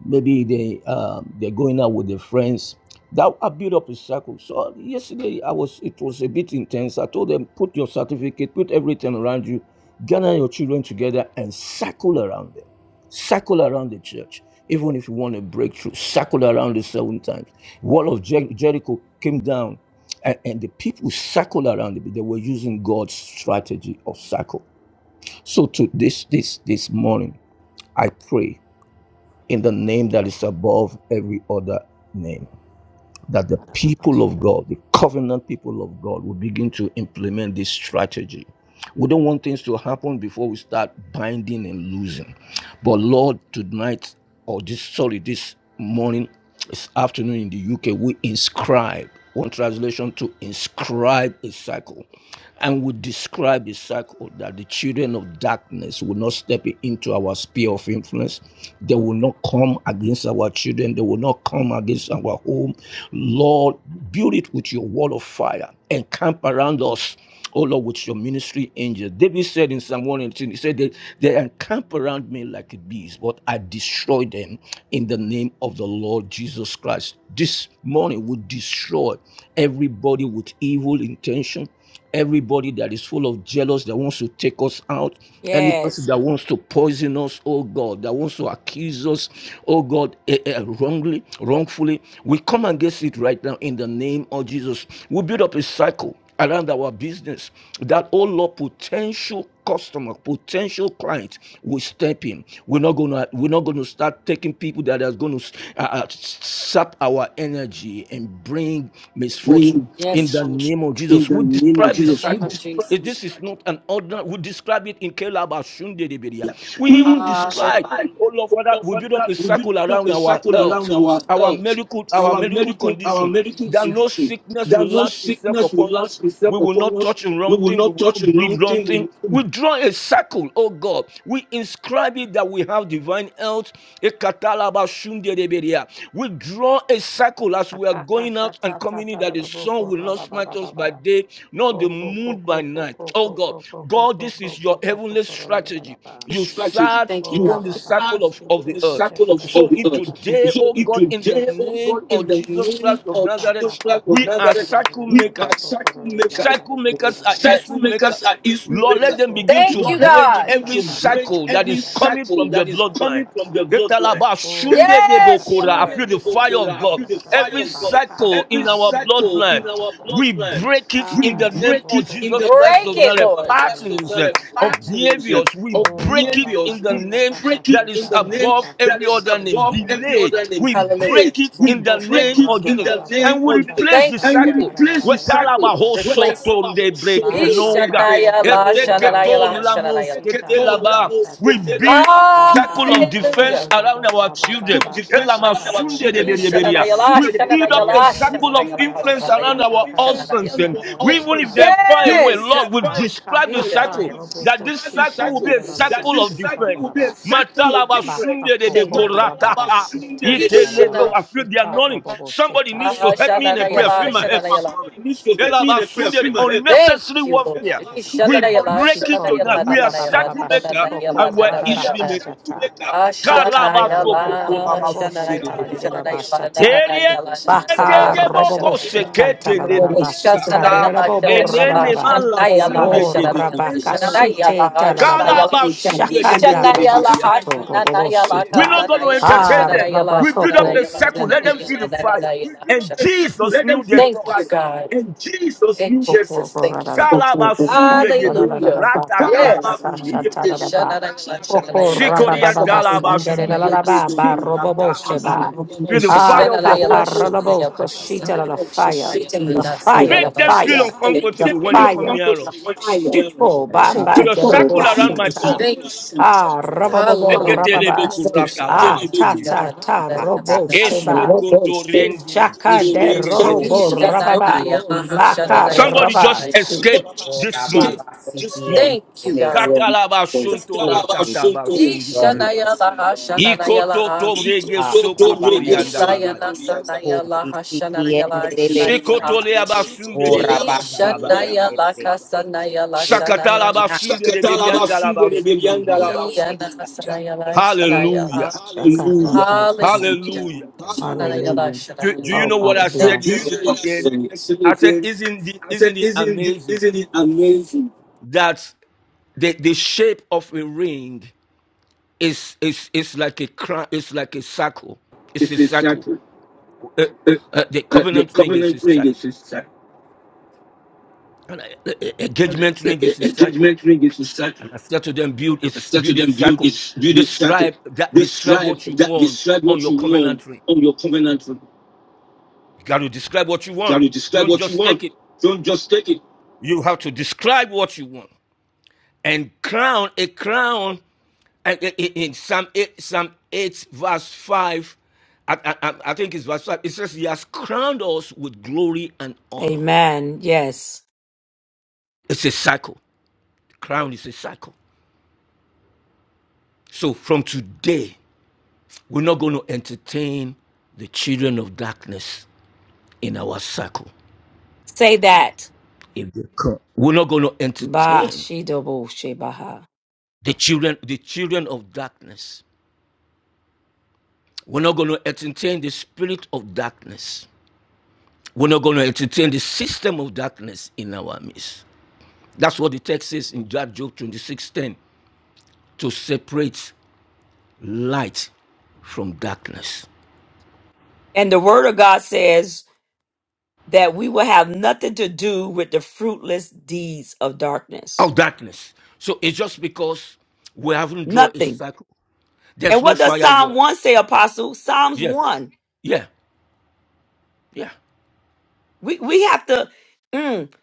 S8: maybe they um, they're going out with their friends. That I built up a circle. So yesterday I was it was a bit intense. I told them put your certificate, put everything around you, gather your children together and circle around them, circle around the church. Even if you want a breakthrough, circle around it seven times. Wall of Jer- Jericho came down, and, and the people circled around it. They were using God's strategy of circle. So to this this this morning, I pray in the name that is above every other name. That the people of God, the covenant people of God, will begin to implement this strategy. We don't want things to happen before we start binding and losing. But Lord, tonight, or this, sorry, this morning, this afternoon in the UK, we inscribe. One translation to inscribe a cycle. And we describe the cycle that the children of darkness will not step into our sphere of influence. They will not come against our children. They will not come against our home. Lord, build it with your wall of fire. Encamp around us Oh Lord, with your ministry angels. David said in Psalm 118, he said, they, they encamp around me like bees, but I destroy them in the name of the Lord Jesus Christ. This morning we destroy everybody with evil intention, everybody that is full of jealous, that wants to take us out, any person
S1: yes.
S8: that wants to poison us, oh God, that wants to accuse us, oh God, eh, eh, wrongly, wrongfully. We come against it right now in the name of Jesus. We build up a cycle around our business that oh lord potential customer potential client will step in we're not gonna we're not gonna start taking people that is gonna uh, uh, sap our energy and bring misfortune
S10: Bring
S8: in
S10: Yes,
S8: the
S10: Lord.
S8: name of
S10: in
S8: jesus
S10: the
S8: we
S10: name of in the
S8: describe the
S10: Jesus. name We of
S8: cycle
S10: destroy Jesus. this
S8: this is
S10: cycle.
S8: not an ordinary. We describe it in Kelaba Shunde de Beria.
S10: Yeah.
S8: We
S10: We
S8: even
S10: destroy,
S8: describe,
S10: Hallelujah.
S8: oh Lord
S10: oh
S8: Father,
S10: Lord,
S8: we
S10: Father,
S8: build up a
S10: we build
S8: circle
S10: up
S8: around
S10: a
S8: our
S10: cycle
S8: health,
S10: around our
S8: our
S10: health,
S8: medical, our
S10: our
S8: medical
S10: medical, our
S8: condition,
S10: medical
S8: that no
S10: condition.
S8: sickness will
S10: That no
S8: lash itself
S10: sickness will
S8: upon us.
S10: last
S8: We
S10: itself
S8: will
S10: upon
S8: not
S10: us.
S8: touch the
S10: We
S8: wrong
S10: will
S8: thing. We
S10: not
S8: will
S10: touch
S8: not
S10: the wrong
S8: breathe wrong
S10: thing. We
S8: thing.
S10: will
S8: We draw a circle, oh God God. We inscribe it that we have divine health. Ekatalaba shundereberia. We draw a circle as we are going out and coming in that the sun will not smite us by day, nor the moon by night. Oh God, God, this is your heavenly strategy. You
S10: strategy.
S8: sat
S10: Thank you. You Lord.
S8: upon the
S10: have heard
S8: circle of, of
S10: from
S8: the
S10: the
S8: earth.
S10: circle of, of
S8: So
S10: the
S8: in
S10: earth.
S8: today,
S10: So
S8: oh
S10: if
S8: God, in the
S10: today, oh
S8: name
S10: God, in
S8: of
S10: the
S8: Jesus
S10: name
S8: Christ of
S10: of
S8: Nazareth,
S10: Jesus Christ of
S8: we are
S10: Nazareth,
S8: circle
S10: we
S8: makers
S10: are circle makers.
S8: cycle makers are
S10: Cycle
S8: history makers.
S10: makers are issue
S8: Lord, let
S10: makers.
S8: them begin
S10: Thank
S8: to
S10: you, Lord, let them
S8: break
S10: God. begin
S8: every
S10: to break
S8: cycle that
S10: every
S8: is coming
S10: cycle
S8: from the
S10: that is
S8: bloodline.
S10: coming from the
S8: Etalaba
S10: bloodlines.
S8: shunde de
S10: Yes, (laughs)
S8: bokora. I
S10: Lord.
S8: feel the fire of
S10: I
S8: God.
S10: feel the fire
S8: Every
S10: of God.
S8: cycle
S10: Every
S8: in our
S10: cycle in
S8: bloodline,
S10: our
S8: we
S10: bloodline,
S8: break it
S10: we
S8: in the name
S10: break
S8: of
S10: it in the
S8: Jesus Christ
S10: name Break of
S8: of
S10: it,
S8: Nazareth.
S10: Lord. Jesus
S8: Patterns eh,
S10: Lord.
S8: of
S10: Christ of Nazareth.
S8: behaviors,
S10: Patterns
S8: we
S10: of
S8: break it
S10: behaviors,
S8: in the
S10: we
S8: name
S10: break it
S8: that
S10: in
S8: is
S10: the name
S8: above
S10: that
S8: every
S10: is
S8: other name.
S10: above every
S8: Delay,
S10: other name.
S8: we
S10: Hallelujah. Today,
S8: break it
S10: we
S8: in the
S10: break
S8: name
S10: it
S8: of
S10: in Yes.
S8: Jesus.
S10: the name
S8: And we
S10: of Jesus
S8: replace
S10: Thank
S8: the
S10: you, and we God.
S8: cycle.
S10: replace the cycle
S8: Wetalaba
S10: with Replace talking
S8: hosotonde
S10: it.
S8: brekenonga.
S10: Yeshanaya la bread, bread, bread, shananaya la
S8: Eteketo
S10: bread, shananaya.
S8: lamos
S10: la. bread, bread, bread,
S8: ketelaba. We
S10: bread, bread, bread,
S8: build
S10: bread.
S8: circle
S10: we
S8: of
S10: break Hallelujah
S8: defense around our
S10: circle
S8: children.
S10: defense around our
S8: Elamasunde de
S10: children,
S8: bereberia. We build up a circle of influence around our husbands. And we, even if
S10: eh,
S8: they are far away,
S10: Yes! they
S8: Lord, we describe the
S10: we
S8: circle
S10: Ishananayala,
S8: that this
S10: describe the
S8: circle will be
S10: cycle,
S8: a
S10: that
S8: circle
S10: this
S8: of
S10: cycle will be a
S8: defense.
S10: cycle of defense.
S8: Matalabasunde de
S10: Thank you,
S8: bekoratata. Itelebo. I feel the anointing. Somebody needs to help me in a prayer. I
S10: Shananayala,
S8: feel my help are coming.
S10: me in a prayer.
S8: Elabasunde
S10: Fill
S8: de
S10: my head Thank
S8: unnecessary
S10: you, Lord.
S8: warfare. We break it tonight. We are circle maker and we're issue maker. Karabatokotolabasudedebedia. Eriendedebokoseketelebrostata. Enenemalasudedebekotola.
S10: shanayala, Ishanayala
S8: Kalabasudedebegedegedia.
S10: Hashanayala
S8: We're not going to
S10: Kazanayala
S8: entertain them.
S10: Shanayala
S8: We build up a
S10: Shanayala.
S8: circle. Let them feel the fire. And Jesus knew their
S10: Thank you,
S8: thoughts.
S10: God. In Jesus' In Jesus, thank you.
S8: Kalabasundedeboko.
S10: Hallelujah. Yes.
S8: Ratatabasundedebedia. Sikoriantalabasundedeboko. Rata. Feel the fire of the Holy Ghost. Make them feel uncomfortable when they come near us.
S10: Yes.
S8: Build
S10: Thank
S8: a circle around my thoughts.
S10: you. Hallelujah. Yes,
S12: (laughs) Siki. Oh, Visiki on the Bobo,
S8: Somebody just escaped
S12: or
S8: this morning.
S12: Ababa Siki and
S10: Thank you,
S12: Bebes,
S10: God.
S12: oh, Visiki on the
S10: Ishanayalahashanayalaha.
S12: Loha, Rabanesi, oh,
S10: Ilayanasanayalashanayalaha.
S12: Visiki and the Bebesaya, oh, Rabasiki and the Bebes, oh,
S10: Ishanayalakasanayalashanayalashanayalaha.
S12: Ina, Yeti and the Bebesaya, oh,
S10: Iyanasanayalashanayalaha.
S8: Hallelujah.
S12: Rabanasi
S10: Hallelujah.
S8: Hallelujah.
S10: Hallelujah. Shanayala,
S8: Do,
S10: shanayala.
S8: do you know what I
S10: Do,
S8: said
S10: do you know
S8: yesterday
S10: what I
S8: again?
S10: said yesterday,
S8: I said,
S10: Ben?
S8: isn't it,
S10: I said,
S8: isn't it
S10: isn't it,
S8: amazing
S10: isn't it amazing?
S8: that the, the shape of a ring is, is, is like a crown, it's like a circle. It's
S10: It's
S8: a
S10: a
S8: circle.
S10: cycle.
S8: Uh,
S10: Uh,
S8: uh, the
S10: uh, the
S8: covenant ring is a
S10: covenant ring
S8: circle.
S10: is a cycle.
S8: And I- uh, uh,
S10: The
S8: engagement ring
S10: the-
S8: is a
S10: the
S8: circle.
S10: judgment ring is a
S8: And
S10: cycle.
S8: I said to them, build a,
S10: And I said to
S8: build a
S10: them, build
S8: circle.
S10: this, build this cycle.
S8: Describe that, describe
S10: Describe
S8: what you
S10: that.
S8: want
S10: Describe
S8: on
S10: what
S8: your
S10: you want
S8: covenant ring.
S10: on your covenant ring.
S8: You got to describe what you want.
S10: Can you describe
S8: Don't
S10: what you
S8: just
S10: want?
S8: take it.
S10: Don't just take it.
S8: You have to describe what you want. and crown a crown uh, uh, in in Psalm 8, Psalm 8 verse 5 I, I, I I think it's verse 5 it says he has crowned us with glory and honor
S1: Amen. Yes.
S8: it's a cycle The crown is a cycle so from today we're not going to entertain the children of darkness in our cycle if they come we're not going to entertain the children the children of darkness we're not going to entertain the spirit of darkness We're not going to entertain the system of darkness in our midst. That's what the text says in Job 26:10 to separate light from darkness.
S1: And the Word of God says that we will have nothing to do with the fruitless deeds of darkness.
S8: Of darkness. So it's just because we haven't drawn a
S1: Nothing.
S8: circle.
S1: And
S8: There's no
S1: what does Psalm
S8: firewall.
S1: 1 say, Apostle? Psalms
S8: Yes.
S1: 1.
S8: Yeah. Yeah.
S1: We, we have to, mm,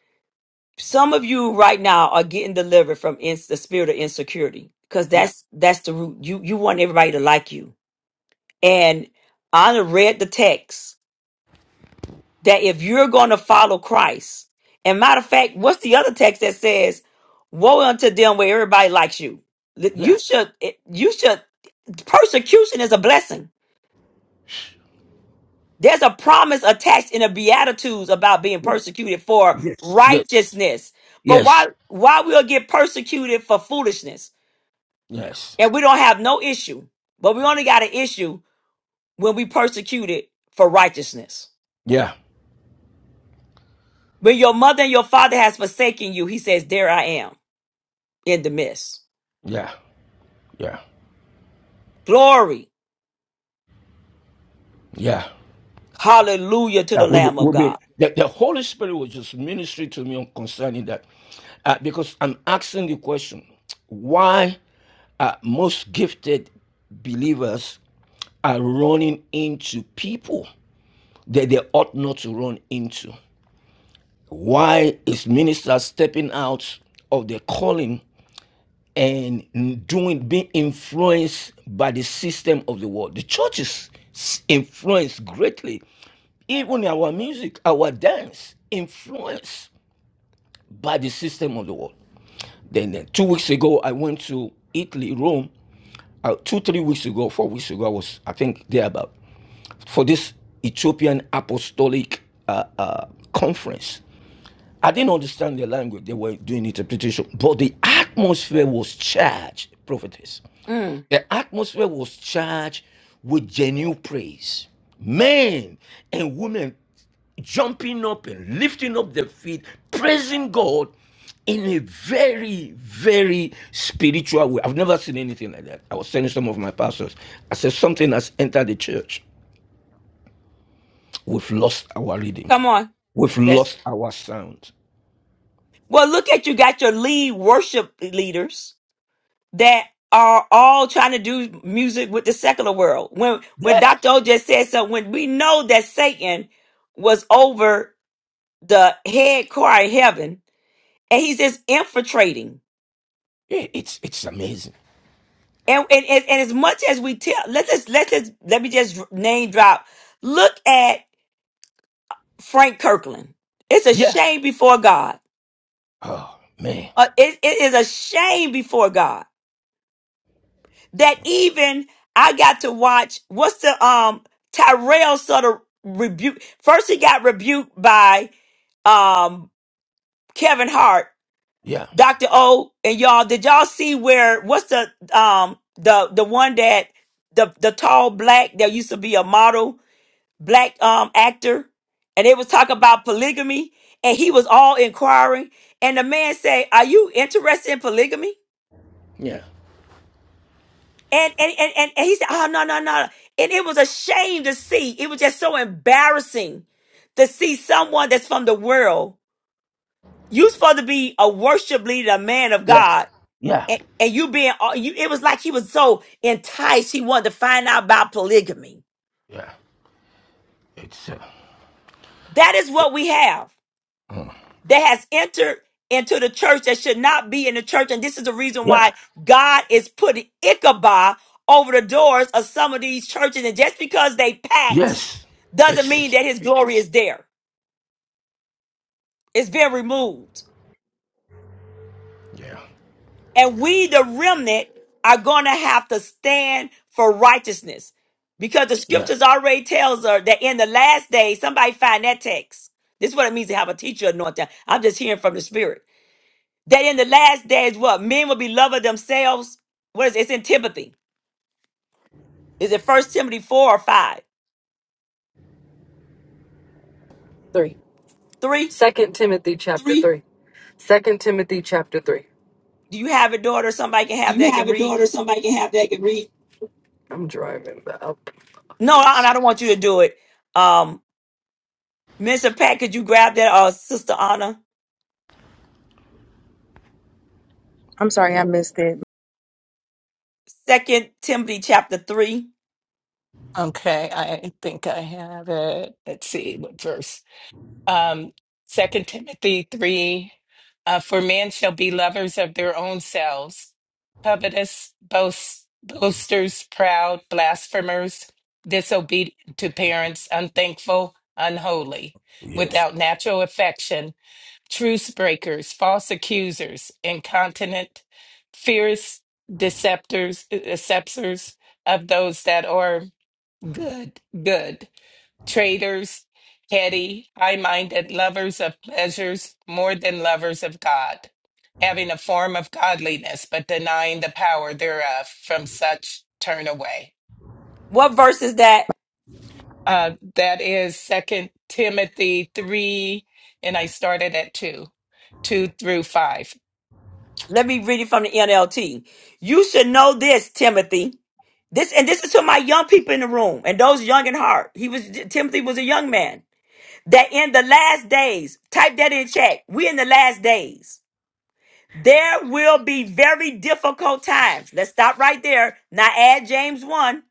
S1: some of you right now are getting delivered from ins the spirit of insecurity because
S8: Yeah.
S1: that's that's the root. You, you want everybody to like you. And Anna read the text that if you're going to follow Christ, and matter of fact, what's the other text that says, woe unto them where everybody likes you? That
S8: Yeah.
S1: you should you should Persecution is a blessing. There's a promise attached in the Beatitudes about being
S8: Yeah.
S1: persecuted for
S8: Yes. Yes.
S1: righteousness. But why
S8: Yes.
S1: why we'll get persecuted for foolishness?
S8: Yes.
S1: And we don't have no issue. But we only got an issue when we persecuted for righteousness.
S8: Yeah.
S1: When your mother and your father has forsaken you, he says, There I am in the midst.
S8: Yeah. Yeah.
S1: Glory.
S8: Yeah.
S1: Hallelujah to the
S8: That will be,
S1: Lamb of
S8: will be
S1: God.
S8: the, the Holy Spirit was just ministering to me on concerning that, uh, because I'm asking the question: Why are most gifted believers are running into people that they ought not to run into? Why is ministers stepping out of their calling and doing being influenced by the system of the world? The churches influence greatly, even our music, our dance influence. by the system of the world. Then, then two weeks ago, I went to Italy, Rome. Uh, two, three weeks ago, four weeks ago, I was, I think, there about for this Ethiopian Apostolic uh, uh, Conference. I didn't understand their language; they were doing interpretation, but the atmosphere was charged, prophetess.
S1: Mm,
S8: The atmosphere was charged with genuine praise. Men and women jumping up and lifting up their feet, praising God in a very, very spiritual way. I've never seen anything like that. I was telling some of my pastors, I said, something has entered the church. We've lost our reading,
S1: come on.
S8: we've
S1: Yes.
S8: lost our sound.
S1: Well, look at you got your lead worship leaders that are all trying to do music with the secular world. When when
S8: Yeah,
S1: Dr. O just said so, when we know that Satan was over the head choir in heaven, and he's just infiltrating.
S8: yeah it's, it's amazing.
S1: And and, and, and as much as we tell, let's just let's just let me just name drop. Look at Frank Kirkland. It's a
S8: Yeah.
S1: shame before God.
S8: Oh, man.
S1: Uh, it, it is a shame before God that even I got to watch what's the um Tyrell sort of rebuke first he got rebuked by um Kevin Hart,
S8: Yeah.
S1: Dr. O and y'all. Did y'all see where what's the um the the one that the the tall black that used to be a model black um actor and they was talking about polygamy and he was all inquiring and the man say, Are you interested in polygamy?
S8: Yeah.
S1: And and, and and and he said, Oh no, no, no. And it was a shame to see. It was just so embarrassing to see someone that's from the world. You supposed to be a worship leader, a man of
S8: Yeah.
S1: God.
S8: Yeah.
S1: And, and you being all- you it was like he was so enticed he wanted to find out about polygamy.
S8: Yeah. It's uh,
S1: That is what we have
S8: mm.
S1: that has entered into the church that should not be in the church. And this is the reason
S8: yeah,
S1: why God is putting Ichabod over the doors of some of these churches. And just because they packed
S8: yes.
S1: doesn't
S8: It's
S1: mean
S8: it's
S1: that his glory is there. It's been removed.
S8: yeah,
S1: And we, the remnant, are going to have to stand for righteousness because the
S8: yeah,
S1: scriptures already tells her that in the last days, somebody find that text. This is what it means to have a teacher anointing. I'm just hearing from the spirit. That in the last days, what? Men will be lovers of themselves. What is it? It's in Timothy. Is it First Timothy 4 or 5?
S10: Three.
S1: 3?
S10: Second Timothy chapter Three. three. Second Timothy chapter three.
S1: Do you have it, daughter? Somebody can have that, can read. No, I, I don't want you to do it. Um, Mr. Pat, could you grab that, uh, Sister Anna?
S9: I'm sorry I missed it.
S1: Second Timothy chapter three.
S7: Okay, I think I have it. Let's see what verse. um, 2 Timothy 3 uh, For men shall be lovers of their own selves, covetous, boast, boasters, proud, blasphemers, disobedient to parents, unthankful, unholy,
S8: yes,
S7: without natural affection, truce breakers, false accusers, incontinent, fierce deceptors, deceptors of those that are good, good traitors, heady, high minded, lovers of pleasures more than lovers of God, having a form of godliness, but denying the power thereof. From such turn away.
S1: What verse is that?
S7: Uh, that is Second Timothy 3, and I started at 2, 2 through 5.
S1: Let me read it from the NLT. You should know this, Timothy. This and this is to my young people in the room and those young in heart. He was Timothy was a young man. That in the last days, type that in chat. We in the last days. There will be very difficult times. Let's stop right there. Now add James 1.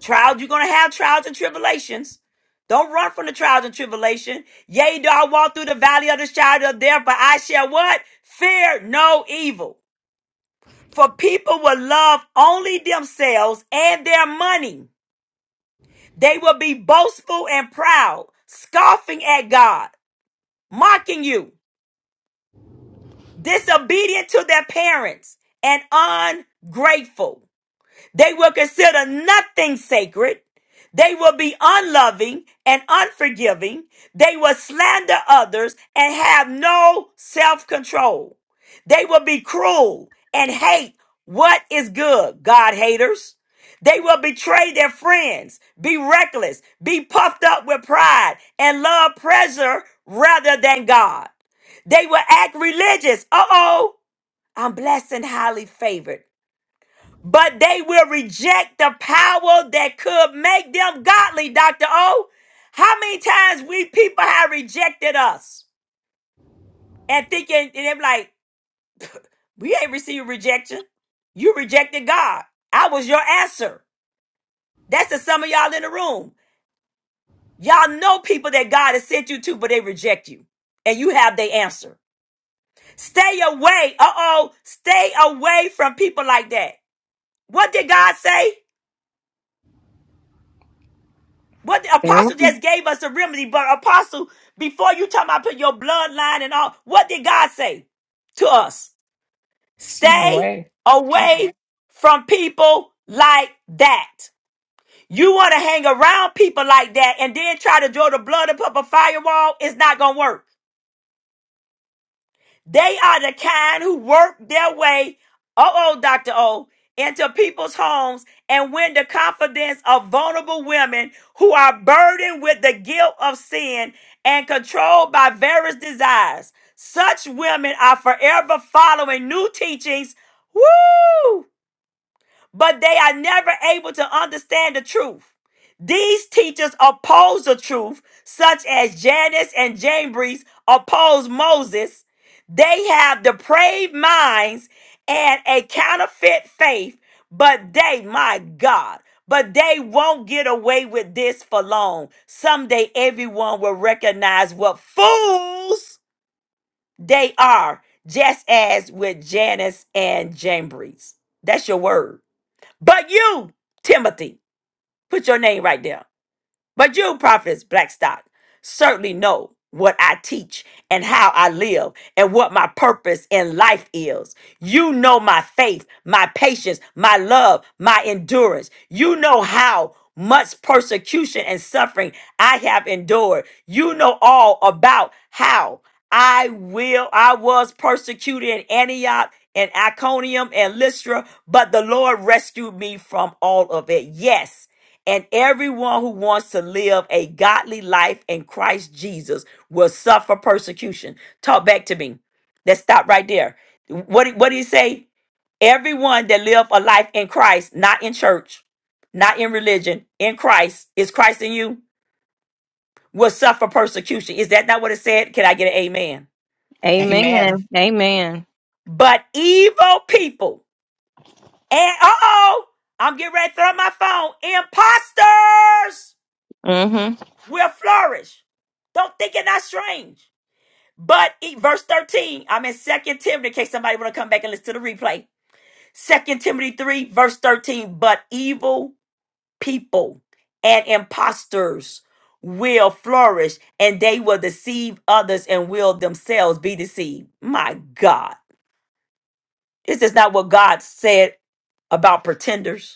S1: Trials, you're going to have trials and tribulations. Don't run from the trials and tribulation. Yea, do I walk through the valley of the shadow of death, but I shall what? Fear no evil. For people will love only themselves and their money. They will be boastful and proud, scoffing at God, mocking you, disobedient to their parents, and ungrateful. They will consider nothing sacred. They will be unloving and unforgiving. They will slander others and have no self control. They will be cruel and hate what is good, God haters. They will betray their friends, be reckless, be puffed up with pride, and love pleasure rather than God. They will act religious. Uh oh, I'm blessed and highly favored but they will reject the power that could make them godly, Dr. O. How many times we people have rejected us and thinking, and they're like, we ain't received rejection. You rejected God. I was your answer. That's to some of y'all in the room. Y'all know people that God has sent you to, but they reject you. And you have their answer. Stay away. Uh oh. Stay away from people like that. What did God say? What the
S9: There we
S1: apostle
S9: go.
S1: just gave us a remedy. But apostle, before you talk about put your bloodline and all, what did God say to us?
S7: Stay
S1: Stay
S7: away.
S1: away from people like that. You want to hang around people like that and then try to draw the blood up up a firewall? It's not gonna work. They are the kind who work their way, uh oh, Dr. O, into people's homes and win the confidence of vulnerable women who are burdened with the guilt of sin and controlled by various desires. Such women are forever following new teachings. Woo! but they are never able to understand the truth. These teachers oppose the truth, such as Janus and Jambres oppose Moses. They have depraved minds and a counterfeit faith, but they, my God, but they won't get away with this for long. Someday everyone will recognize what fools they are, just as with Janus and Jambres. That's your word. But you, Timothy, put your name right there. But you, prophets, Blackstock, certainly know what I teach and how I live and what my purpose in life is. You know my faith, my patience, my love, my endurance. You know how much persecution and suffering I have endured. You know all about how I will I was persecuted in Antioch and Iconium and Lystra, but the Lord rescued me from all of it. Yes. And everyone who wants to live a godly life in Christ Jesus will suffer persecution. Talk back to me. Let's stop right there. What, what did he say? Everyone that live a life in Christ, not in church, not in religion, in Christ, is Christ in you, will suffer persecution. Is that not what it said? Can I get an amen?
S7: Amen.
S9: Amen. Amen.
S1: But evil people, and uh oh, I'm getting ready to throw up my phone, imposters will flourish. Don't think it not strange. But eat verse 13, I'm in Second Timothy in case somebody want to come back and listen to the replay. Second Timothy 3, verse 13, but evil people and impostors will flourish and they will deceive others and will themselves be deceived. My God. Is this not what God said about pretenders?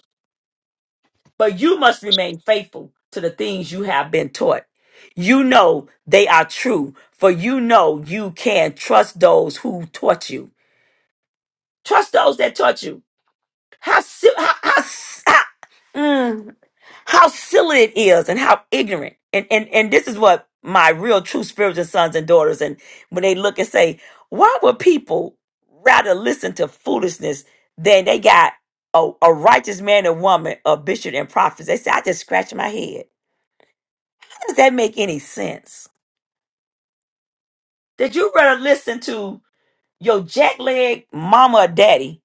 S1: But you must remain faithful to the things you have been taught. You know they are true, for you know you can trust those who taught you. Trust those that taught you. How si- how how, s- how, mm, how silly it is, and how ignorant. And and and this is what my real true spiritual sons and daughters. And when they look and say, why would people rather listen to foolishness than they got a, a righteous man and woman, a bishop and prophets? They say, I just scratch my head. does that make any sense? Did you rather listen to your jackleg mama or daddy,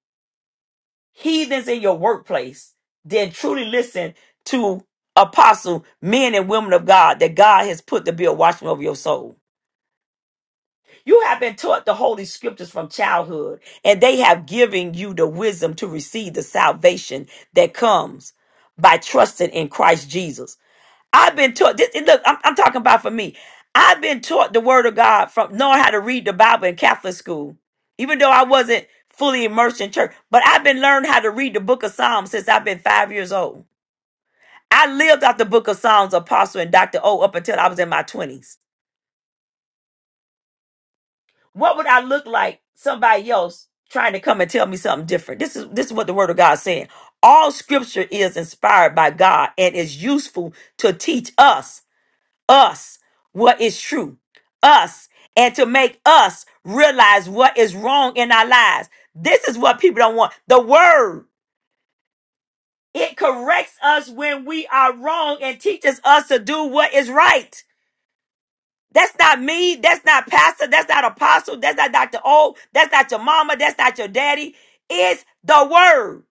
S1: heathens in your workplace, than truly listen to apostle men and women of God that God has put to be a watchman over your soul? You have been taught the holy scriptures from childhood, and they have given you the wisdom to receive the salvation that comes by trusting in Christ Jesus. I've been taught this. and Look, I'm, I'm talking about for me. I've been taught the Word of God from knowing how to read the Bible in Catholic school, even though I wasn't fully immersed in church. But I've been learning how to read the Book of Psalms since I've been five years old. I lived out the Book of Psalms, Apostle and Doctor O, up until I was in my twenties. What would I look like? Somebody else trying to come and tell me something different. This is this is what the Word of God is saying. All Scripture is inspired by God and is useful to teach us us what is true, us, and to make us realize what is wrong in our lives. This is what people don't want. The word, it corrects us when we are wrong and teaches us to do what is right. That's not me. That's not pastor. That's not apostle. That's not Dr. O. That's not your mama. That's not your daddy. It's the word.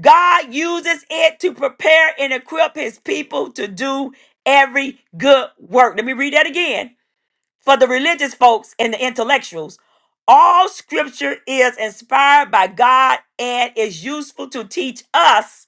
S1: God uses it to prepare and equip his people to do every good work. Let me read that again. for the religious folks and the intellectuals. All scripture is inspired by God and is useful to teach us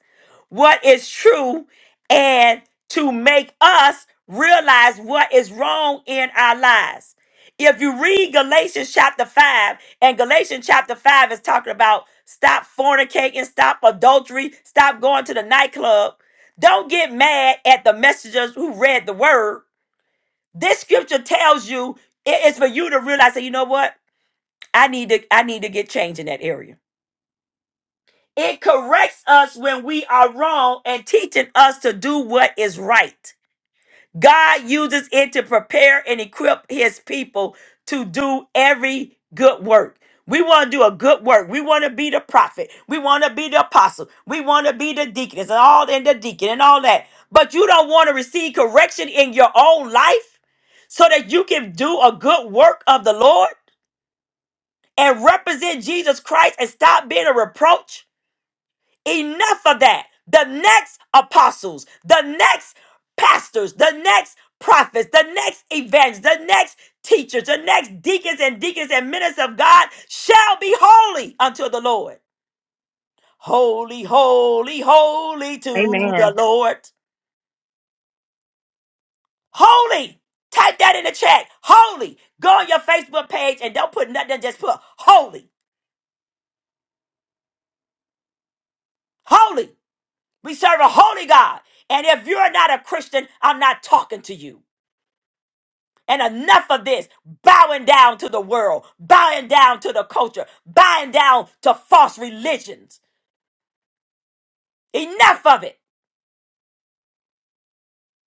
S1: what is true and to make us realize what is wrong in our lives. If you read Galatians chapter 5, and Galatians chapter 5 is talking about stop fornicating, stop adultery, stop going to the nightclub. Don't get mad at the messengers who read the word this scripture tells you it is for you to realize that you know what? I need to I need to get change in that area. It corrects us when we are wrong and teaching us to do what is right. God uses it to prepare and equip his people to do every good work. We want to do a good work. We want to be the prophet. We want to be the apostle. We want to be the deaconess and all and the deacon and all that. But you don't want to receive correction in your own life so that you can do a good work of the Lord and represent Jesus Christ and stop being a reproach. Enough of that. The next apostles, the next pastors, the next prophets, the next evangelists, the next teachers, the next deacons and deacons and ministers of God shall be holy unto the Lord. Holy, holy, holy to the
S9: Amen.
S1: Lord. Holy. Type that in the chat. Holy. Go on your Facebook page and don't put nothing, just put holy. Holy. We serve a holy God. And if you're not a Christian, I'm not talking to you. And enough of this bowing down to the world, bowing down to the culture, bowing down to false religions. Enough of it.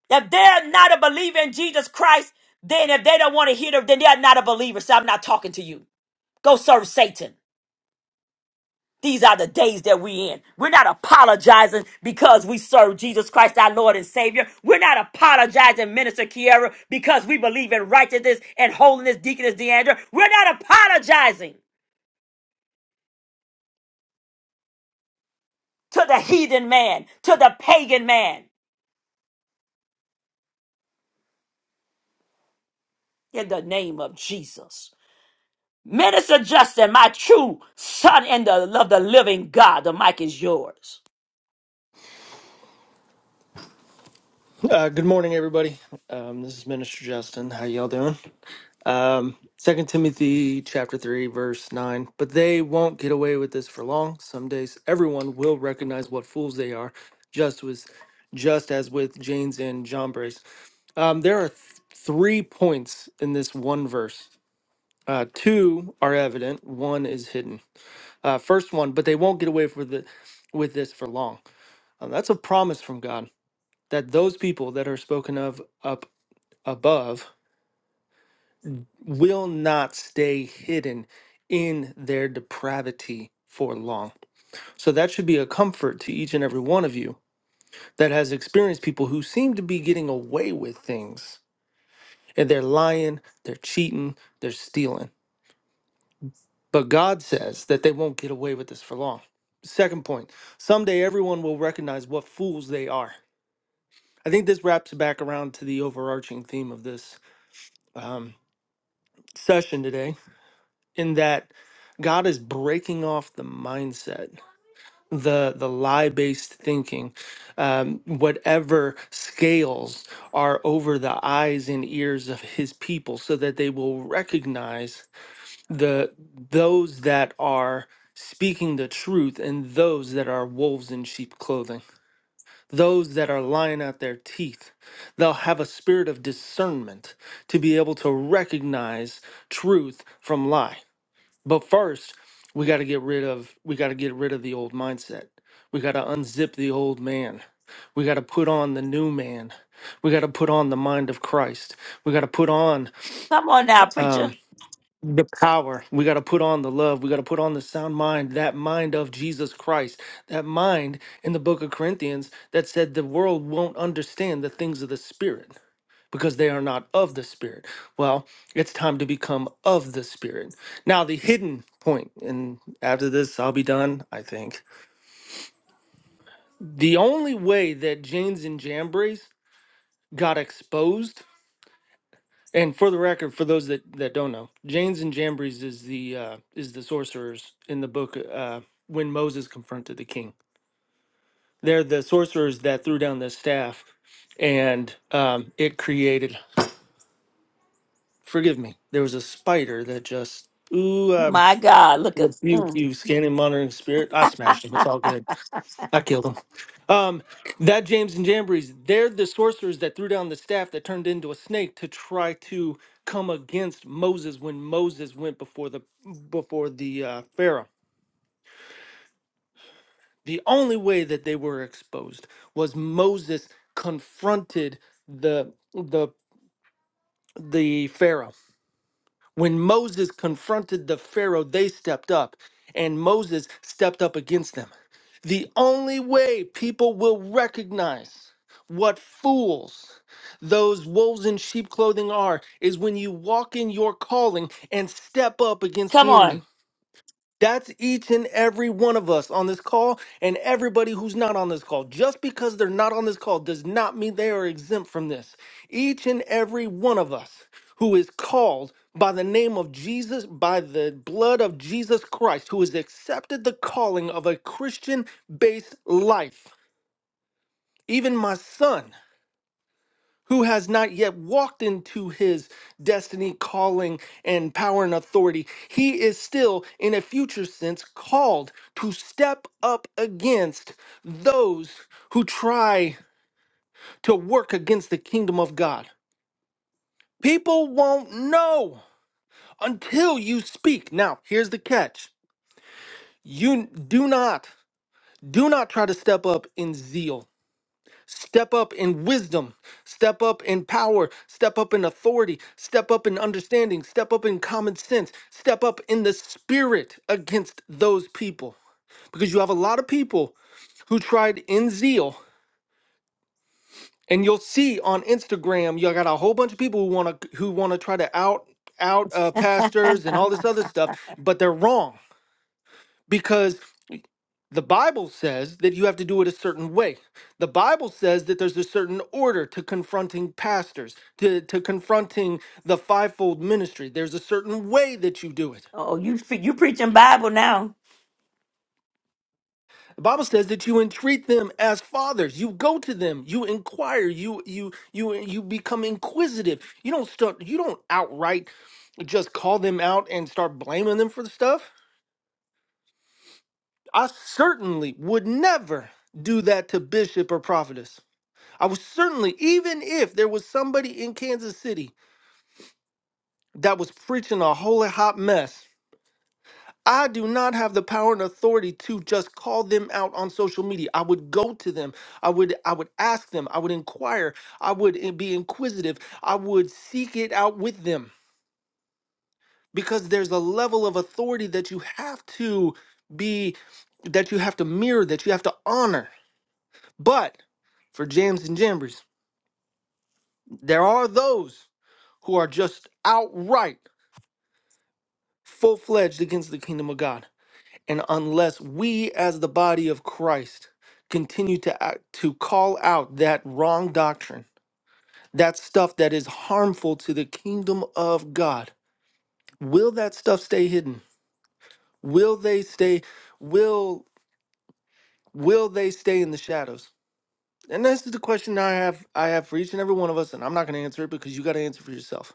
S1: If they're not a believer in Jesus Christ, then if they don't want to hear them, then they're not a believer. So I'm not talking to you. Go serve Satan. These are the days that we in. We're not apologizing because we serve Jesus Christ, our Lord and Savior. We're not apologizing, Minister Kiera, because we believe in righteousness and holiness, Deaconess Deandra. We're not apologizing. to the heathen man, to the pagan man, in the name of Jesus. Minister Justin, my true son in the love of the living God, the mic is yours.
S13: Uh, good morning, everybody. Um, this is Minister Justin. How y'all doing? Um, Second Timothy chapter three, verse nine. But they won't get away with this for long. Some days, everyone will recognize what fools they are, just was, just as with Jane's and John Um, there are th- three points in this one verse. Uh, two are evident. One is hidden. Uh, first one, but they won't get away for the, with this for long. Uh, that's a promise from God that those people that are spoken of up above will not stay hidden in their depravity for long. So that should be a comfort to each and every one of you that has experienced people who seem to be getting away with things and they're lying, they're cheating, they're stealing. But God says that they won't get away with this for long. Second point, someday everyone will recognize what fools they are. I think this wraps back around to the overarching theme of this um, session today in that God is breaking off the mindset, the the lie based thinking, um, whatever scales are over the eyes and ears of His people, so that they will recognize the those that are speaking the truth and those that are wolves in sheep clothing those that are lying out their teeth they'll have a spirit of discernment to be able to recognize truth from lie but first, we got to get rid of we got to get rid of the old mindset. We got to unzip the old man. We got to put on the new man. We got to put on the mind of Christ. We got to put on
S1: Come on now, preacher.
S13: um, the power. We got to put on the love. We got to put on the sound mind, that mind of Jesus Christ, that mind in the book of Corinthians that said the world won't understand the things of the Spirit because they are not of the Spirit. Well, it's time to become of the Spirit. Now, the hidden point, and after this, I'll be done, I think. The only way that Janes and Jambres got exposed. And for the record, for those that, that don't know, Janes and Jambres is the uh, is the sorcerers in the book uh, when Moses confronted the king. They're the sorcerers that threw down the staff, and um, it created. Forgive me. There was a spider that just ooh. uh,
S1: My God, look at
S13: rebuke
S1: mm,
S13: you, scanning, monitoring spirit. I smashed him. It's all good. I killed him. Um, that James and Jambries, they're the sorcerers that threw down the staff that turned into a snake to try to come against Moses when Moses went before the before the uh, Pharaoh. The only way that they were exposed was Moses confronted the the the Pharaoh. When Moses confronted the Pharaoh, they stepped up, and Moses stepped up against them. The only way people will recognize what fools those wolves in sheep clothing are is when you walk in your calling and step up against
S1: come
S13: the enemy.
S1: on.
S13: That's each and every one of us on this call and everybody who's not on this call. Just because they're not on this call does not mean they are exempt from this. Each and every one of us who is called by the name of Jesus, by the blood of Jesus Christ, who has accepted the calling of a Christian based life, even my son who has not yet walked into his destiny, calling, and power and authority, he is still, in a future sense, called to step up against those who try to work against the kingdom of God. People won't know until you speak. Now, here's the catch you do not, do not try to step up in zeal Step up in wisdom, step up in power, step up in authority, step up in understanding, step up in common sense, step up in the spirit against those people. Because you have a lot of people who tried in zeal, and you'll see on Instagram, you got a whole bunch of people who wanna who wanna try to out out uh, pastors and all this other stuff, but they're wrong because the Bible says that you have to do it a certain way. The Bible says that there's a certain order to confronting pastors, to, to confronting the fivefold ministry. There's a certain way that you do it.
S1: Oh, you you preaching Bible now.
S13: The Bible says that you entreat them as fathers. You go to them. You inquire. You you you you become inquisitive. You don't start. You don't outright just call them out and start blaming them for the stuff. I certainly would never do that to bishop or prophetess. I was certainly, even if there was somebody in Kansas City that was preaching a holy hot mess, I do not have the power and authority to just call them out on social media. I would go to them. I would I would ask them. I would inquire. I would in- be inquisitive. I would seek it out with them because there's a level of authority that you have to be that you have to mirror, that you have to honor. But for jams and jambers, there are those who are just outright. full fledged against the kingdom of God. And unless we, as the body of Christ, continue to act, to call out that wrong doctrine, that stuff that is harmful to the kingdom of God, will that stuff stay hidden? Will they stay? Will will they stay in the shadows? And this is the question I have I have for each and every one of us, and I'm not going to answer it because you got to answer for yourself.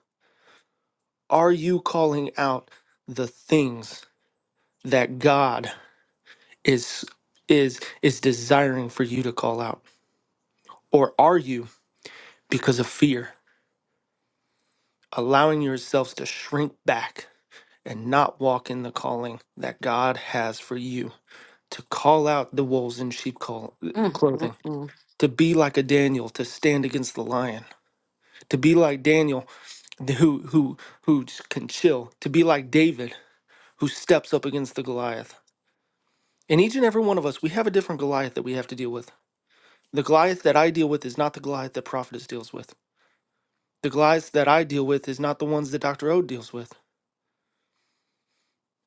S13: Are you calling out the things that God? is is is desiring for you to call out or are you because of fear allowing yourselves to shrink back and not walk in the calling that God has for you to call out the wolves in sheep call,
S1: Mm, mm,
S13: clothing
S1: mm.
S13: to be like a Daniel to stand against the lion to be like Daniel who who who can chill to be like David who steps up against the Goliath and each and every one of us we have a different Goliath that we have to deal with the Goliath that I deal with is not the Goliath that prophetess deals with The Goliaths that I deal with is not the ones that Dr. O deals with,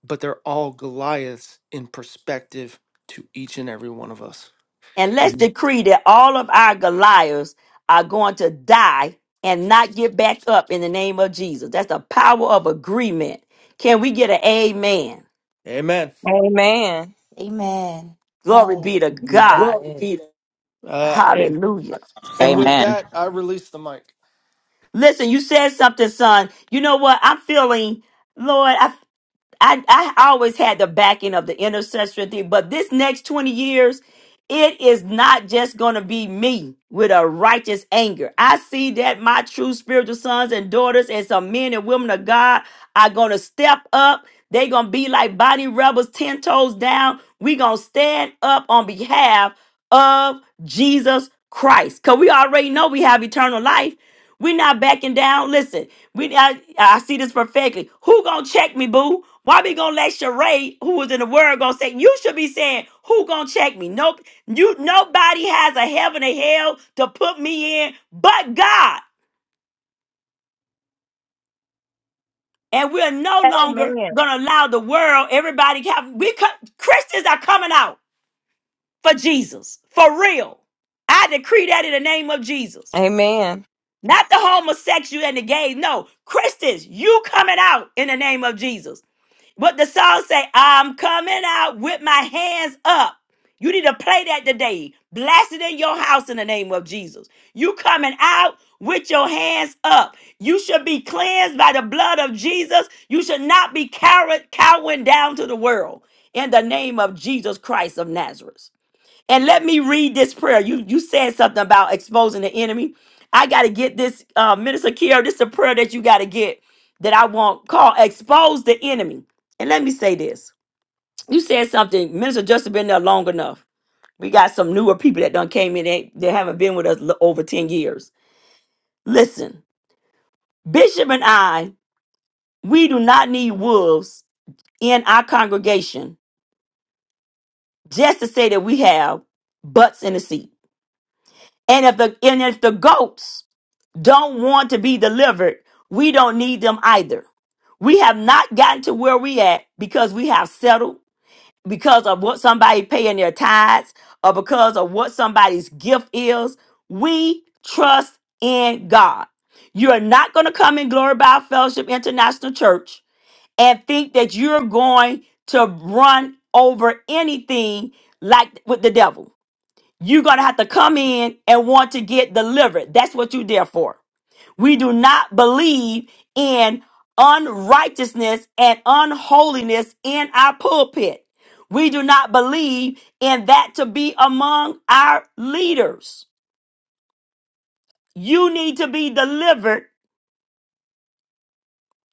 S13: but they're all Goliaths in perspective to each and every one of us.
S1: And let's
S13: Amen.
S1: decree that all of our Goliaths are going to die and not get back up in the name of Jesus. That's the power of agreement. Can we get an amen?
S13: Amen.
S9: Amen.
S4: Amen.
S1: Glory be to God.
S10: Well, Peter.
S13: Uh, and,
S1: Hallelujah.
S13: and with
S12: Hallelujah.
S13: that, I release the mic.
S1: Listen, you said something, son. You know what? I'm feeling, Lord, I I, I always had the backing of the intercessory thing, but this next 20 years, it is not just going to be me with a righteous anger. I see that my true spiritual sons and daughters and some men and women of God are going to step up. They're going to be like body rebels, 10 toes down. We're going to stand up on behalf of Jesus Christ because we already know we have eternal life. We're not backing down. Listen, we I, I see this perfectly. Who gonna check me, boo? Why we gonna let Sheree, who was in the word, gonna say you should be saying who gonna check me? Nope, you nobody has a heaven or hell to put me in but God. And we're no longer
S9: Amen.
S1: gonna allow the world. Everybody have we co- Christians are coming out for Jesus for real. I decree that in the name of Jesus.
S9: Amen.
S1: Not the homosexual and the gay. No, Christians, you coming out in the name of Jesus. But the song say, I'm coming out with my hands up. You need to play that today. Blast it in your house in the name of Jesus. You coming out with your hands up. You should be cleansed by the blood of Jesus. You should not be cowered, cowering down to the world in the name of Jesus Christ of Nazareth. And let me read this prayer. You you said something about exposing the enemy. I got to get this, uh, Minister Kier. This is a prayer that you got to get that I want called expose the enemy. And let me say this. You said something. Minister Justin been there long enough. We got some newer people that done came in that, that haven't been with us l- over 10 years. Listen, Bishop and I, we do not need wolves in our congregation just to say that we have butts in the seat. And if the and if the goats don't want to be delivered, we don't need them either. We have not gotten to where we at because we have settled because of what somebody paying their tithes or because of what somebody's gift is. We trust in God. You are not going to come in Glory by Fellowship International Church and think that you're going to run over anything like with the devil. You're going to have to come in and want to get delivered. That's what you're there for. We do not believe in unrighteousness and unholiness in our pulpit. We do not believe in that to be among our leaders. You need to be delivered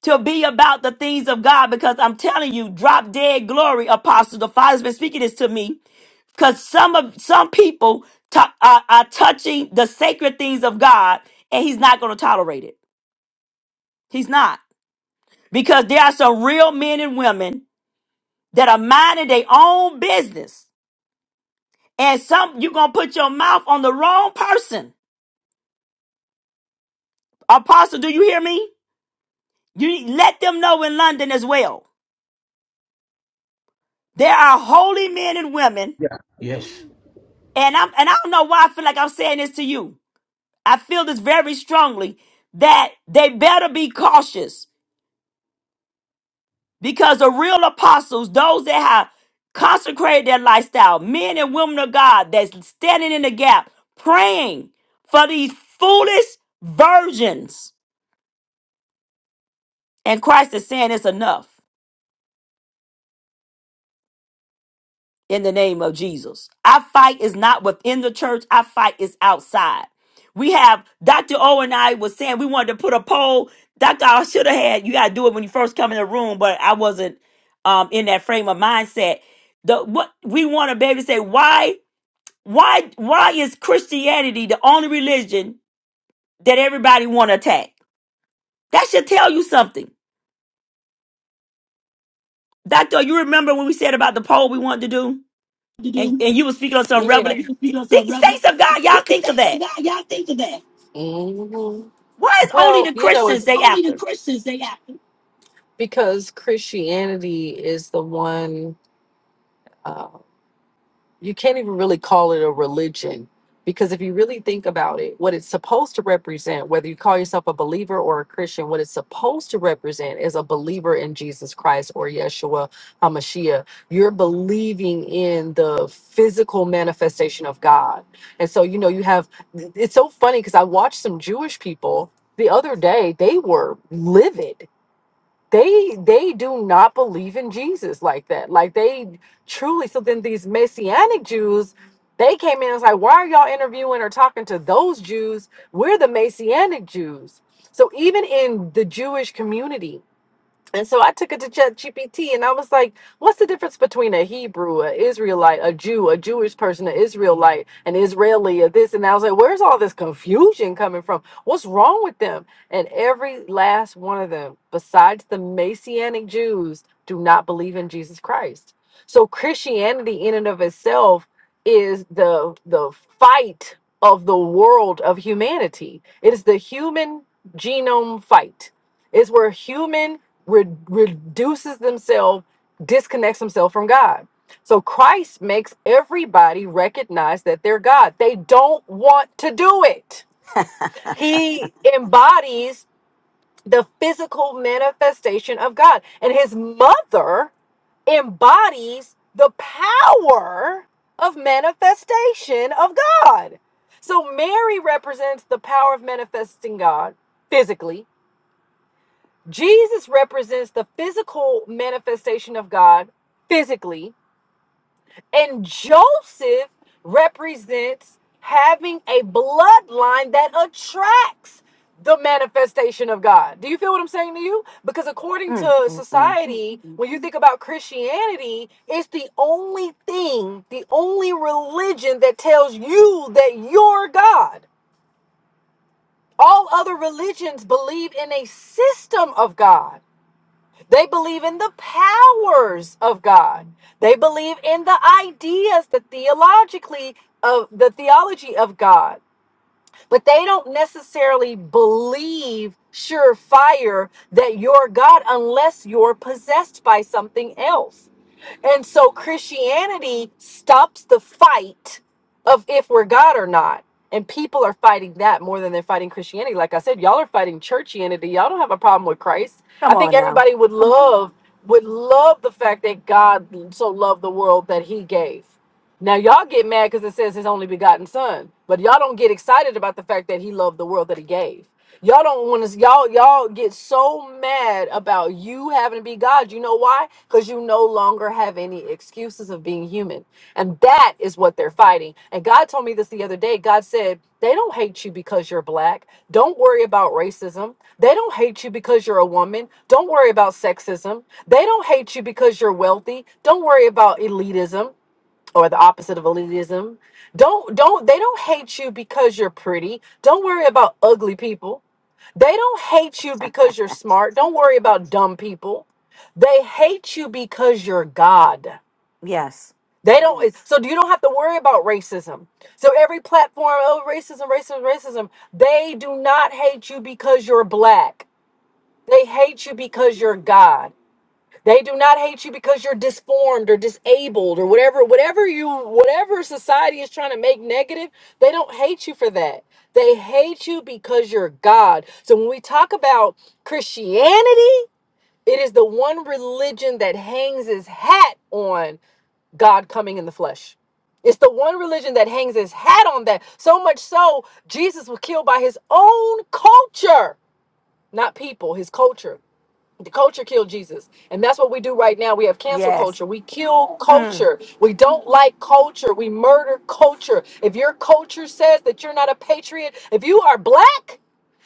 S1: to be about the things of God because I'm telling you, drop dead glory, apostle. The Father's been speaking this to me because some of some people t- are, are touching the sacred things of God, and He's not going to tolerate it. He's not because there are some real men and women that are minding their own business. And some you're gonna put your mouth on the wrong person. Apostle, do you hear me? You let them know in London as well. There are holy men and women,
S8: yeah, yes.
S1: and I'm and I don't know why I feel like I'm saying this to you. I feel this very strongly that they better be cautious because the real apostles, those that have consecrated their lifestyle, men and women of God that's standing in the gap, praying for these foolish virgins And Christ is saying it's enough in the name of Jesus. Our fight is not within the church, our fight is outside. We have Dr. O and I was saying we wanted to put a poll. Dr. I should have had you gotta do it when you first come in the room, but I wasn't um in that frame of mindset. The what we want to be able to say, why, why, why is Christianity the only religion that everybody wanna attack? That should tell you something. Dr. you remember when we said about the poll we wanted to do? and, and you were speaking on some
S10: Yeah.
S1: revelation. Think, saints of God, y'all think of that.
S10: hmm
S1: Why is only
S10: Well,
S1: the
S10: you know,
S1: Christians they after?
S10: because Christianity is the one uh, you can't even really call it a religion because if you really think about it, what it's supposed to represent, whether you call yourself a believer or a Christian, what it's supposed to represent is a believer in Jesus Christ or Yeshua HaMashiach. You're believing in the physical manifestation of God. And so, you know, you have, it's so funny because I watched some Jewish people the other day, they were livid they they do not believe in Jesus like that. Like they truly so then these messianic Jews they came in and was like, why are y'all interviewing or talking to those Jews? We're the messianic Jews. So even in the Jewish community, and so I took it to ChatGPT and I was like, what's the difference between a Hebrew, an Israelite, a Jew, a Jewish person, an Israelite, an Israeli, or this? And I was like, where's all this confusion coming from? What's wrong with them? And every last one of them, besides the Messianic Jews, do not believe in Jesus Christ. So Christianity in and of itself is the the fight of the world of humanity. It is the human genome fight It's where human re- reduces themselves, disconnects themselves from God. So Christ makes everybody recognize that they're God. They don't want to do it. He embodies the physical manifestation of God, and his mother embodies the power of manifestation of God. So Mary represents the power of manifesting God physically Jesus represents the physical manifestation of God physically, and Joseph represents having a bloodline that attracts the manifestation of God. Do you feel what I'm saying to you? Because according to society, when you think about Christianity, it's the only thing, the only religion that tells you that you're God. All other religions believe in a system of God They believe in the powers of God. They believe in the ideas, the theologically of the theology of God. But they don't necessarily believe surefire that you're God unless you're possessed by something else. And so Christianity stops the fight of if we're God or not. And people are fighting that more than they're fighting Christianity. Like I said, y'all are fighting churchianity. Y'all don't have a problem with Christ. I think everybody would love would love the fact that God so loved the world that he gave. Now y'all get mad because it says his only begotten son, but y'all don't get excited about the fact that he loved the world that he gave. Y'all don't want to. Y'all y'all get so mad about you having to be God. You know why? Because you no longer have any excuses of being human, and that is what they're fighting. And God told me this the other day. God said they don't hate you because you're black. Don't worry about racism. They don't hate you because you're a woman. Don't worry about sexism. They don't hate you because you're wealthy. Don't worry about elitism or the opposite of elitism. Don't don't they don't hate you because you're pretty. Don't worry about ugly people. They don't hate you because you're smart. Don't worry about dumb people. They hate you because you're God.
S1: Yes.
S10: They don't Yes. so you don't have to worry about racism. So every platform, oh racism, racism, racism, they do not hate you because you're black. They hate you because you're God. They do not hate you because you're disformed or disabled or whatever, whatever you, whatever society is trying to make negative. They don't hate you for that. They hate you because you're God. So when we talk about Christianity, it is the one religion that hangs its hat on God coming in the flesh. It's the one religion that hangs its hat on that. So much so, Jesus was killed by his own culture, not people, his culture. The culture killed Jesus. And that's what we do right now. We have cancel
S1: Yes.
S10: culture. We kill
S1: Mm.
S10: culture. We don't like culture. We murder culture. If your culture says that you're not a patriot, if you are black,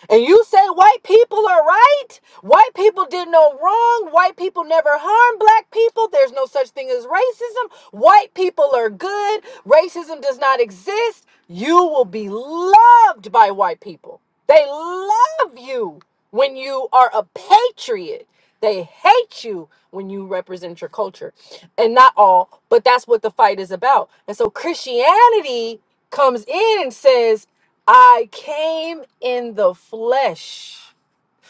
S10: and you say white people are right? White people did no wrong. White people never harm black people. There's no such thing as racism. White people are good. Racism does not exist. You will be loved by white people. They love you when you are a patriot. They hate you when you represent your culture. And not all, but that's what the fight is about. And so Christianity comes in and says, I came in the flesh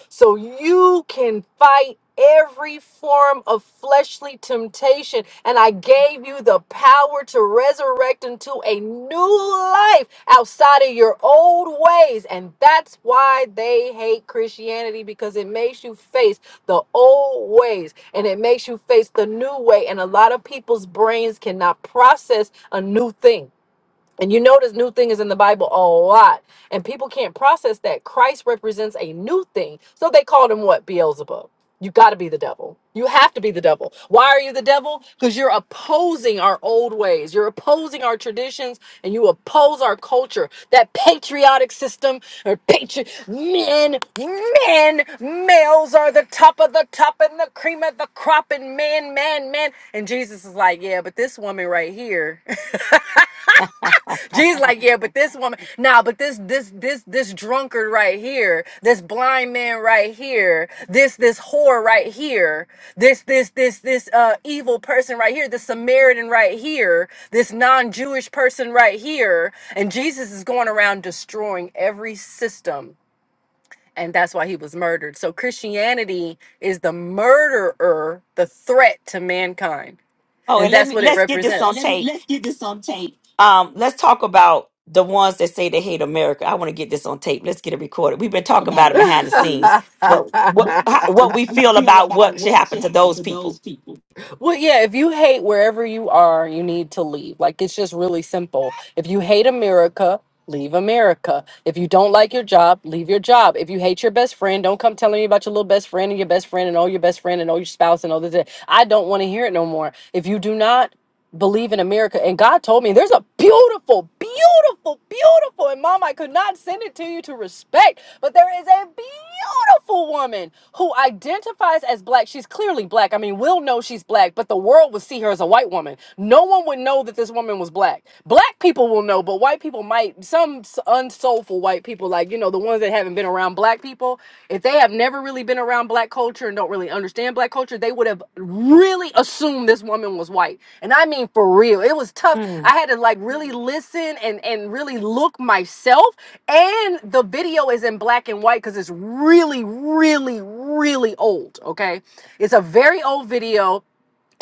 S10: so you can fight every form of fleshly temptation. And I gave you the power to resurrect into a new life outside of your old ways. And that's why they hate Christianity because it makes you face the old ways and it makes you face the new way. And a lot of people's brains cannot process a new thing. And you notice new thing is in the Bible a lot. And people can't process that Christ represents a new thing. So they called him what? Beelzebub. You got to be the devil. You have to be the devil. Why are you the devil? Because you're opposing our old ways. You're opposing our traditions and you oppose our culture. That patriotic system or patri- men, men, males are the top of the top and the cream of the crop and man, man, man. And Jesus is like, yeah, but this woman right here. (laughs) Jesus, like, yeah, but this woman, nah, but this, this, this, this drunkard right here, this blind man right here, this, this whore right here, this, this, this, this, uh, evil person right here, this Samaritan right here, this non-Jewish person right here, and Jesus is going around destroying every system, and that's why he was murdered. So Christianity is the murderer, the threat to mankind,
S1: Oh,
S10: and
S1: and let
S10: that's
S1: me
S10: what it All right,
S1: let's get this
S10: represents.
S1: on
S10: let me
S1: tape.
S10: let's get this on tape.
S1: Um, let's talk about the ones that say they hate America. I want to get this on tape. Let's get it recorded. We've been talking
S10: about
S1: about
S10: it
S1: it
S10: behind
S1: behind the
S10: the scenes.
S1: scenes, but
S10: But
S1: what how, what we
S10: what
S1: feel
S10: we (laughs) feel
S1: about
S10: about
S1: what should
S10: what
S1: happen
S10: should
S1: to
S10: happen
S1: those
S10: to those
S1: people.
S10: people. Well, yeah, if you hate wherever you are, you need to leave. Like it's just really simple. If you hate America, leave America. If you don't like your job, leave your job. If you hate your best friend, don't come telling me about your little best friend and your best friend and all your best friend and all your spouse and all this. I don't want to hear it no more. If you do not, believe in America. And God told me there's a beautiful, beautiful, beautiful, and mom, I could not send it to you to respect, but there is a beautiful woman who identifies as black. She's clearly black. I mean, we'll know she's black, but the world would see her as a white woman. No one would know that this woman was black. Black people will know, but white people might, some s- unsoulful white people, like, you know, the the ones that haven't been around black people, if they have never really been around black culture and don't really understand black culture, they would have really assumed this woman was white. And I mean for real. It was tough.
S1: Mm.
S10: I had to like really listen and and really look myself and the video is in black and white cuz it's really really really old, okay? It's a very old video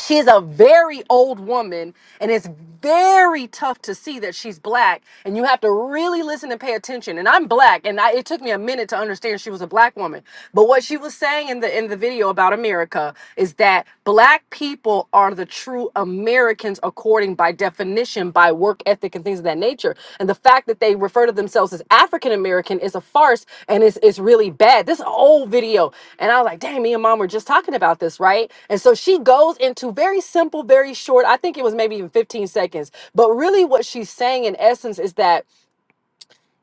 S10: she's a very old woman and it's very tough to see that she's black and you have to really listen and pay attention and i'm black and I, it took me a minute to understand she was a black woman but what she was saying in the in the video about america is that black people are the true americans according by definition definition by work ethic and things of that nature. And the fact that they refer to themselves as African American is a farce and it's, it's really bad. This is an old video. And I was like, dang, me and mom were just talking about this, right? And so she goes into very simple, very short, I think it was maybe even 15 seconds. But really, what she's saying in essence is that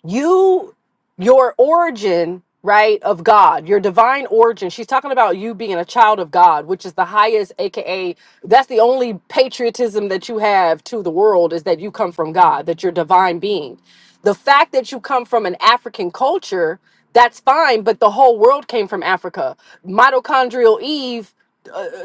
S10: you your origin right of god your divine origin she's talking about you being a child of god which is the highest aka that's the only patriotism that you have to the world is that you come from god that you're divine being the fact that you come from an african culture that's fine but the whole world came from africa mitochondrial eve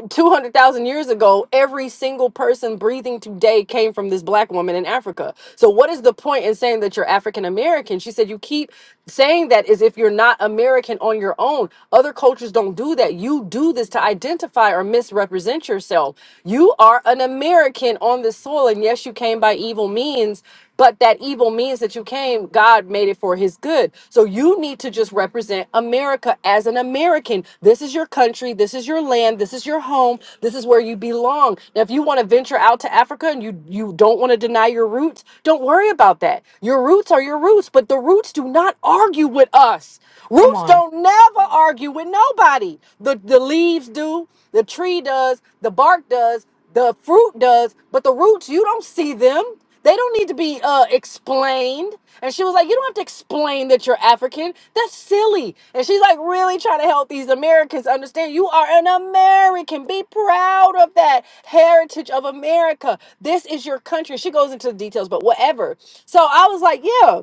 S10: 200,000 years ago, every single person breathing today came from this black woman in Africa. So, what is the point in saying that you're African American? She said, You keep saying that as if you're not American on your own. Other cultures don't do that. You do this to identify or misrepresent yourself. You are an American on this soil. And yes, you came by evil means but that evil means that you came, God made it for his good. So you need to just represent America as an American. This is your country. This is your land. This is your home. This is where you belong. Now, if you want to venture out to Africa and you, you don't want to deny your roots, don't worry about that. Your roots are your roots, but the roots do not argue with us.
S1: Come
S10: Roots
S1: on.
S10: don't never argue with nobody. The, the leaves do, the tree does, the bark does, the fruit does, but the roots, you don't see them. They don't need to be uh, explained. And she was like, You don't have to explain that you're African. That's silly. And she's like, Really trying to help these Americans understand you are an American. Be proud of that heritage of America. This is your country. She goes into the details, but whatever. So I was like, Yeah.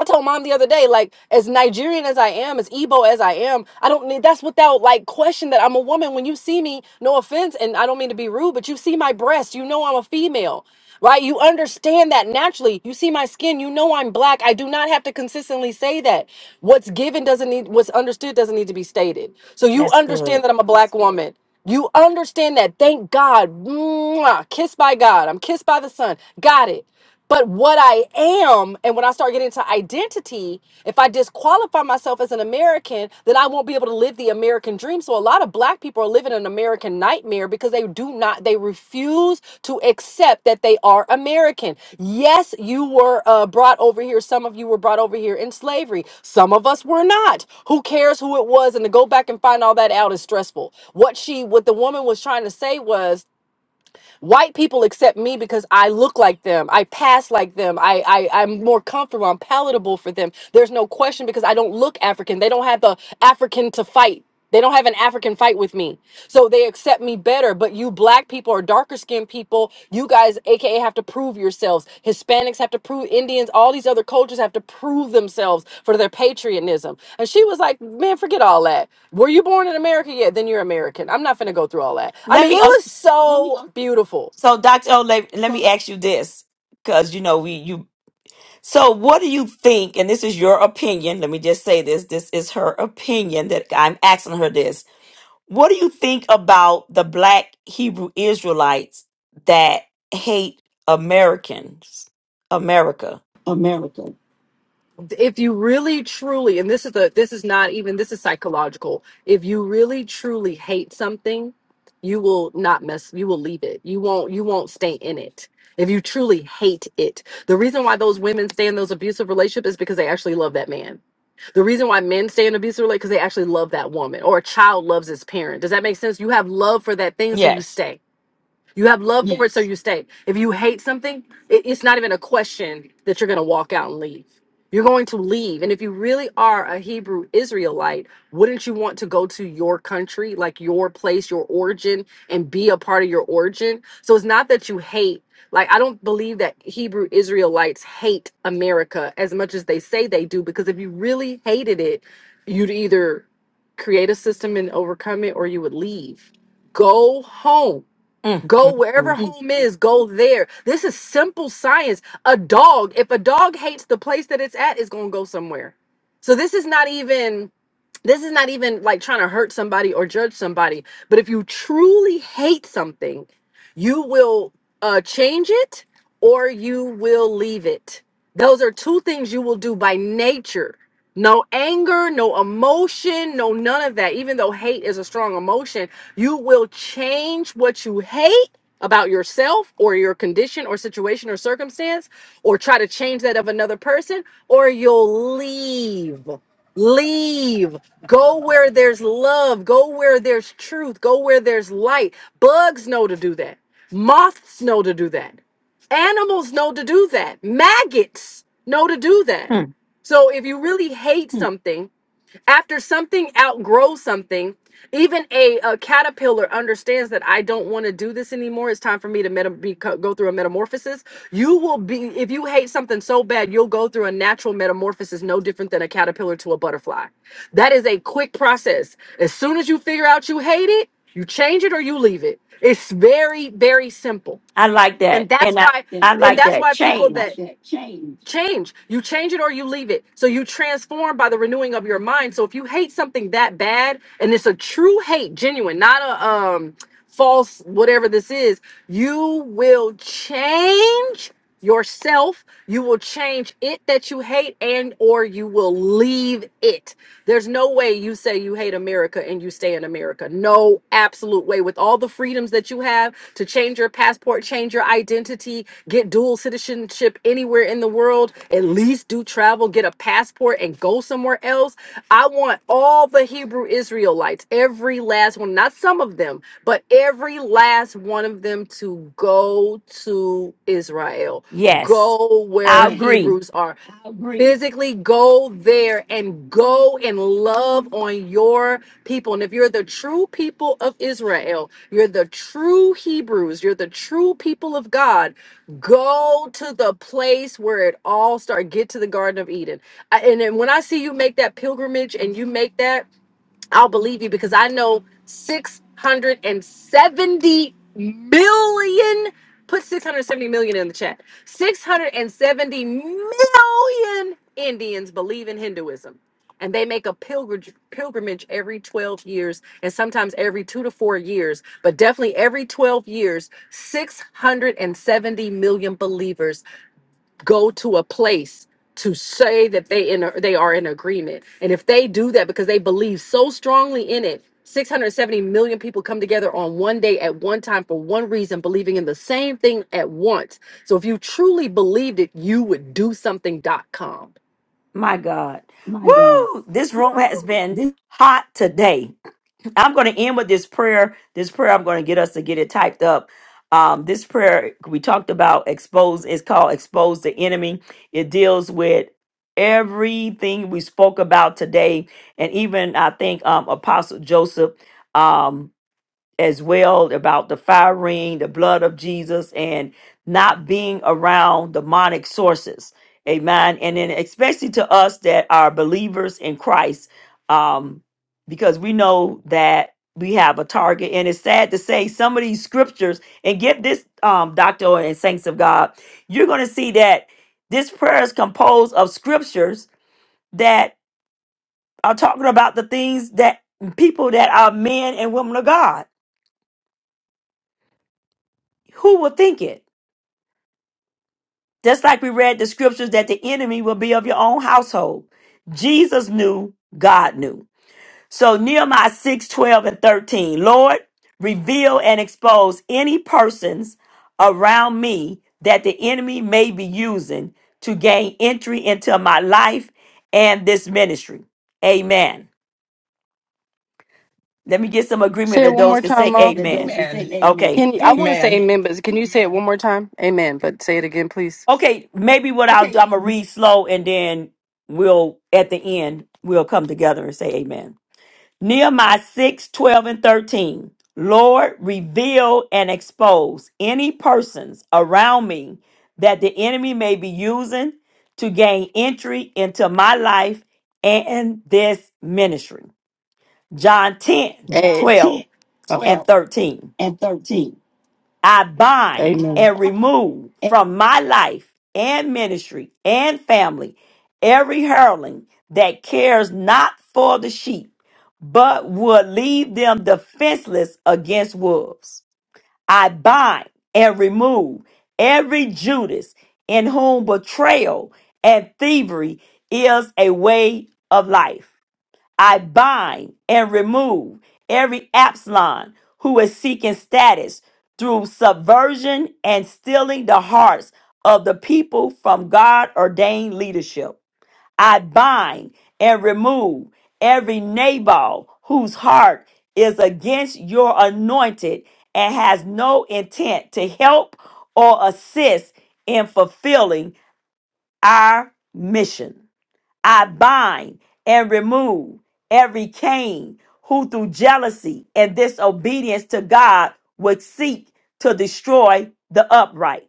S10: I told mom the other day, like, as Nigerian as I am, as Igbo as I am, I don't need that's without like question that I'm a woman. When you see me, no offense, and I don't mean to be rude, but you see my breast, you know I'm a female, right? You understand that naturally. You see my skin, you know I'm black. I do not have to consistently say that. What's given doesn't need, what's understood doesn't need to be stated. So you
S1: That's
S10: understand
S1: good.
S10: that I'm a black woman. You understand that. Thank God. Mwah. Kissed by God. I'm kissed by the sun. Got it. But what I am, and when I start getting into identity, if I disqualify myself as an American, then I won't be able to live the American dream. So a lot of black people are living an American nightmare because they do not, they refuse to accept that they are American. Yes, you were uh, brought over here. Some of you were brought over here in slavery. Some of us were not. Who cares who it was? And to go back and find all that out is stressful. What she, what the woman was trying to say was, White people accept me because I look like them. I pass like them. I, I I'm more comfortable. I'm palatable for them. There's no question because I don't look African. They don't have the African to fight. They don't have an African fight with me. So they accept me better. But you black people or darker skinned people. You guys, aka, have to prove yourselves. Hispanics have to prove. Indians, all these other cultures have to prove themselves for their patriotism. And she was like, "Man, forget all that. Were you born in America? Yeah, then you're American. I'm not gonna go through all that. I
S1: Let
S10: mean, it
S1: me uh,
S10: was so beautiful.
S1: so Dr. Ole, let let me ask you this cuz you know we you So, what do you think? And this is your opinion. Let me just say this. This is her opinion that I'm asking her this. What do you think about the black Hebrew Israelites that hate Americans? America.
S10: America. if you really truly and this is the this is not even this is psychological if you really truly hate something you will not mess you will leave it you won't you won't stay in it if you truly hate it the reason why those women stay in those abusive relationships is because they actually love that man the reason why men stay in abusive relationships because they actually love that woman or a child loves its parent does that make sense you have love for that thing so you
S1: Yes.
S10: stay you have love for it, so Yes. you stay. If you hate something, it, it's not even a question that you're going to walk out and leave. You're going to leave. And if you really are a Hebrew Israelite, wouldn't you want to go to your country, like your place, your origin, and be a part of your origin? So it's not that you hate. Like, I don't believe that Hebrew Israelites hate America as much as they say they do, because if you really hated it, you'd either create a system and overcome it or you would leave. Go home
S1: Mm,
S10: Go
S1: mm,
S10: wherever
S1: mm.
S10: home is, go there. This is simple science. A dog, if a dog hates the place that it's at, it's going to go somewhere. So this is not even this is not even like trying to hurt somebody or judge somebody but if you truly hate something you will uh, change it or you will leave it those are two things you will do by nature no anger no emotion no none of that even though hate is a strong emotion you will change what you hate about yourself or your condition or situation or circumstance or try to change that of another person or you'll leave Leave. Go where there's love. Go where there's truth. Go where there's light. Bugs know to do that. Moths know to do that. Animals know to do that. Maggots know to do that. So if you really hate Hmm. something, after something outgrows something, even a, a caterpillar understands that I don't want to do this anymore. It's time for me to meta- beco- go through a metamorphosis. You will be, if you hate something so bad, you'll go through a natural metamorphosis no different than a caterpillar to a butterfly. That is a quick process. As soon as you figure out you hate it, you change it or you leave it. It's very, very simple and that's why
S1: I,
S10: and that's why people that change you change it or you leave it so you transform by the renewing of your mind so if you hate something that bad and it's a true hate genuine not a um false whatever this is you will change yourself you will change it that you hate and or you will leave it there's no way you say you hate america and you stay in america no absolute way with all the freedoms that you have to change your passport change your identity get dual citizenship citizenship anywhere in the world, at least do travel, get a passport, and go somewhere else. I want all the Hebrew Israelites, every last one, not some of them, but every last one of them to go to Israel,
S1: Yes,
S10: go where
S1: I
S10: Yes.
S1: agree.
S10: Hebrews are. I agree. Physically go there and go and love on your people. And if you're the true people of Israel, you're the true Hebrews, you're the true people of God, Go to the place where it all started. Get to the Garden of Eden. I, and then when I see you make that pilgrimage and you make that. I'll believe you because I know 670 million. Put 670 million in the chat. 670 million Indians believe in Hinduism. And they make a pilgrimage, pilgrimage every 12 years and sometimes every two to four years, but definitely every 12 years, 670 million believers go to a place to say that they in a, they are in agreement. And if they do that because they believe so strongly in it, 670 million people come together on one day at one time for one reason, believing in the same thing at once. So if you truly believed it, you would do something. dot com.
S1: My God.
S10: My God.
S1: Woo! This
S10: Woo!
S1: room has been
S10: This
S1: hot today. I'm going to end with this prayer. This prayer, I'm going to get us to get it typed up. Um, this prayer we talked about expose is called expose the enemy. It deals with everything we spoke about today, and even I think um, Apostle Joseph. Um, as well about the fire ring, the blood of Jesus, and not being around demonic sources. Amen. And then, especially to us that are believers in Christ, um, because we know that we have a target. And it's sad to say some of these scriptures, and get this, um, Doctor and Saints of God, you're going to see that this prayer is composed of scriptures that are talking about the things that people that are men and women of God. Who would think it? Just like we read the scriptures that the enemy will be of your own household. Jesus knew, God knew. So Nehemiah 6, 12, and 13, Lord, reveal and expose any persons around me that the enemy may be using to gain entry into my life and this ministry. Amen. Let me get some
S10: Say
S1: agreement
S10: it
S1: that
S10: one my more
S1: those
S10: is
S1: can
S10: time,
S1: say
S10: Mom. that those
S1: amen.
S10: who say
S7: Amen.
S10: amen.
S1: Okay.
S10: Can you, I want to say
S7: Amen.
S10: amen, but can you say it one more time? Amen, but say it again, please.
S1: Okay, maybe what I'll do,
S10: Okay,
S1: I'm gonna read slow and then we'll at the end we'll come together and say amen. Nehemiah 6, 12, and 13. Lord, reveal and expose any persons around me that the enemy may be using to gain entry into my life and this ministry. John 10,
S10: Eh, John 10,
S1: 12,
S10: oh,
S1: and
S10: 12,
S1: 13.
S10: and 13.
S1: I bind
S10: Amen.
S1: and remove from my life and ministry and family every hurling that cares not for the sheep, but would leave them defenseless against wolves. I bind and remove every Judas in whom betrayal and thievery is a way of life. I bind and remove every Absalom who is seeking status through subversion and stealing the hearts of the people from God ordained leadership. I bind and remove every Nabal whose heart is against your anointed and has no intent to help or assist in fulfilling our mission. I bind and remove every Cain who through jealousy and disobedience to God would seek to destroy the upright.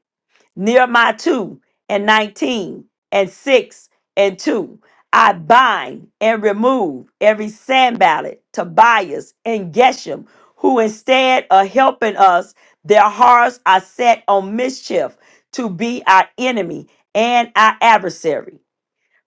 S1: Nehemiah 2 and 19 and 6 and 2. I bind and remove every Sanballat, Tobias, and Geshem who instead of helping us, their hearts are set on mischief to be our enemy and our adversary.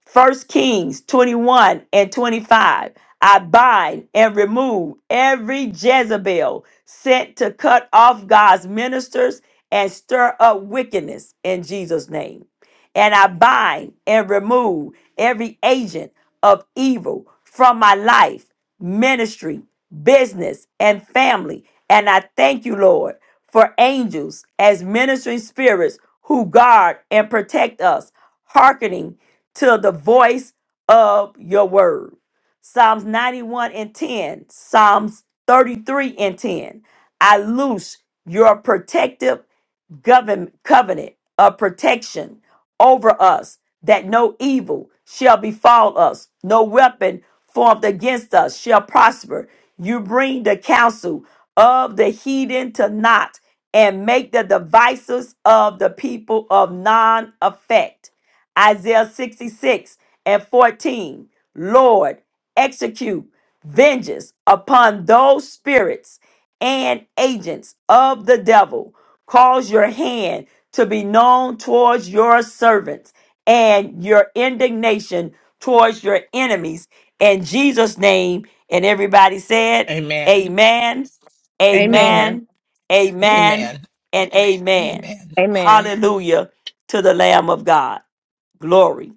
S1: First Kings 21 and 25. I bind and remove every Jezebel sent to cut off God's ministers and stir up wickedness in Jesus' name. And I bind and remove every agent of evil from my life ministry, business, and family. And I thank you, Lord, for angels as ministering spirits who guard and protect us, hearkening to the voice of your word. Psalms 91 and 10, Psalms 33 and 10. I loose your protective govern, covenant of protection over us, that no evil shall befall us, no weapon formed against us shall prosper. You bring the counsel of the heathen to naught, and make the devices of the people of non effect. Isaiah 66 and 14. Lord, execute vengeance upon those spirits and agents of the devil. Cause your hand to be known towards your servants and your indignation towards your enemies. In Jesus' name. And everybody said,
S7: Amen.
S1: Amen,
S7: Amen.
S9: Amen.
S1: Amen, Amen,
S7: Amen.
S1: and Amen.
S7: Amen.
S1: Hallelujah to the Lamb of God. Glory.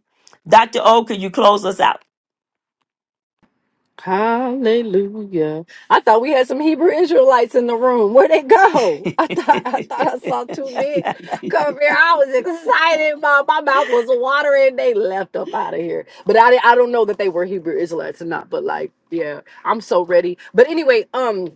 S1: Dr. O, can you close us out?
S10: Hallelujah. I thought we had some Hebrew Israelites in the room. Where'd they
S1: (laughs)
S10: go? (laughs) I thought I thought I saw two men come here. I was excited. My, my mouth was watering. They left up out of here. But I, di- I don't know that they were Hebrew Israelites or not. But like, yeah, I'm so ready. But anyway, um,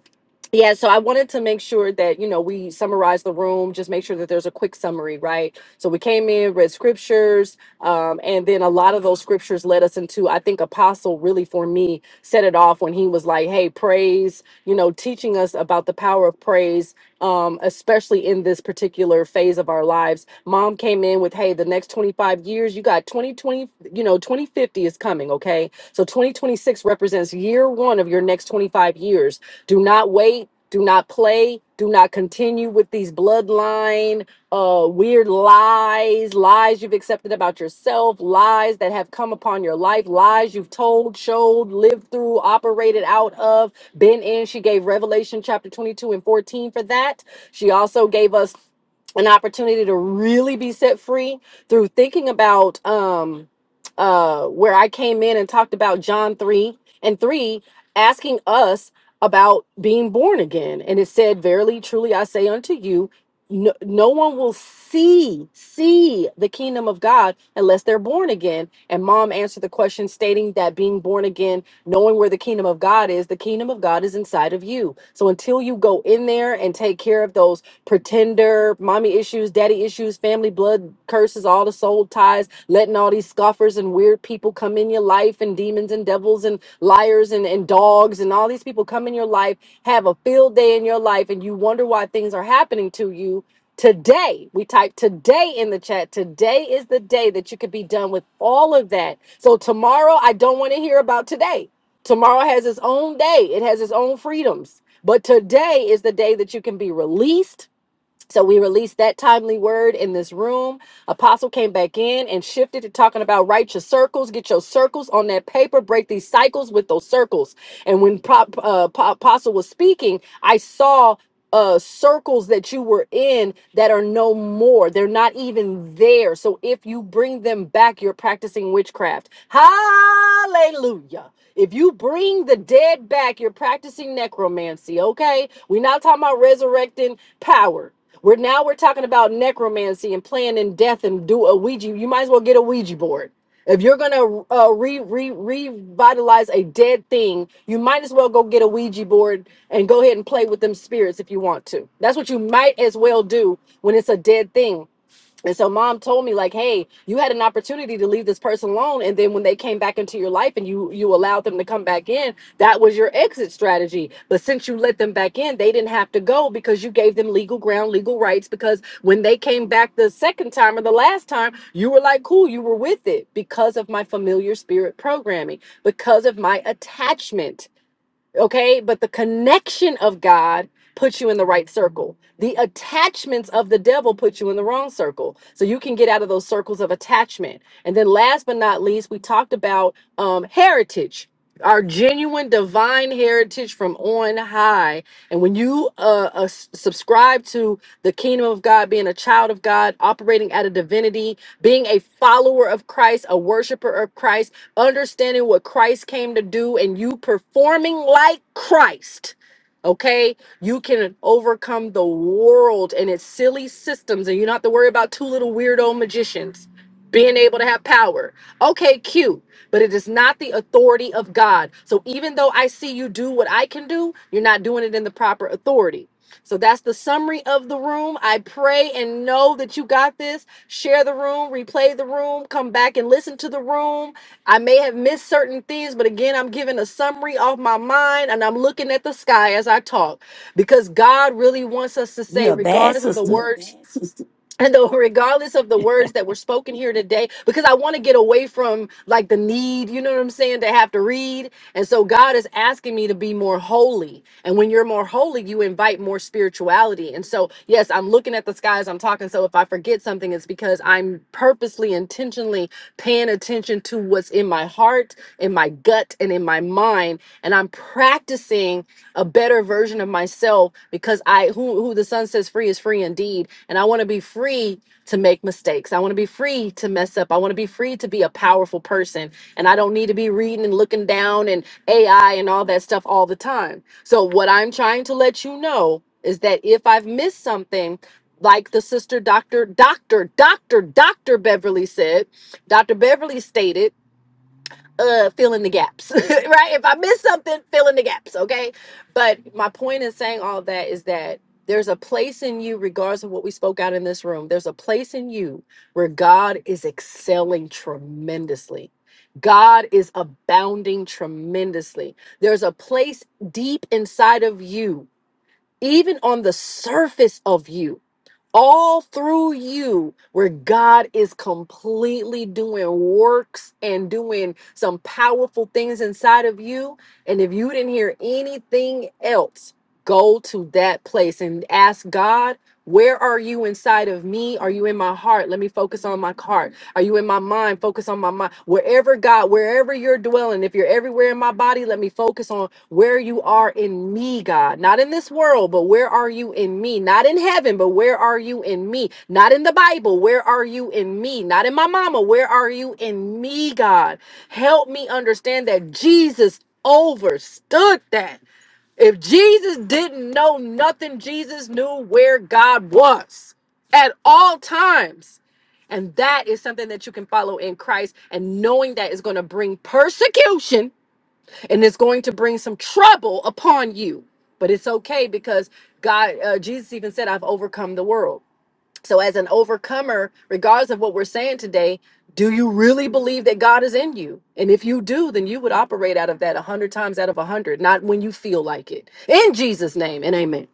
S10: yeah, so I wanted to make sure that, you know, we summarize the room, just make sure that there's a quick summary, right? So we came in, read scriptures, um, and then a lot of those scriptures led us into, I think Apostle really for me set it off when he was like, hey, praise, you know, teaching us about the power of praise, um, especially in this particular phase of our lives. Mom came in with, hey, the next 25 years, you got 2020, you know, 2050 is coming, okay? So 2026 represents year one of your next 25 years. Do not wait. Do not play. Do not continue with these bloodline uh, weird lies, lies you've accepted about yourself, lies that have come upon your life, lies you've told, showed, lived through, operated out of, been in. She gave Revelation chapter 22 and 14 for that. She also gave us an opportunity to really be set free through thinking about um uh where I came in and talked about John 3 and 3 asking us about being born again. And it said, Verily, truly, I say unto you, no, no one will see see the kingdom of God unless they're born again. And mom answered the question stating that being born again, knowing where the kingdom of God is, the kingdom of God is inside of you. So until you go in there and take care of those pretender mommy issues, daddy issues, family blood curses, all the soul ties, letting all these scoffers and weird people come in your life and demons and devils and liars and, and dogs and all these people come in your life, have a field day in your life, and you wonder why things are happening to you today. We type today in the chat. Today is the day that you could be done with all of that. So tomorrow, I don't want to hear about today. Tomorrow has its own day, it has its own freedoms. But today is the day that you can be released so we released that timely word in this room. Apostle came back in and shifted to talking about write your circles, get your circles on that paper, break these cycles with those circles. And when Prop, uh, Pa- Apostle was speaking, I saw uh circles that you were in that are no more they're not even there so if you bring them back you're practicing witchcraft hallelujah if you bring the dead back you're practicing necromancy okay we're not talking about resurrecting power we're now we're talking about necromancy and playing in death and do a Ouija. You might as well get a Ouija board. If you're gonna uh, re, re revitalize a dead thing, you might as well go get a Ouija board and go ahead and play with them spirits if you want to. That's what you might as well do when it's a dead thing and so mom told me like, "Hey, you had an opportunity to leave this person alone and then when they came back into your life and you you allowed them to come back in, that was your exit strategy. But since you let them back in, they didn't have to go because you gave them legal ground, legal rights because when they came back the second time or the last time, you were like, "Cool, you were with it because of my familiar spirit programming, because of my attachment." Okay. But the connection of God puts you in the right circle. The attachments of the devil put you in the wrong circle. So you can get out of those circles of attachment. And then last but not least, we talked about um, heritage. Our genuine divine heritage from on high. And when you uh, uh, s- subscribe to the kingdom of God, being a child of God, operating out of divinity, being a follower of Christ, a worshiper of Christ, understanding what Christ came to do and you performing like Christ, okay, you can overcome the world and its silly systems, and you don't have to worry about two little weirdo magicians being able to have power. Okay, cute, but it is not the authority of God. So even though I see you do what I can do, you're not doing it in the proper authority. So that's the summary of the room. I pray and know that you got this. Share the room, replay the room, come back and listen to the room I may have missed certain things, but again, I'm giving a summary off my mind and I'm looking at the sky as I talk because God really wants us to say,
S1: You're a bad
S10: regardless of the
S1: sister.
S10: words. And though, regardless of the words that were spoken here today, because I want to get away from like the need, you know what I'm saying, to have to read. And so God is asking me to be more holy. And when you're more holy, you invite more spirituality. And so, yes, I'm looking at the sky as I'm talking. So if I forget something, it's because I'm purposely, intentionally paying attention to what's in my heart, in my gut, and in my mind. And I'm practicing a better version of myself because I who who the son says free is free indeed. And I want to be free to make mistakes. I want to be free to mess up. I want to be free to be a powerful person. And I don't need to be reading and looking down and AI and all that stuff all the time. So what I'm trying to let you know is that if I've missed something, like the sister doctor, doctor, doctor, doctor Beverly said, Dr. Beverly stated, uh, fill in the gaps, (laughs) right? If I miss something, fill in the gaps, okay? But my point in saying all that is that there's a place in you, regardless of what we spoke out in this room, there's a place in you where God is excelling tremendously. God is abounding tremendously. There's a place deep inside of you, even on the surface of you all through you where God is completely doing works and doing some powerful things inside of you. And if you didn't hear anything else, go to that place and ask God, where are you inside of me? Are you in my heart? Let me focus on my heart. Are you in my mind? Focus on my mind. Wherever God, wherever you're dwelling, if you're everywhere in my body, let me focus on where you are in me, God. Not in this world, but where are you in me? Not in heaven, but where are you in me? Not in the Bible, where are you in me? Not in my mama, where are you in me, God? Help me understand that Jesus overstood that. If Jesus didn't know nothing, Jesus knew where God was at all times. And that is something that you can follow in Christ. And knowing that is going to bring persecution and it's going to bring some trouble upon you. But it's okay because God, uh, Jesus even said, I've overcome the world. So, as an overcomer, regardless of what we're saying today, do you really believe that God is in you? And if you do, then you would operate out of that 100 times out of 100, not when you feel like it. In Jesus' name and amen.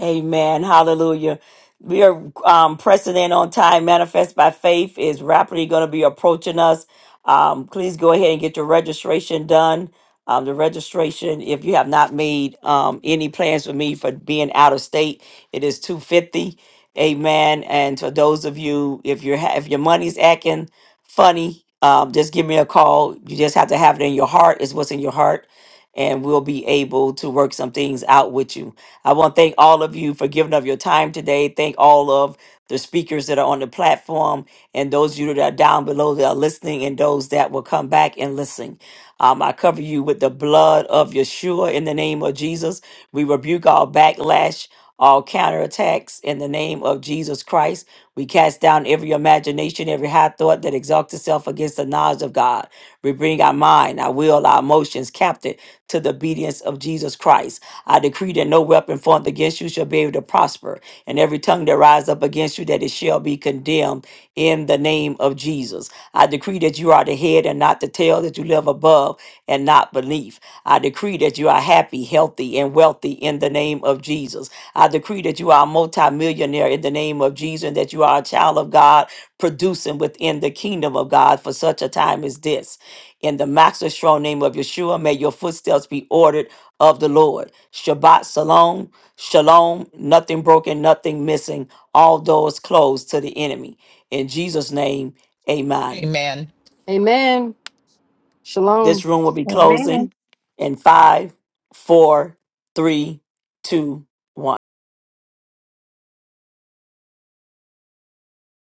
S1: Amen. Hallelujah. We are um, pressing in on time. Manifest by faith is rapidly going to be approaching us. Um, please go ahead and get your registration done. Um, the registration, if you have not made um, any plans for me for being out of state, it is two fifty. Amen. And for those of you, if you're ha- if your money's acting funny, um, just give me a call. You just have to have it in your heart. It's what's in your heart, and we'll be able to work some things out with you. I want to thank all of you for giving of your time today. Thank all of the speakers that are on the platform and those of you that are down below that are listening and those that will come back and listen. Um, I cover you with the blood of Yeshua in the name of Jesus. We rebuke all backlash, all counterattacks in the name of Jesus Christ. We cast down every imagination, every high thought that exalts itself against the knowledge of God. We bring our mind, our will, our emotions captive to the obedience of Jesus Christ. I decree that no weapon formed against you shall be able to prosper, and every tongue that rise up against you that it shall be condemned in the name of Jesus. I decree that you are the head and not the tail, that you live above and not beneath. I decree that you are happy, healthy, and wealthy in the name of Jesus. I decree that you are a multimillionaire in the name of Jesus, and that you are a child of God, producing within the kingdom of God for such a time as this. In the master strong name of Yeshua, may your footsteps be ordered of the Lord. Shabbat Shalom, Shalom, nothing broken, nothing missing, all doors closed to the enemy. In Jesus' name, amen.
S7: Amen.
S10: Amen.
S1: This
S10: Shalom.
S1: room will be
S9: Amen.
S1: closing in five, four, three, two,